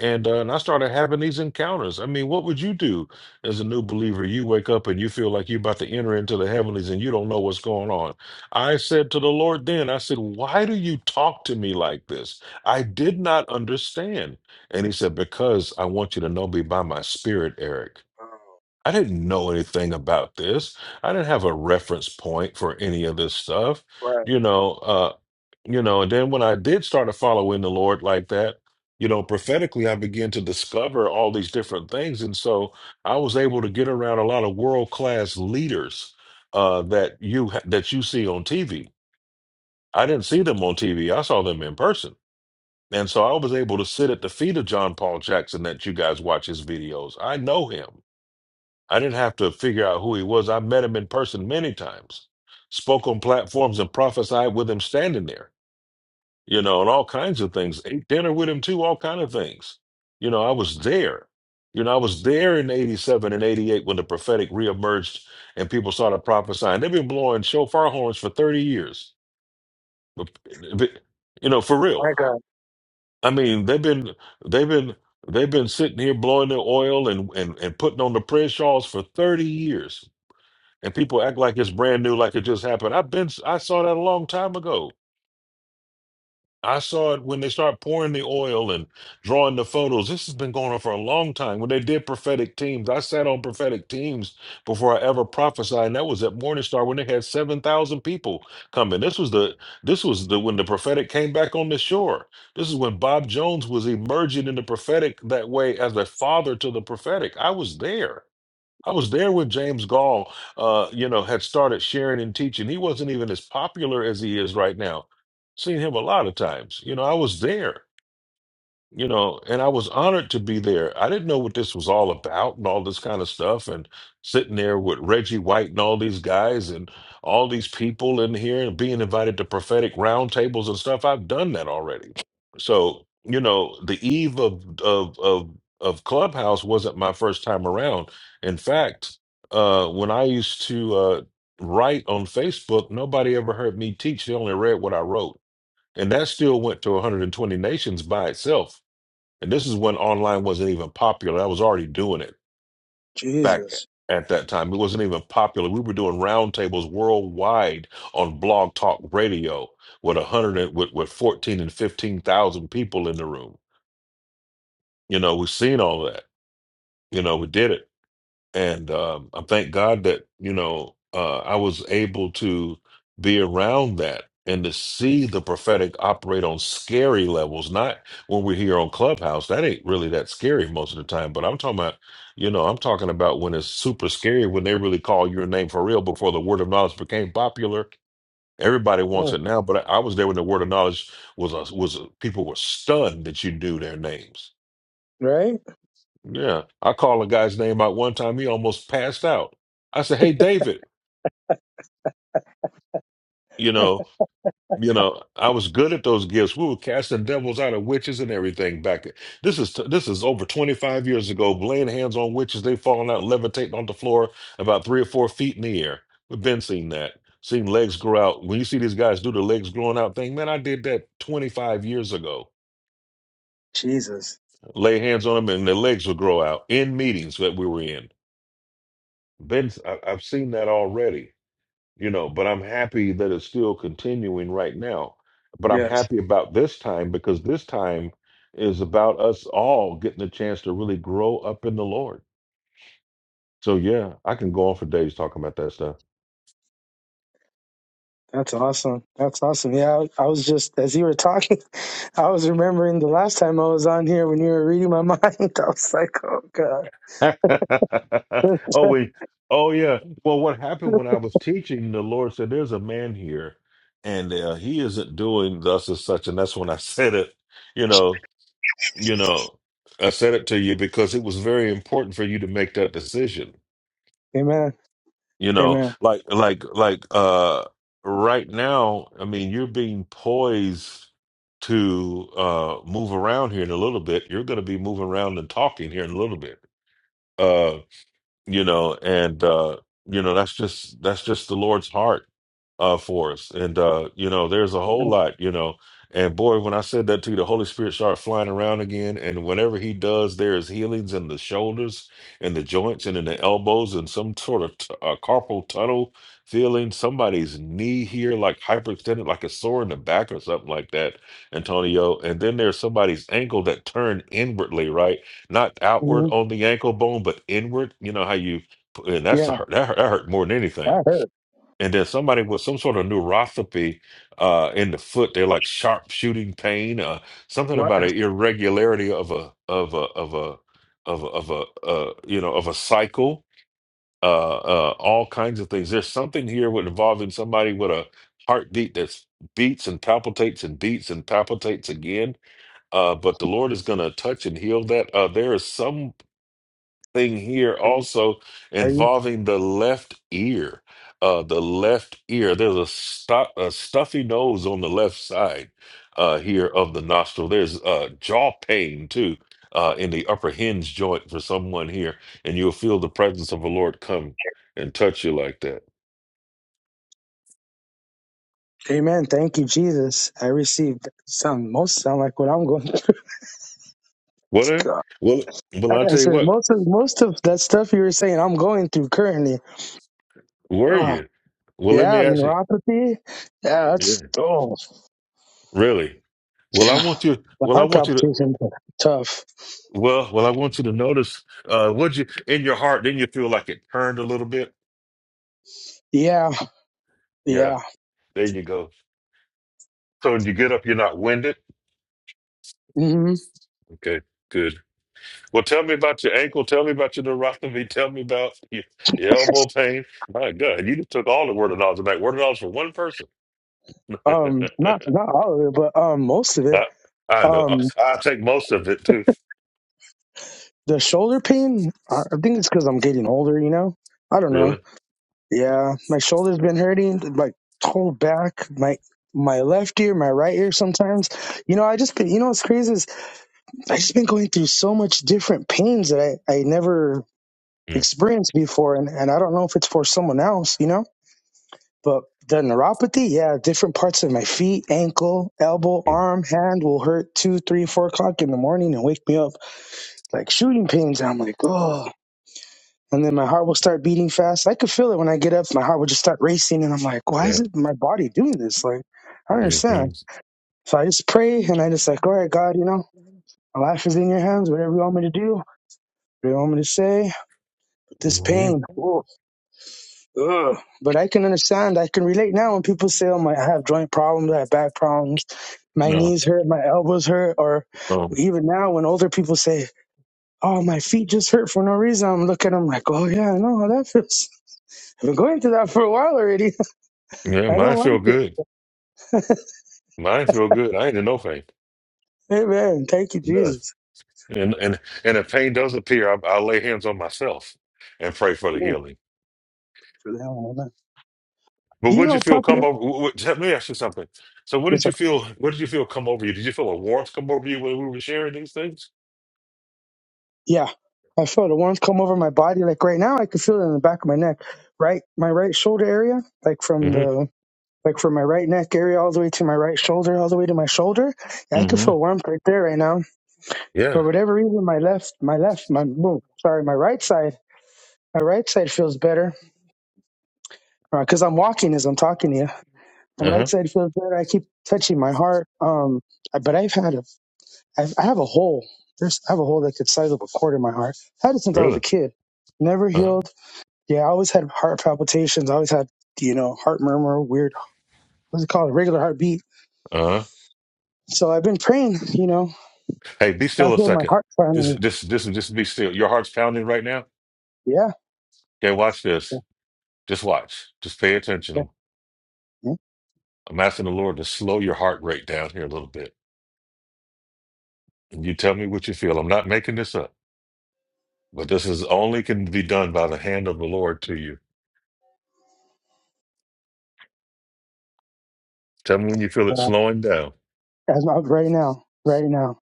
and uh, and I started having these encounters. I mean, what would you do as a new believer? You wake up and you feel like you're about to enter into the heavenlies, and you don't know what's going on. I said to the Lord, then I said, "Why do you talk to me like this?" I did not understand, and He said, "Because I want you to know me by my Spirit, Eric."
wow.
I didn't know anything about this. I didn't have a reference point for any of this stuff
Right,
you know uh, you know, and then when I did start to follow in the Lord like that, you know, prophetically, I began to discover all these different things. And so I was able to get around a lot of world-class leaders uh, that you that you see on TV. I didn't see them on TV. I saw them in person. And so I was able to sit at the feet of John Paul Jackson that you guys watch his videos. I know him. I didn't have to figure out who he was. I met him in person many times, spoke on platforms and prophesied with him standing there you know, and all kinds of things. Ate dinner with him too, all kind of things. You know, I was there. You know, I was there in '87 and '88 when the prophetic reemerged and people started prophesying. They've been blowing shofar horns for 30 years. But- but- You know, for real.
my God,
I mean, they've been they've been they've been sitting here blowing their oil and and and putting on the prayer shawls for 30 years. And people act like it's brand new, like it just happened. I've been I saw that a long time ago I saw it when they start pouring the oil and drawing the photos. This has been going on for a long time. When they did prophetic teams, I sat on prophetic teams before I ever prophesied, and that was at Morningstar when they had seven thousand people come in. This was the this was the when the prophetic came back on the shore. This is when Bob Jones was emerging in the prophetic that way as a father to the prophetic. I was there. I was there when James Gall, uh, you know, had started sharing and teaching. He wasn't even as popular as he is right now. Seen him a lot of times. You know, I was there you know, and I was honored to be there. I didn't know what this was all about and all this kind of stuff, and sitting there with Reggie White and all these guys and all these people in here and being invited to prophetic roundtables and stuff. I've done that already. So, you know, the eve of of of of Clubhouse wasn't my first time around. In fact, uh when I used to uh write on Facebook, nobody ever heard me teach. They only read what I wrote. And that still went to 120 nations by itself and this is when online wasn't even popular. I was already doing it back
Jesus.
at that time. It wasn't even popular. We were doing roundtables worldwide on Blog Talk Radio with a hundred and- with, with fourteen and fifteen thousand people in the room. You know, we've seen all that. You know, we did it. and um, I thank God that you know uh, I was able to be around that and to see the prophetic operate on scary levels. Not when we're here on Clubhouse; that ain't really that scary most of the time. But I'm talking about, you know, I'm talking about when it's super scary when they really call your name for real. Before the word of knowledge became popular, everybody
Mm,
wants it now. But I, I was there when the word of knowledge was a, was a, people were stunned that you knew their names
right,
yeah. I called a guy's name out one time. He almost passed out. I said, Hey, David, you know, you know, I was good at those gifts. We were casting devils out of witches and everything back. This is this is over 25 years ago. Laying hands on witches, they falling out, levitating on the floor about three or four feet in the air. We've been seeing that. Seeing legs grow out. When you see these guys do the legs growing out thing, man, I did that 25 years ago.
Jesus.
Lay hands on them and their legs would grow out in meetings that we were in. Been, I, I've seen that already. you know, but I'm happy that it's still continuing right now. But I'm
Yes,
happy about this time because this time is about us all getting a chance to really grow up in the Lord. So yeah, I can go on for days talking about that stuff.
that's awesome. That's awesome. Yeah, I, I was just as you were talking, I was remembering the last time I was on here when you were reading my mind. I was like, oh God.
oh we oh yeah. Well, what happened when I was teaching, the Lord said, "There's a man here, and uh, he isn't doing thus as such." And that's when I said it. You know, you know, I said it to you because it was very important for you to make that decision
Amen.
You know,
Amen.
like like like uh right now, I mean, you're being poised to uh move around here in a little bit. You're gonna be moving around and talking here in a little bit. Uh, you know and uh you know that's just that's just the lord's heart uh for us and uh you know there's a whole
Amen.
lot you know and boy when i said that to you the holy spirit started flying around again and whenever he does there is healings in the shoulders and the joints and in the elbows and some sort of t- uh, carpal tunnel feeling somebody's knee here like hyperextended like a sore in the back or something like that antonio and then there's somebody's ankle that turned inwardly right not outward
Mhm.
on the ankle bone, but inward. You know how you, and
Yeah.
that's a hurt, that hurt, that hurt more than
I
anything.
heard.
And then somebody with some sort of neuropathy uh, in the foot, they're like sharp shooting pain, uh, something
What?
about an irregularity of a of a of a of a, of a uh, you know of a cycle. Uh, uh, all kinds of things. There's something here with involving somebody with a heartbeat that's beats and palpitates and beats and palpitates again. Uh, but the Lord is going to touch and heal that. Uh, there is some thing here also
Are you?
involving the left ear. Uh, the left ear. There's a, stu- a stuffy nose on the left side uh, here of the nostril. There's uh, jaw pain too uh, in the upper hinge joint for someone here, and you'll feel the presence of the Lord come and touch you like that.
Amen. Thank you, Jesus. I received some most sound like what I'm going through.
What? a-
God.
Well, well, I'll
I
tell you
said
what.
most of most of that stuff you were saying I'm going through currently.
Were
Oh
you? Well, let me
yeah,
ask you.
neuropathy. Yeah, that's
Yeah,
oh
really. Well, I
yeah.
want you.
The
Well, I
heart
want you to.
palpitations are tough.
Well, well, I want you to notice. Uh, would you in your heart? Didn't you feel like it turned a little bit?
Yeah,
Yeah,
yeah.
there you go. So when you get up, you're not winded.
hmm
Okay, good. Well, tell me about your ankle. Tell me about your neuropathy. Tell me about your, your elbow pain. My God, you just took all the word of knowledge tonight. Word of knowledge for one person. I,
Um, not not all of it, but um, most of it.
I know. I,
Um,
I take most of it too.
the shoulder pain. I I think it's because I'm getting older. You know, I don't know
Really?
Yeah, my shoulder's been hurting, like whole back, my my left ear, my right ear sometimes. You know, I just been, you know what's crazy is I just been going through so much different pains that I I never
Mhm.
experienced before, and and I don't know if it's for someone else, you know, but the neuropathy, yeah, different parts of my feet, ankle, elbow, arm, hand will hurt two, three, four o'clock in the morning and wake me up like shooting pains. I'm like, oh. and then my heart will start beating fast. I could feel it when I get up. My heart would just start racing, and I'm like, "Why
Yeah.
is it my body doing this? Like, I don't
hmm
understand." So I just pray, and I just like, "All right, God, you know, my life is in your hands. Whatever you want me to do, whatever you want me to say." But this
hmm
pain, oh, ugh. but I can understand. I can relate now when people say, "Oh my, I have joint problems. I have back problems. My
No.
knees hurt. My elbows hurt," or
Um,
even now when older people say, "Oh, my feet just hurt for no reason," I'm looking at them like, "Oh yeah, I know how that feels." I've been going through that for a while already.
yeah,
I
mine
don't
feel
like it.
good. Mine feel good. I ain't in no pain.
Amen. Thank you,
Yes.
Jesus.
And and and if pain does appear, I, I lay hands on myself and pray for the
Mm,
healing.
For that one, amen.
But
Do you
would
know
you
a
feel come
prophet?
over? w- w- Let me ask you something. So, what
Yes,
did
sir.
you feel? What did you feel come over you? Did you feel a warmth come over you when we were sharing these things?
Yeah. I feel the warmth come over my body. Like right now, I can feel it in the back of my neck, right, my right shoulder area, like from
hmm
the, like from my right neck area all the way to my right shoulder, all the way to my shoulder. Yeah, I can
hmm
feel warmth right there right now. For
Yeah.
whatever reason, my left, my left, my boom, sorry, my right side, my right side feels better because I'm walking as I'm talking to you. My
Uh
right
huh.
side feels better. I keep touching my heart. Um, but I've had a I, I have a hole. There's I have a hole that could size up a quarter in my heart. I Had it since I was a
Really.
kid. Never
Uh huh.
healed. Yeah, I always had heart palpitations. I always had you know heart murmur, weird. What's it called? Regular heartbeat.
Uh huh.
So I've been praying. You know,
Hey, be
God
still a
healed my
second.
heart
This
finally.
this this just be still. Your heart's pounding right now.
Yeah.
Okay, watch
yeah,
this. Just watch. Just pay
yeah,
attention.
yeah.
I'm asking the Lord to slow your heart rate down here a little bit. And You tell me what you feel. I'm not making this up, but this is only can be done by the hand of the Lord to you. Tell me when you feel it
Uh,
slowing down.
As of right now, right now,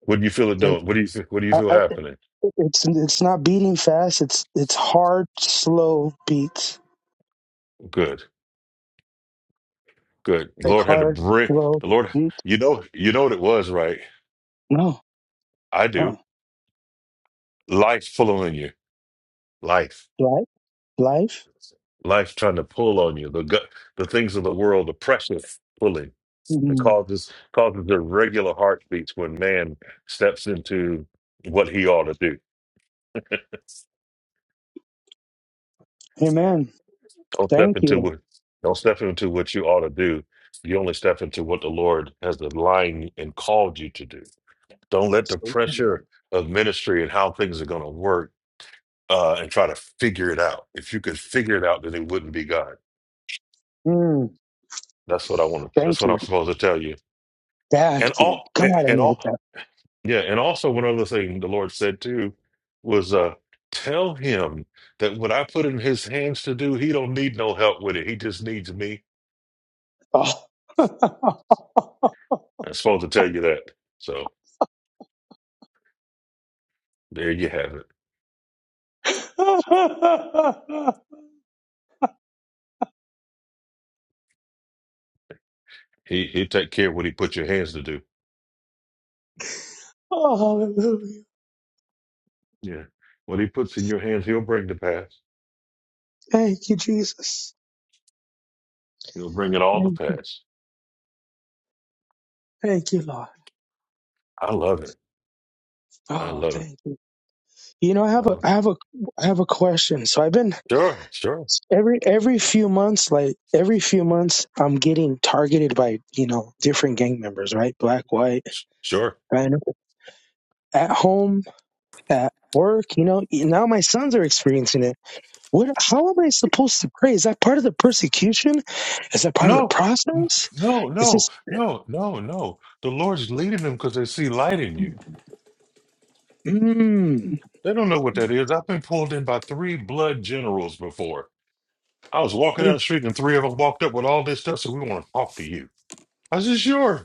What do you feel it
there,
doing? What do you feel, what do you
I,
feel
I,
happening?
it's it's not beating fast. It's it's hard, slow beats.
Good, good. The
Like
Lord had to
hard,
bring
slow.
the Lord.
beat.
You know, you know what it was, right?
No,
I do.
no.
Life following you. Life,
Life, life.
life trying to pull on you. The gut, the things of the world, the pressure pulling. It
Mm.
causes causes irregular heartbeats when man steps into what he ought to do
Amen.
Don't step
Thank
into
you.
what don't step into what you ought to do. You only step into what the Lord has aligned and called you to do. Don't let the
So
pressure of ministry and how things are going to work uh, and try to figure it out. If you could figure it out, then it wouldn't be God.
Mm,
That's what I want. to
thank
That's what I'm
you.
supposed to tell you. And
Thank you.
all
God, I
and
needed
all
that.
yeah. And also one other thing the Lord said too was uh, tell him that what I put in his hands to do, he don't need no help with it. He just needs me.
Oh.
I'm supposed to tell you that. So. There you have it. He he take care of what he put your hands to do.
oh, hallelujah.
Yeah. What he puts in your hands, he'll bring to pass.
Thank you, Jesus.
He'll bring it all to
Thank, you,
pass.
thank you, Lord.
I love it. I
Oh,
love it.
thank you. You know, I have a,
Uh,
I have a, I have a question. So I've been
sure, sure,
every every few months, like every few months, I'm getting targeted by you know different gang members, right? Black, white,
s- sure.
and at home, at work. You know, now my sons are experiencing it What? How am I supposed to pray? Is that part of the persecution? Is that part of the
No, n-
process?
no,
Is
no,
this?
no, no, no. The Lord's leading them because they see light in you.
Mmm.
They don't know what that is. I've been pulled in by three blood generals before. I was walking down the street and three of them walked up with all this stuff. So we want to talk to you. I said, sure.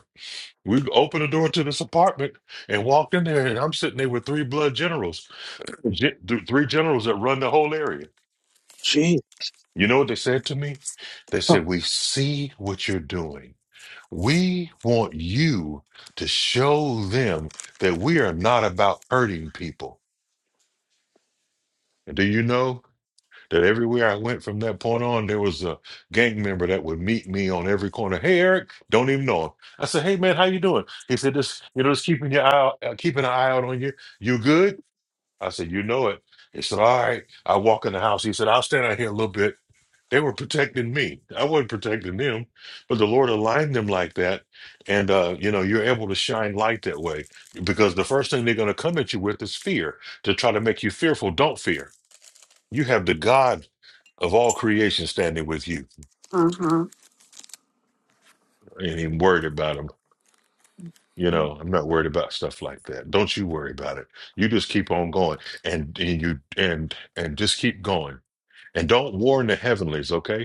We opened the door to this apartment and walked in there, and I'm sitting there with three blood generals, Gen- th- three generals that run the whole area.
Gee.
You know what they said to me? They
Oh,
said, We see what you're doing. We want you to show them that we are not about hurting people. And do you know? That everywhere I went from that point on, there was a gang member that would meet me on every corner. Hey, Eric, don't even know him. I said, Hey, man, how you doing? He said, Just you know, just keeping your eye, out, uh, keeping an eye out on you. You good? I said, You know it. He said, All right. I walk in the house. He said, I'll stand out here a little bit. They were protecting me. I wasn't protecting them, but the Lord aligned them like that, and uh, you know, you're able to shine light that way because the first thing they're going to come at you with is fear to try to make you fearful. Don't fear. You have the God of all creation standing with you. I ain't even worried about them. You know, I'm not worried about stuff like that. Don't you worry about it. You just keep on going and, and you and and just keep going. And don't warn the heavenlies, okay?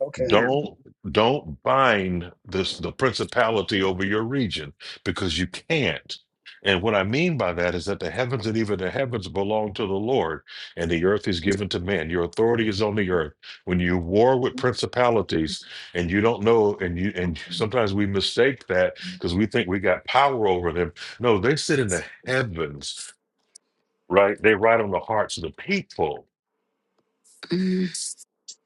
okay.
Don't don't bind this the principality over your region because you can't. And what I mean by that is that the heavens and even the heavens belong to the Lord, and the earth is given to man. Your authority is on the earth. When you war with principalities and you don't know, and you and sometimes we mistake that because we think we got power over them. No, they sit in the heavens, right? They ride on the hearts of the people
Mm.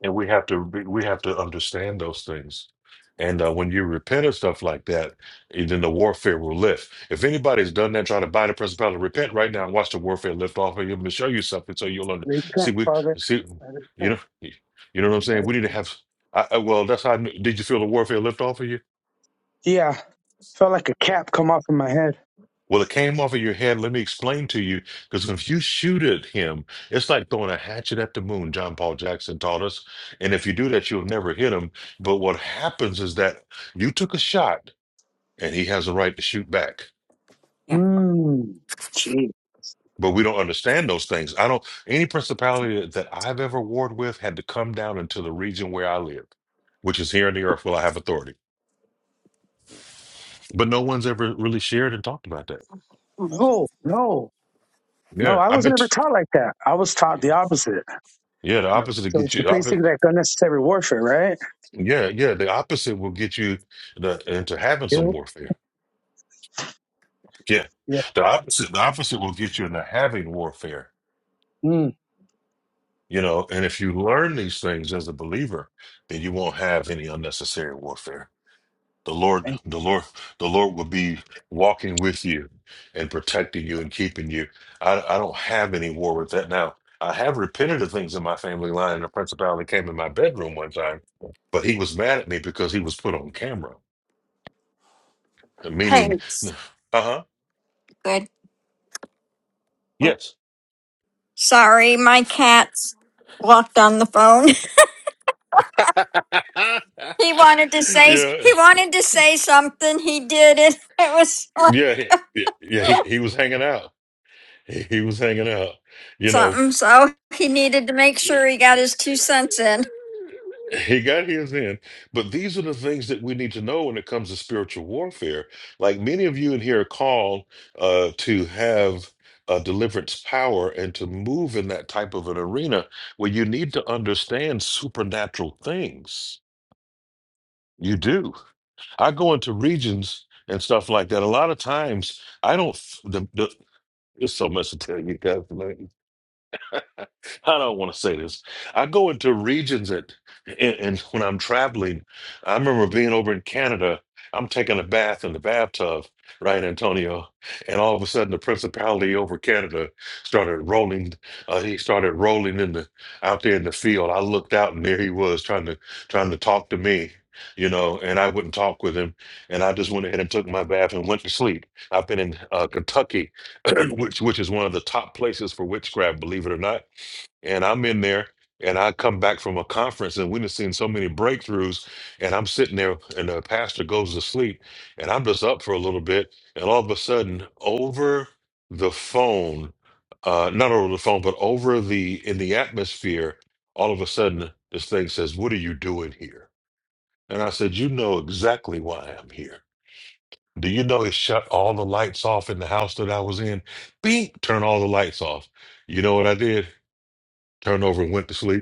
and we have to be- we have to understand those things and uh, when you repent of stuff like that and then the warfare will lift if anybody's done that trying to buy the principality repent right now and watch the warfare lift off of you i'm going to show you something so you'll under
Repent,
see we
Father.
see
I
you
repent.
know you know what i'm
I
saying we need to
repent.
have I, I, well that's how I knew. did you feel the warfare lift off of you
Yeah. Felt like a cap come off of my head.
Well, it came off of your head. Let me explain to you. Because if you shoot at him, it's like throwing a hatchet at the moon, John Paul Jackson taught us. And if you do that, you'll never hit him. But what happens is that you took a shot and he has a right to shoot back.
Yeah.
Mmm. Gee.
But we don't understand those things. I don't, any principality that, that I've ever warred with had to come down into the region where I live, which is here in the earth where I have authority. But no one's ever really shared and talked about that.
Oh no, no.
Yeah.
I
I've
was not
been, t-
ever taught like that. I was taught the opposite.
yeah, the
No.
opposite of
So it's
get you.
basically like unnecessary warfare, right?
Yeah, yeah. The opposite will get you the, into having
Yeah.
some warfare. Yeah,
Yeah.
the opposite. The opposite will get you into having warfare.
Mm,
You know, and if you learn these things as a believer, then you won't have any unnecessary warfare. The Lord,
thank you.
the Lord, the Lord will be walking with you and protecting you and keeping you. I, I don't have any war with that now. I have repented of things in my family line, and a principality came in my bedroom one time, but he was mad at me because he was put on camera,
Hey,
meaning.
it's
Uh-huh.
Good.
Yes.
sorry, my cat's walked on the phone.
yeah,
He wanted to say he
yeah,
wanted to say something. He did it. It was
yeah. yeah, He, he was hanging out. He, he was hanging out. You know,
something, so he needed to make sure he got his two cents in.
he got his in. But these are the things that we need to know when it comes to spiritual warfare. Like many of you in here are called uh, to have. Uh, deliverance power and to move in that type of an arena where you need to understand supernatural things. You do. I go into regions and stuff like that. A lot of times, I don't. f- The, the, there's so much to tell you guys. I don't want to say this. I go into regions that, and, and when I'm traveling, I remember being over in Canada. I'm taking a bath in the bathtub, right, Antonio? And all of a sudden, the principality over Canada started rolling. Uh, he started rolling in the out there in the field. I looked out, and there he was trying to trying to talk to me, you know. And I wouldn't talk with him. And I just went ahead and took my bath and went to sleep. I've been in uh, Kentucky, which which is one of the top places for witchcraft, believe it or not and I'm in there and I come back from a conference and we've seen so many breakthroughs and I'm sitting there and the pastor goes to sleep and I'm just up for a little bit and all of a sudden over the phone uh not over the phone but over the in the atmosphere all of a sudden this thing says what are you doing here and I said you know exactly why I'm here do you know it shut all the lights off in the house that I was in beep turn all the lights off you know what I did Turned over and went to sleep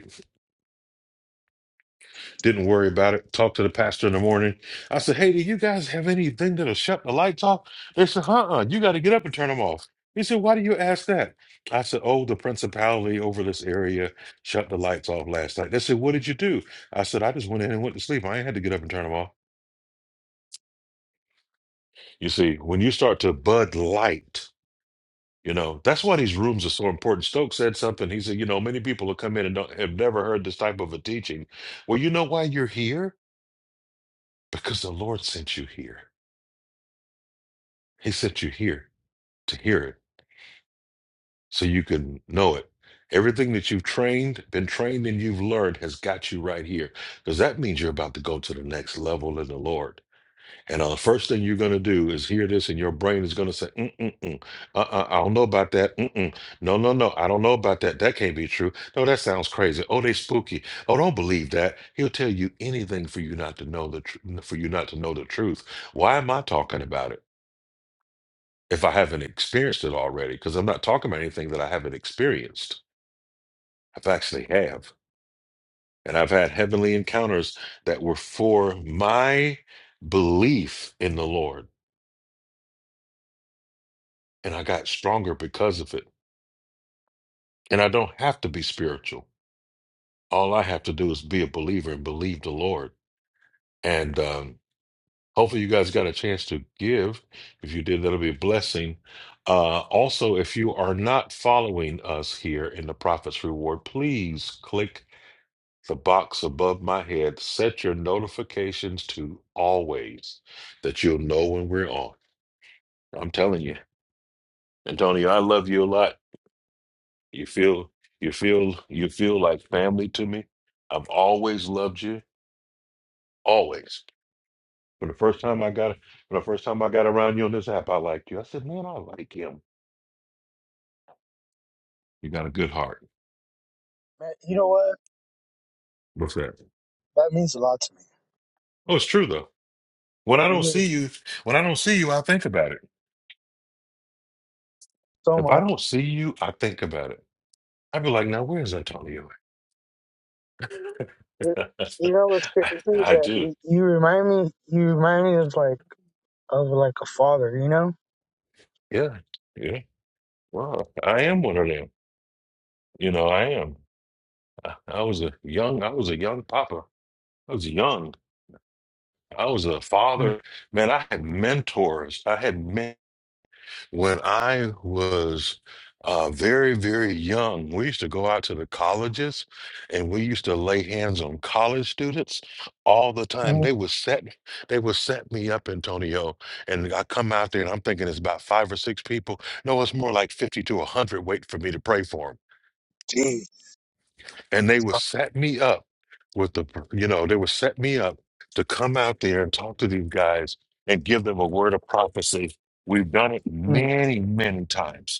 Didn't worry about it. Talked to the pastor in the morning. I said, Hey, do you guys have anything that'll shut the lights off? They said, Uh uh you got to get up and turn them off. He said, Why do you ask that? I said, Oh, the principality over this area shut the lights off last night. They said, What did you do? I said, I just went in and went to sleep. I ain't had to get up and turn them off. You see, when you start to bud light, you know, that's why these rooms are so important. Stokes said something. He said, You know, many people will come in and don't, have never heard this type of a teaching. Well, you know why you're here? Because the Lord sent you here. He sent you here to hear it so you can know it. Everything that you've trained, been trained, and you've learned has got you right here because that means you're about to go to the next level in the Lord. And uh, the first thing you're going to do is hear this, and your brain is going to say, Mm-mm-mm. Uh-uh, I don't know about that. Mm-mm. No, no, no. I don't know about that. That can't be true. No, that sounds crazy. Oh, they spooky. Oh, don't believe that. He'll tell you anything for you not to know the tr- for you not to know the truth. Why am I talking about it? if I haven't experienced it already, because I'm not talking about anything that I haven't experienced. I've actually have. And I've had heavenly encounters that were for my belief in the Lord. And I got stronger because of it. And I don't have to be spiritual. All I have to do is be a believer and believe the Lord. And um, hopefully, you guys got a chance to give. If you did, that'll be a blessing. Uh, also, if you are not following us here in the Prophet's Reward, please click the box above my head. Set your notifications to always that you'll know when we're on. I'm telling you, Antonio, I love you a lot. You feel you feel you feel like family to me. I've always loved you. Always. From the first time I got from the first time I got around you on this app, I liked you. I said, man, I like him. You got a good heart.
Man, you know what?
What's that?
That means a lot to me.
Oh, it's true though. When I don't
Really,
see you, when I don't see you, I think about it.
so
If
much.
I don't see you, I think about it. I'd be like, now where's Antonio?
You you know what's
I,
crazy is
I
that
do.
you you remind me. You remind me of like of like a father. You know.
Yeah. Yeah. Wow. I am one of them. You know, I am. I, I was a young, I was a young papa. I was young. I was a father. Man, I had mentors. I had mentors. When I was uh, very, very young, we used to go out to the colleges and we used to lay hands on college students all the
hmm
time. They would set they would set me up, Antonio, and I come out there and I'm thinking it's about five or six people. No, it's more like 50 to 100 wait for me to pray for them.
Jeez.
And they would set me up with the, you know, they would set me up to come out there and talk to these guys and give them a word of prophecy. We've done it
Mm.
many, many times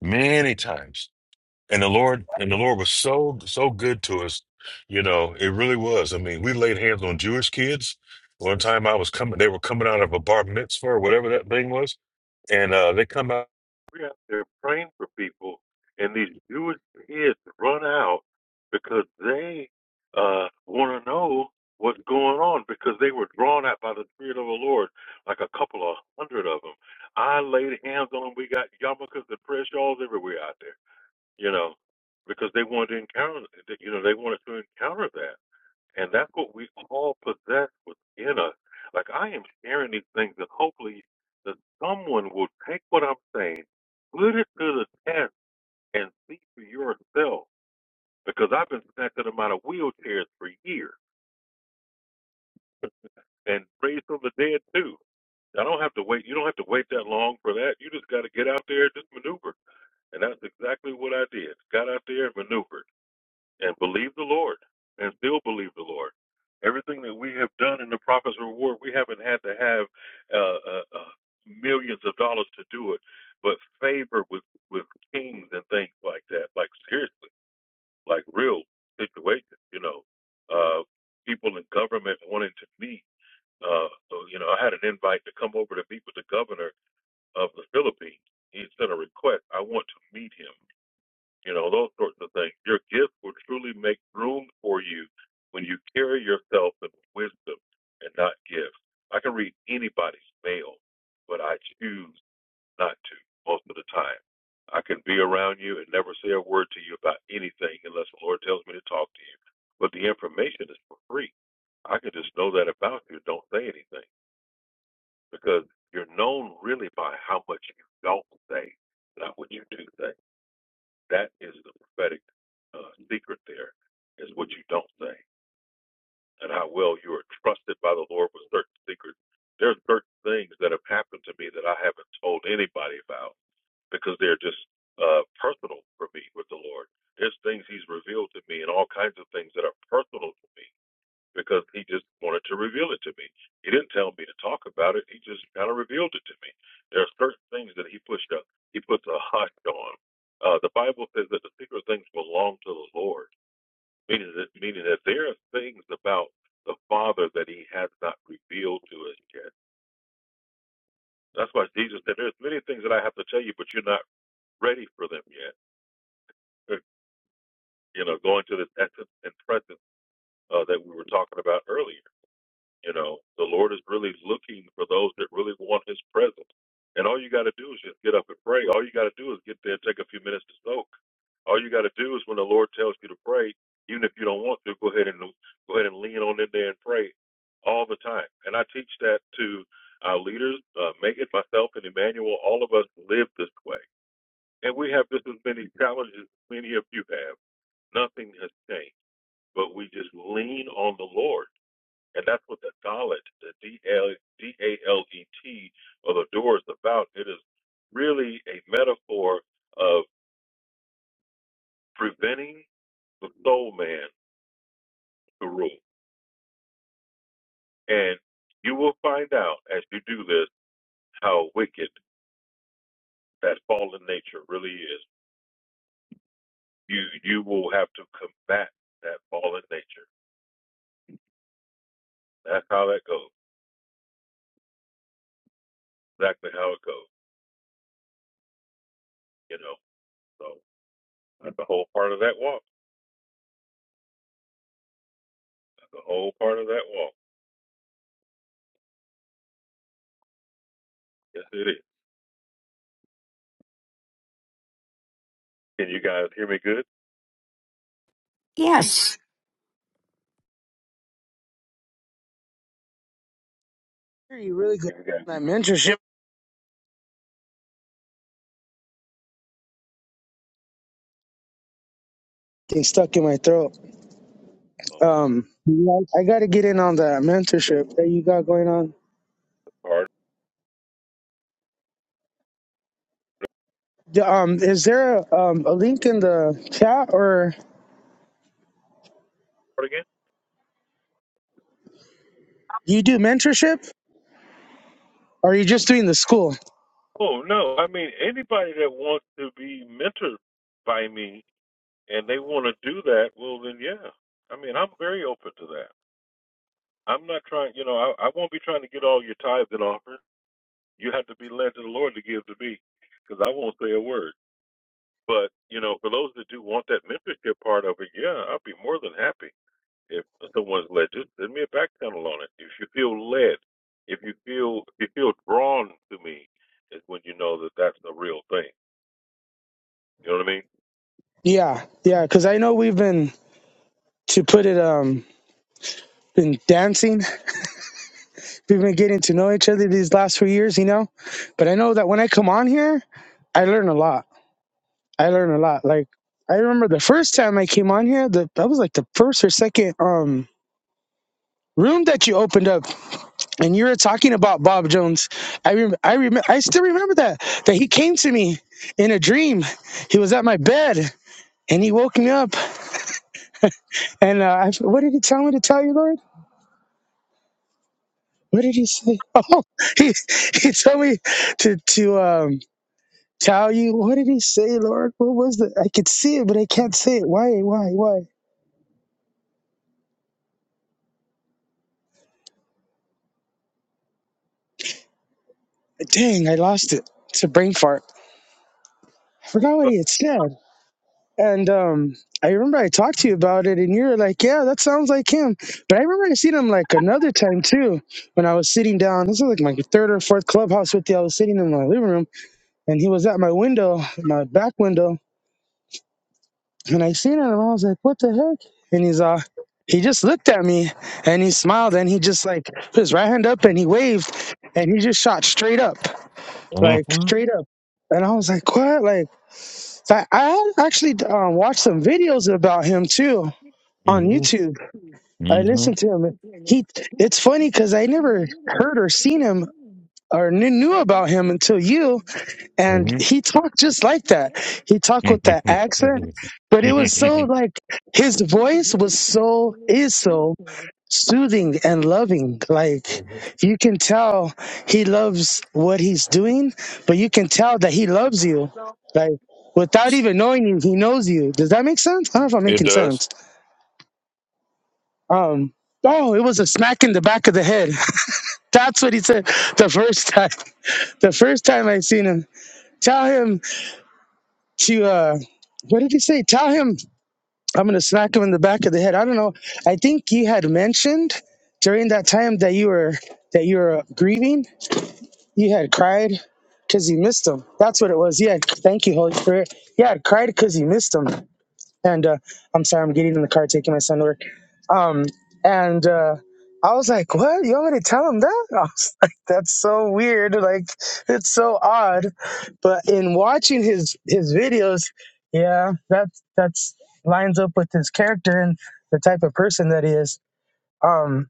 many times. And the Lord and the Lord was so so good to us, you know, it really was. I mean, we laid hands on Jewish kids. One time I was coming, they were coming out of a bar mitzvah or whatever that thing was and uh, they come out. We're out there praying for people, and these Jewish kids run out because they uh, want to know what's going on because they were drawn out by the Spirit of the Lord, like a couple of hundred of them. I laid hands on them. We got yarmulkes and prayer shawls everywhere out there, you know, because they wanted to encounter, you know, they wanted to encounter that. And that's what we all possess within us. Like I am sharing these things and hopefully that someone will take what I'm saying, put it to the test and see for yourself. Because I've been snatching them out of wheelchairs for years and raised from the dead too. I don't have to wait. You don't have to wait that long for that. You just got to get out there and just maneuver. And that's exactly what I did. Got out there and maneuvered. and believe the Lord and still believe the Lord. Everything that we have done in the prophet's reward, we haven't had to have uh, uh, uh, millions of dollars to do it, but favor with, with kings and things like that, like seriously, like real situations, you know. Uh, people in government wanting to meet. Uh, so, you know, I had an invite to come over to meet with the governor of the Philippines. He sent a request. I want to meet him you know, those sorts of things. Your gifts will truly make room for you when you carry yourself with wisdom and not gifts. I can read anybody's mail, but I choose not to most of the time. I can be around you and never say a word to you about anything unless the Lord tells me to talk to you. But the information is for free. I can just know that about you. Don't say anything because you're known really by how much you don't say, not what you do say. That is the prophetic uh, secret there, is what you don't say, and how well you are trusted by the Lord with certain secrets. There's certain things that have happened to me that I haven't told anybody about because they're just uh, personal for me with the Lord. There's things He's revealed to me and all kinds of things that are personal to me because he just wanted to reveal it to me. He didn't tell me to talk about it. He just kind of revealed it to me. There are certain things that he pushed up. He puts a hush on. Uh, the Bible says that the secret things belong to the Lord, meaning that meaning that there are things about the Father that He has not revealed to us yet. That's why Jesus said, "There's many things that I have to tell you, but you're not ready for them yet." You know, going to this essence and presence uh, that we were talking about earlier. You know, the Lord is really looking for those that really want His presence. And all you got to do is just get up and pray. All you got to do is get there, take a few minutes to soak. All you got to do is when the Lord tells you to pray, even if you don't want to, go ahead and go ahead and lean on in there and pray all the time. And I teach that to our leaders, uh, make myself and Emmanuel. All of us live this way, and we have just as many challenges as many of you have. Nothing has changed, but we just lean on the Lord. And that's what the Dalit, the D-L- D-A-L-E-T, or the door is about. It is really a metaphor of preventing the soul man to rule. And you will find out as you do this how wicked that fallen nature really is. You you will have to combat that fallen nature. That's how that goes. Exactly how it goes. You know. So that's the whole part of that walk. That's the whole part of that walk. Yes, it is. Can you guys hear me good?
Yes.
You really good.
Can you guys
at
hear
That
me?
mentorship thing stuck in my throat.
All
Um,
right.
I got to get in on that mentorship that you got going on.
Hard
The- Um, is there a, um, a link in the chat, or
part again?
you do mentorship, or are you just doing the school?
Oh no. I mean anybody that wants to be mentored by me and they want to do that, well then yeah. I mean I'm very open to that. I'm not trying you know, I, I won't be trying to get all your tithes and offers. You have to be led to the Lord to give to me because I won't say a word. But, you know, for those that do want that mentorship part of it, yeah, I'll be more than happy. If someone's led you, send me a back channel on it. If you feel led, if you feel if you feel drawn to me, is when you know that that's the real thing. You know what
Yeah, yeah. Because I know we've been to put it um been dancing. We've been getting to know each other these last few years, you know. But I know that when I come on here, I learn a lot. I learn a lot. Like I remember the first time I came on here, the, that was like the first or second um room that you opened up, and you were talking about Bob Jones. I rem- I remember I still remember that that he came to me in a dream. He was at my bed and he woke me up. And uh, I, what did he tell me to tell you, Lord? What did he say? Oh, he he told me to to um Tell you, what did he say, Lord? What was the? I could see it, but I can't say it. Why? Why? Why? Dang, I lost it. It's a brain fart. I forgot what he had said. And um, I remember I talked to you about it, and you were like, "Yeah, that sounds like him." But I remember I seen him like another time too, when I was sitting down. This was like my third or fourth clubhouse with you. I was sitting in my living room, and he was at my window, my back window, And I seen it, and I was like, what the heck? And he's uh he just looked at me and he smiled and he just like put his right hand up and he waved and he just shot straight up. Like straight up. And I was like, what? Like I, I actually um, watched some videos about him too on YouTube.
I mean?
I listened to him. He, it's funny because I never heard or seen him or knew, knew about him until you. And he talked just like that. He talked with that
hmm hmm
accent, but it was so
hmm
like his voice was so is so soothing and loving. Like you can tell he loves what he's doing, but you can tell that he loves you. Like without even knowing you, he knows you. Does that make sense? I don't know if I'm
it
making
does.
sense. Um Oh, it was a smack in the back of the head. That's what he said the first time. The first time I seen him. Tell him to uh what did he say tell him i'm gonna smack him in the back of the head i don't know i think you had mentioned during that time that you were that you were grieving you had cried because you missed him that's what it was yeah thank you holy spirit yeah cried because you missed him and uh, I'm sorry, I'm getting in the car taking my son to work. Um, and uh, I was like, "What? You want me to tell him that?" I was like, "That's so weird. Like, it's so odd." But in watching his his videos, yeah, that that's lines up with his character and the type of person that he is. Um,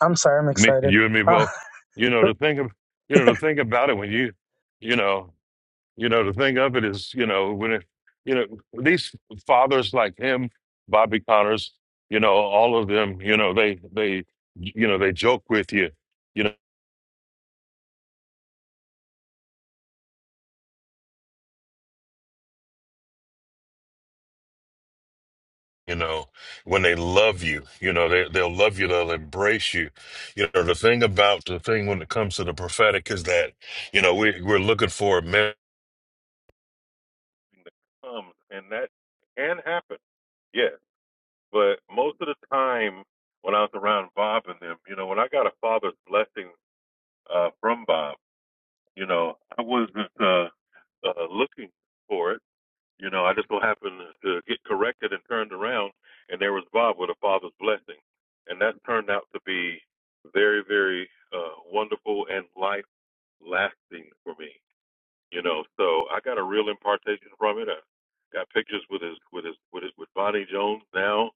I'm sorry, I'm
Me,
excited.
you and me both. You know the thing. Of, you know the thing about it when you, you know, You know, the thing of it is, you know, when it, you know, these fathers like him, Bobby Connors, you know, all of them, you know, they, they, you know, they joke with you, you know, you know, when they love you, you know, they, they'll love you, they'll embrace you. You know, the thing about the thing when it comes to the prophetic is that, you know, we, we're looking for a man. that comes, and that can happen. Yes, but most of the time when I was around Bob and them, you know, when I got a father's blessing. uh, from Bob. You know, I wasn't uh, uh, looking for it. You know, I just so happened to get corrected and turned around, and there was Bob with a father's blessing, and that turned out to be very, very uh, wonderful and life lasting for me. You know, so I got a real impartation from it. I got pictures with his with his with his with Bonnie Jones now,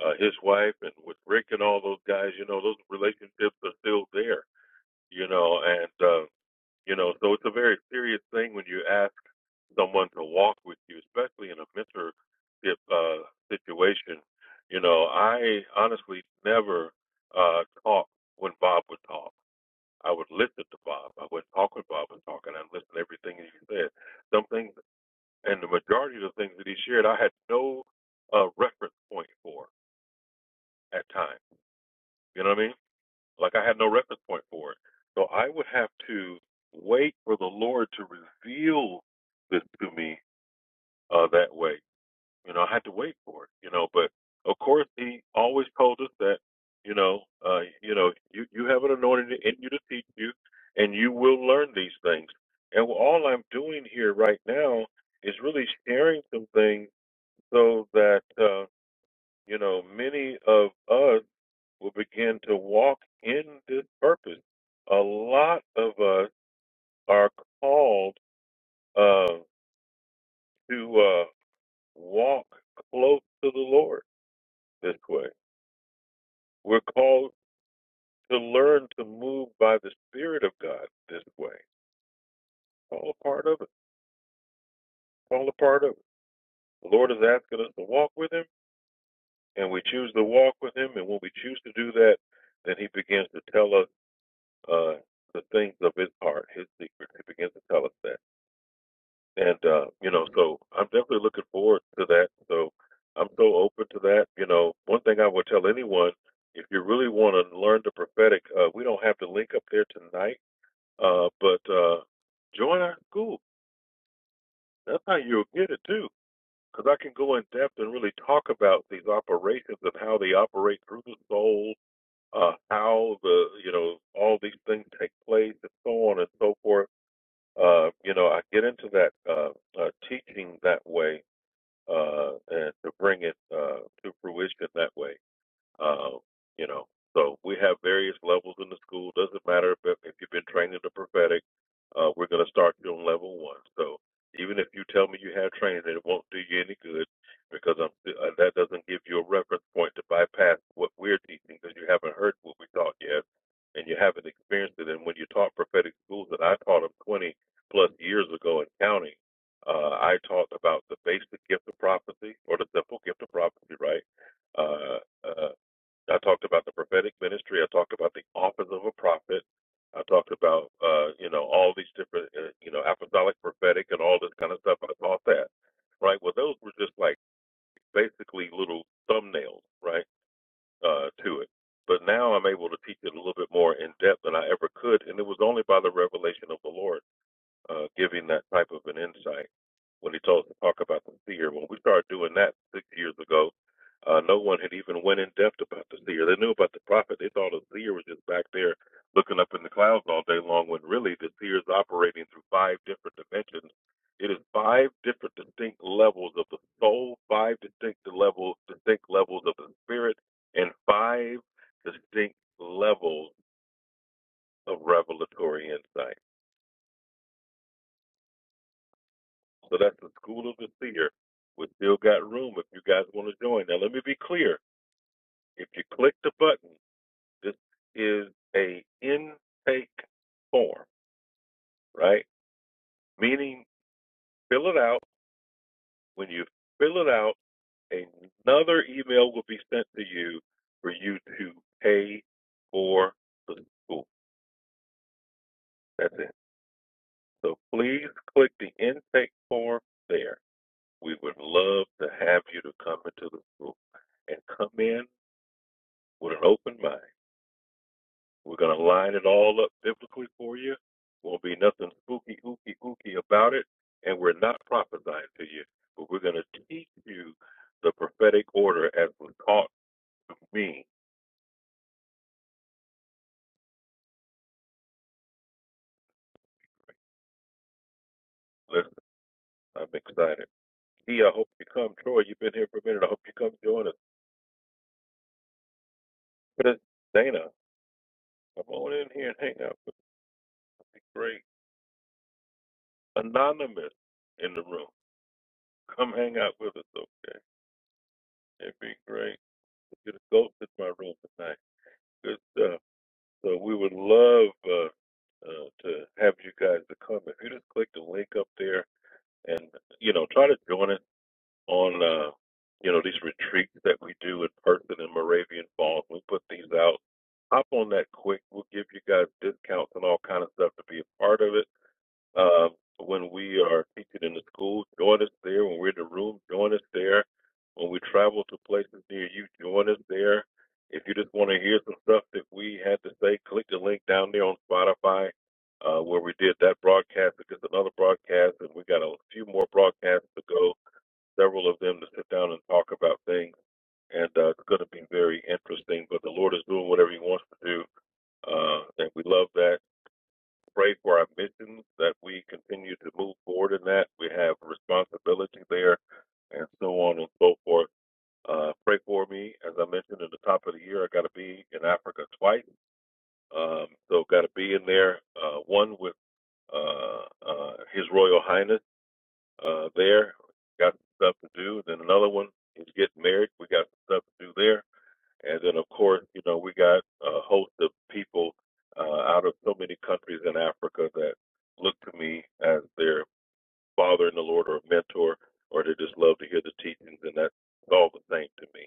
uh, his wife, and with Rick and all those guys. You know, those relationships are still there. You know, and uh, you know, so it's a very serious thing when you ask someone to walk with you, especially in a mentorship uh, situation. You know, I honestly never uh, talked when Bob would talk. I would listen to Bob. I wouldn't talk when Bob was talking. I'd listen to everything he said. Some things, and the majority of the things that he shared, I had no uh, reference point for at times. You know what I mean? Like I had no reference point for it. So I would have to wait for the Lord to reveal this to me uh, that way. You know, I had to wait for it. You know, but of course He always told us that. You know, uh, you know, you you have an anointing in you to teach you, and you will learn these things. And all I'm doing here right now is really sharing some things so that uh, you know many of us will begin to walk in this purpose. A lot of us are called uh, to uh, walk close to the Lord this way. We're called to learn to move by the Spirit of God this way. It's all a part of it. It's all a part of it. The Lord is asking us to walk with Him, and we choose to walk with Him. And when we choose to do that, then He begins to tell us uh, the things of His heart, His secret. He begins to tell us that. And uh, you know, so I'm definitely looking forward to that. So I'm so open to that. You know, one thing I would tell anyone, if you really want to learn the prophetic, uh, we don't have to link up there tonight, uh, but uh, join our school. That's how you'll get it too, because I can go in depth and really talk about these operations and how they operate through the soul, uh, how the you know all these things take place, and so on and so forth. Uh, you know, I get into that uh, uh, teaching that way uh, and to bring it uh, to fruition that way. Uh, you know, so we have various levels in the school. Doesn't matter if, if you've been trained in the prophetic, uh, we're going to start you on level one. So even if you tell me you have training, it won't do you any good because I'm, uh, that doesn't give you a reference point to bypass what we're teaching because you haven't heard what we taught yet and you haven't experienced it. And when you taught prophetic schools, and I taught them 20 plus years ago in county, uh, I taught about the basic gift of prophecy or the simple gift of prophecy, right? Uh, uh, I talked about the prophetic ministry. I talked about the office of a prophet. I talked about uh, you know all these different uh, you know apostolic, prophetic, and all this kind of stuff. I taught that, right? Well, those were just like basically little thumbnails, right, uh, to it. But now I'm able to teach it a little bit more in depth than I ever could, and it was only by the revelation of the Lord uh, giving that type of an insight when he told us to talk about the seer. When we started doing that six years ago, uh, no one had even went in depth about the seer. They knew about the prophet. They thought the seer was just back there looking up in the clouds all day long. When really the seer is operating through five different dimensions. It is five different distinct levels of the soul, five distinct levels, distinct levels of the spirit, and five distinct levels of revelatory insight. So that's the School of the Seer. We still got room if you guys want to join. Now, let me be clear. If you click the button, this is a intake form, right? Meaning, fill it out. When you fill it out, another email will be sent to you for you to pay for the school. That's it. So please click the intake form there. We would love to have you to come into the school and come in with an open mind We're going to line it all up biblically for you. Won't be nothing spooky, ooky, ooky about it. And we're not prophesying to you, but we're going to teach you the prophetic order as was taught me. Listen, I'm excited. Dee, I hope you come. Troy, you've been here for a minute. I hope you come join us. But it's Dana, come on in here and hang out with us. It'd Be great. Anonymous in the room. Come hang out with us, okay? It'd be great. You're the ghost in my room tonight. Good stuff. So we would love uh, uh, to have you guys to come. If you just click the link up there and you know try to join it on uh, you know these retreats that we do in person in Moravian Falls, we put these out. Hop on that quick. We'll give you guys discounts and all kind of stuff to be a part of it uh, when we are teaching in the schools, join us there. When we're in the room, join us there. When we travel to places near you, join us there. If you just want to hear some stuff that we had to say, click the link down there on Spotify uh, where we did that broadcast. It's another broadcast, and we got a few more broadcasts to go, several of them to sit down and talk about things. And uh, it's going to be very interesting, but the Lord is doing whatever He wants to do, uh, and we love that pray for our missions that we continue to move forward in that. We have responsibility there and so on and so forth. Uh, pray for me. As I mentioned at the top of the year, I got to be in Africa twice. Um, so got to be in there, uh, one with uh, uh, His Royal Highness uh, there. Got some stuff to do. Then another one is getting married. We got some stuff to do there. And then, of course, you know, we got a host of people uh, out of so many countries in Africa that look to me as their father in the Lord or a mentor, or they just love to hear the teachings, and that's all the same to me.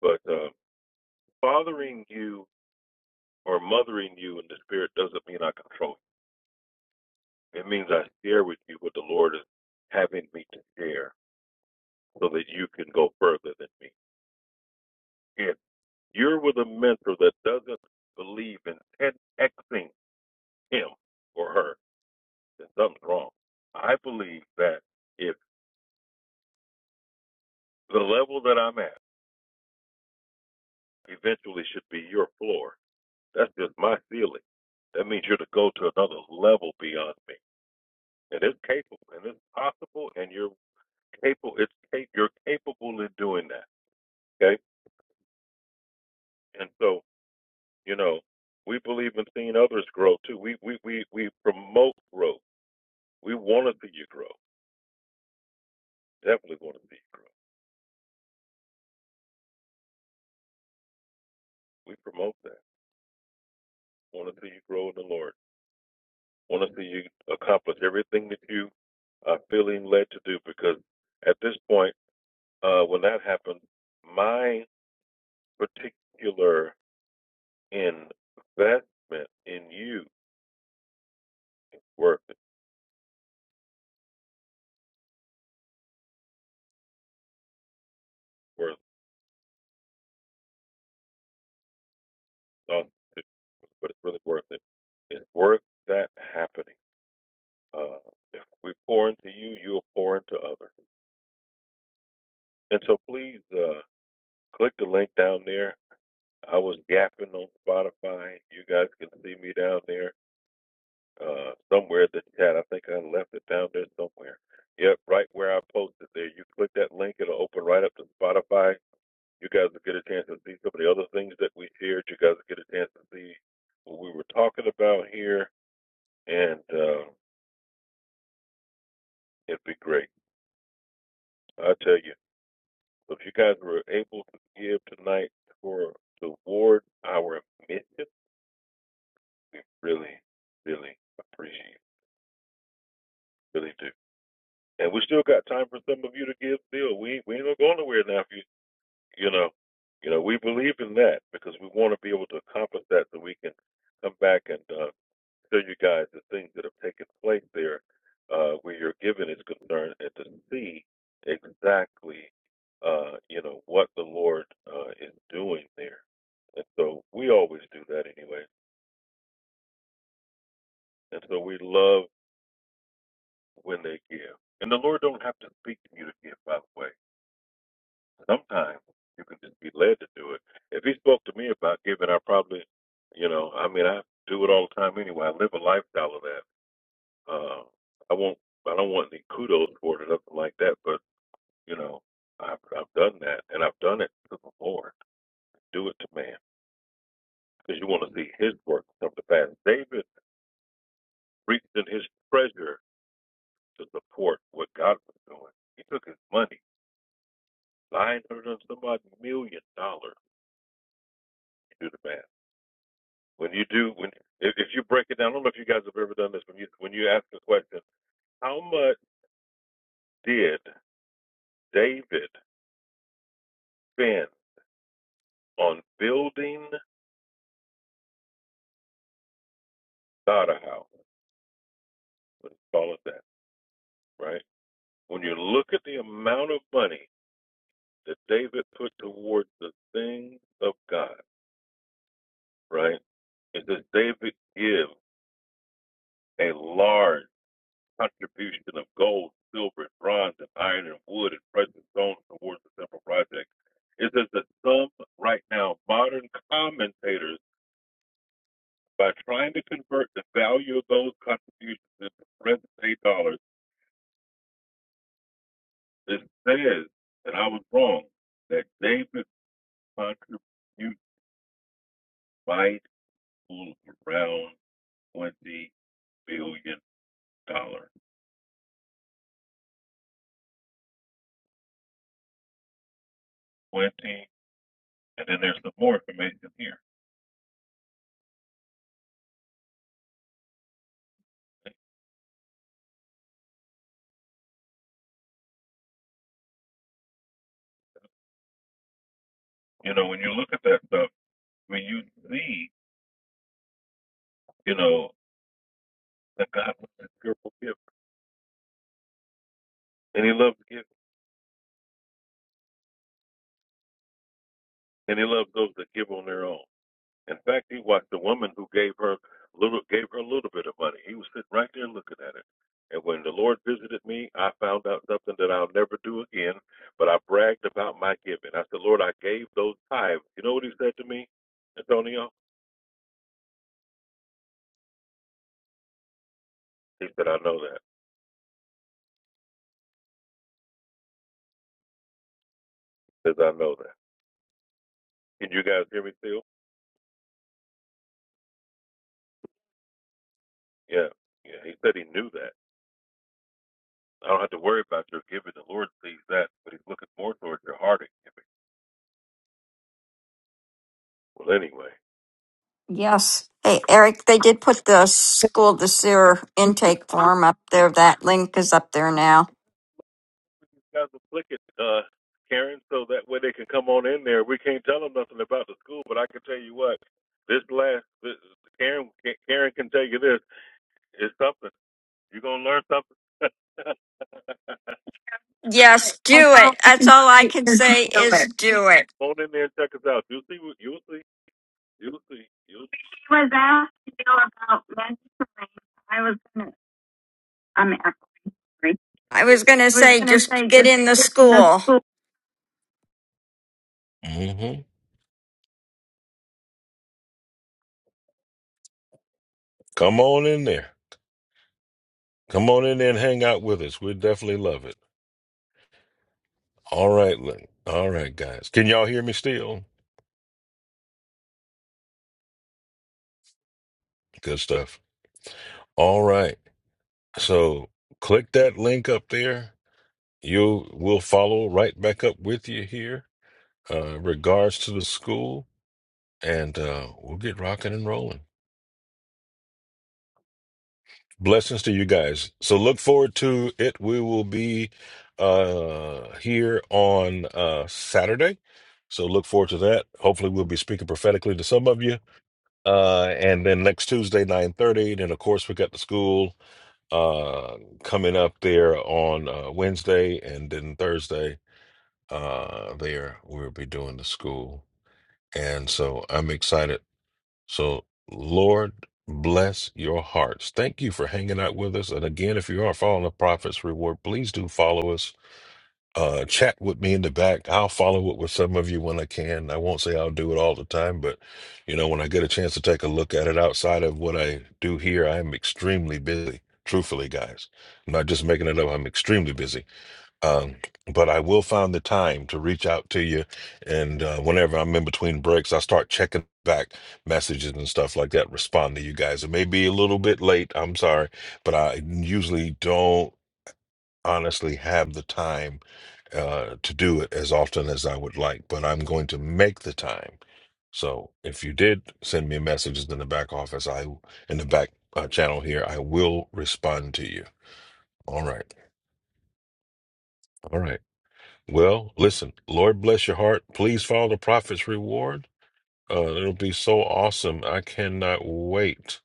But uh, fathering you or mothering you in the spirit doesn't mean I control you. It means I share with you what the Lord is having me to share so that you can go further than me. If you're with a mentor that doesn't believe in 10Xing him or her, then something's wrong. I believe that if the level that I'm at eventually should be your floor, that's just my ceiling. That means you're to go to another level beyond me, and it's capable, and it's possible, and you're capable. It's you're capable in doing that. Okay, and so you know we believe in seeing others grow too. We we we we promote growth. We want to see you grow. Definitely want to see you grow. We promote that. Want to see you grow in the Lord. want to see you accomplish everything that you are feeling led to do because at this point, uh, when that happens, my particular investment in you worth it, worth uh, it. but it's really worth it. It's worth that happening. Uh, if we pour into you, you'll pour into others. And so please uh, click the link down there. I was yapping on Spotify. You guys can see me down there uh, somewhere that you had. I think I left it down there somewhere. Yep, right where I posted there. You click that link, it'll open right up to Spotify. You guys will get a chance to see some of the other things that we shared. You guys will get a chance to see what we were talking about here, and uh, it'd be great. I tell you. So if you guys were able to give tonight for toward our mission, we really, really appreciate it. Really do. And we still got time for some of you to give still. We we ain't gonna go nowhere now if you you know, you know, we believe in that because we want to be able to accomplish that, so we can come back and uh, show you guys the things that have taken place there, uh, where your giving is concerned, and to see exactly, uh, you know, what the Lord uh, is doing there. And so we always do that anyway. And so we love when they give. And the Lord don't have to speak to you to give, by the way. Sometimes you can just be led to do it. If he spoke to me about giving, I probably, you know, I mean, I do it all the time anyway. I live a lifestyle of that. Uh, I won't, I don't want any kudos for it or nothing like that. But you know, I've I've done that, and I've done it to the Lord. Do it to man, because you want to see His work come to pass. David reached in his treasure to support what God was doing. He took his money, nine hundred and some odd million dollars. Do the math when you do when if, if you break it down, I don't know if you guys have ever done this when you when you ask the question, how much did David spend on building Dada House? Let's call it that, right? When you look at the amount of money that David put towards the things of God, right? It says David give a large contribution of gold, silver, and bronze, and iron, and wood, and precious stones towards the temple project. It says that some, right now, modern commentators, by trying to convert the value of those contributions into present day dollars, it says, and I was wrong, that David contribute might pull around twenty billion dollars. Twenty, and then there's some more information here. You know, when you look at that stuff, when you see, you know, that God was a cheerful giver. And he loves giving. And he loves those that give on their own. In fact, he watched the woman who gave her little gave her a little bit of money. He was sitting right there looking at it. And when the Lord visited me, I found out something that I'll never do again, but I bragged about my giving. I said, Lord, I gave those tithes. You know what he said to me, Antonio? He said, I know that. He says, I know that. Can you guys hear me still? Yeah. Yeah. He said he knew that. I don't have to worry about your giving. The Lord sees that, but he's looking more towards your heart. and giving. Well, anyway.
Yes. Hey, Eric, they did put the school the sewer
You
intake form up there. That link is up there now.
guys will flick it, uh, Karen, so that way they can come on in there. We can't tell them nothing about the school, but I can tell you what. This last, this, Karen, Karen can tell you this. It's something. You're gonna learn something.
Yes,
How
do
far
it.
We
That's
can
all I
stay
can
here to
say
do
is
it.
do it.
Phone in there and check us out. You'll see. You'll see. You'll see. You'll see. I I I'm was
I
was
was going to
was asked to you know, about mentoring. gonna.
say
gonna
just
say
get in the
just in
school.
the hmm Come on in there. Come on in there and hang out with us. We'd definitely love it. All right, Lynn. All right, guys. Can y'all hear me still? Good stuff. All right. So click that link up there. You will follow right back up with you here. Uh, regards to the school, and uh, we'll get rocking and rolling. Blessings to you guys. So look forward to it. We will be uh here on uh Saturday. So look forward to that. Hopefully we'll be speaking prophetically to some of you. Uh and then next Tuesday, 9:30. Then of course we got the school uh coming up there on uh Wednesday and then Thursday uh there we'll be doing the school. And so I'm excited so, Lord, bless your hearts. Thank you for hanging out with us. And again, if you are following the Prophet's Reward, please do follow us. Uh, chat with me in the back. I'll follow up with some of you when I can. I won't say I'll do it all the time, but you know, when I get a chance to take a look at it outside of what I do here, I am extremely busy. Truthfully, guys, I'm not just making it up. I'm extremely busy. Um, but I will find the time to reach out to you. And uh, whenever I'm in between breaks, I start checking back messages and stuff like that, respond to you guys. It may be a little bit late. I'm sorry, but I usually don't honestly have the time uh, to do it as often as I would like, but I'm going to make the time. So if you did send me messages in the back office, I in the back uh, channel here, I will respond to you. All right. All right. Well, listen, Lord bless your heart. Please follow the prophet's reward. Uh, it'll be so awesome. I cannot wait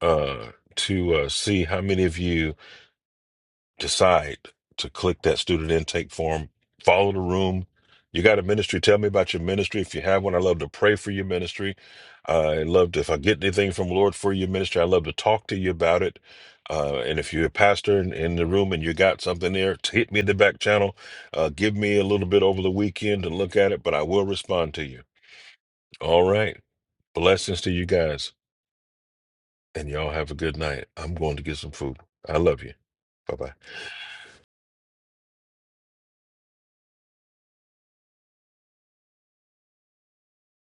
uh, to uh, see how many of you decide to click that student intake form, follow the room. You got a ministry? Tell me about your ministry. If you have one, I love to pray for your ministry. I love to, if I get anything from the Lord for your ministry, I love to talk to you about it. Uh, and if you're a pastor in, in the room and you got something there, t- hit me in the back channel. Uh, give me a little bit over the weekend to look at it, but I will respond to you. All right. Blessings to you guys. And y'all have a good night. I'm going to get some food. I love you. Bye bye.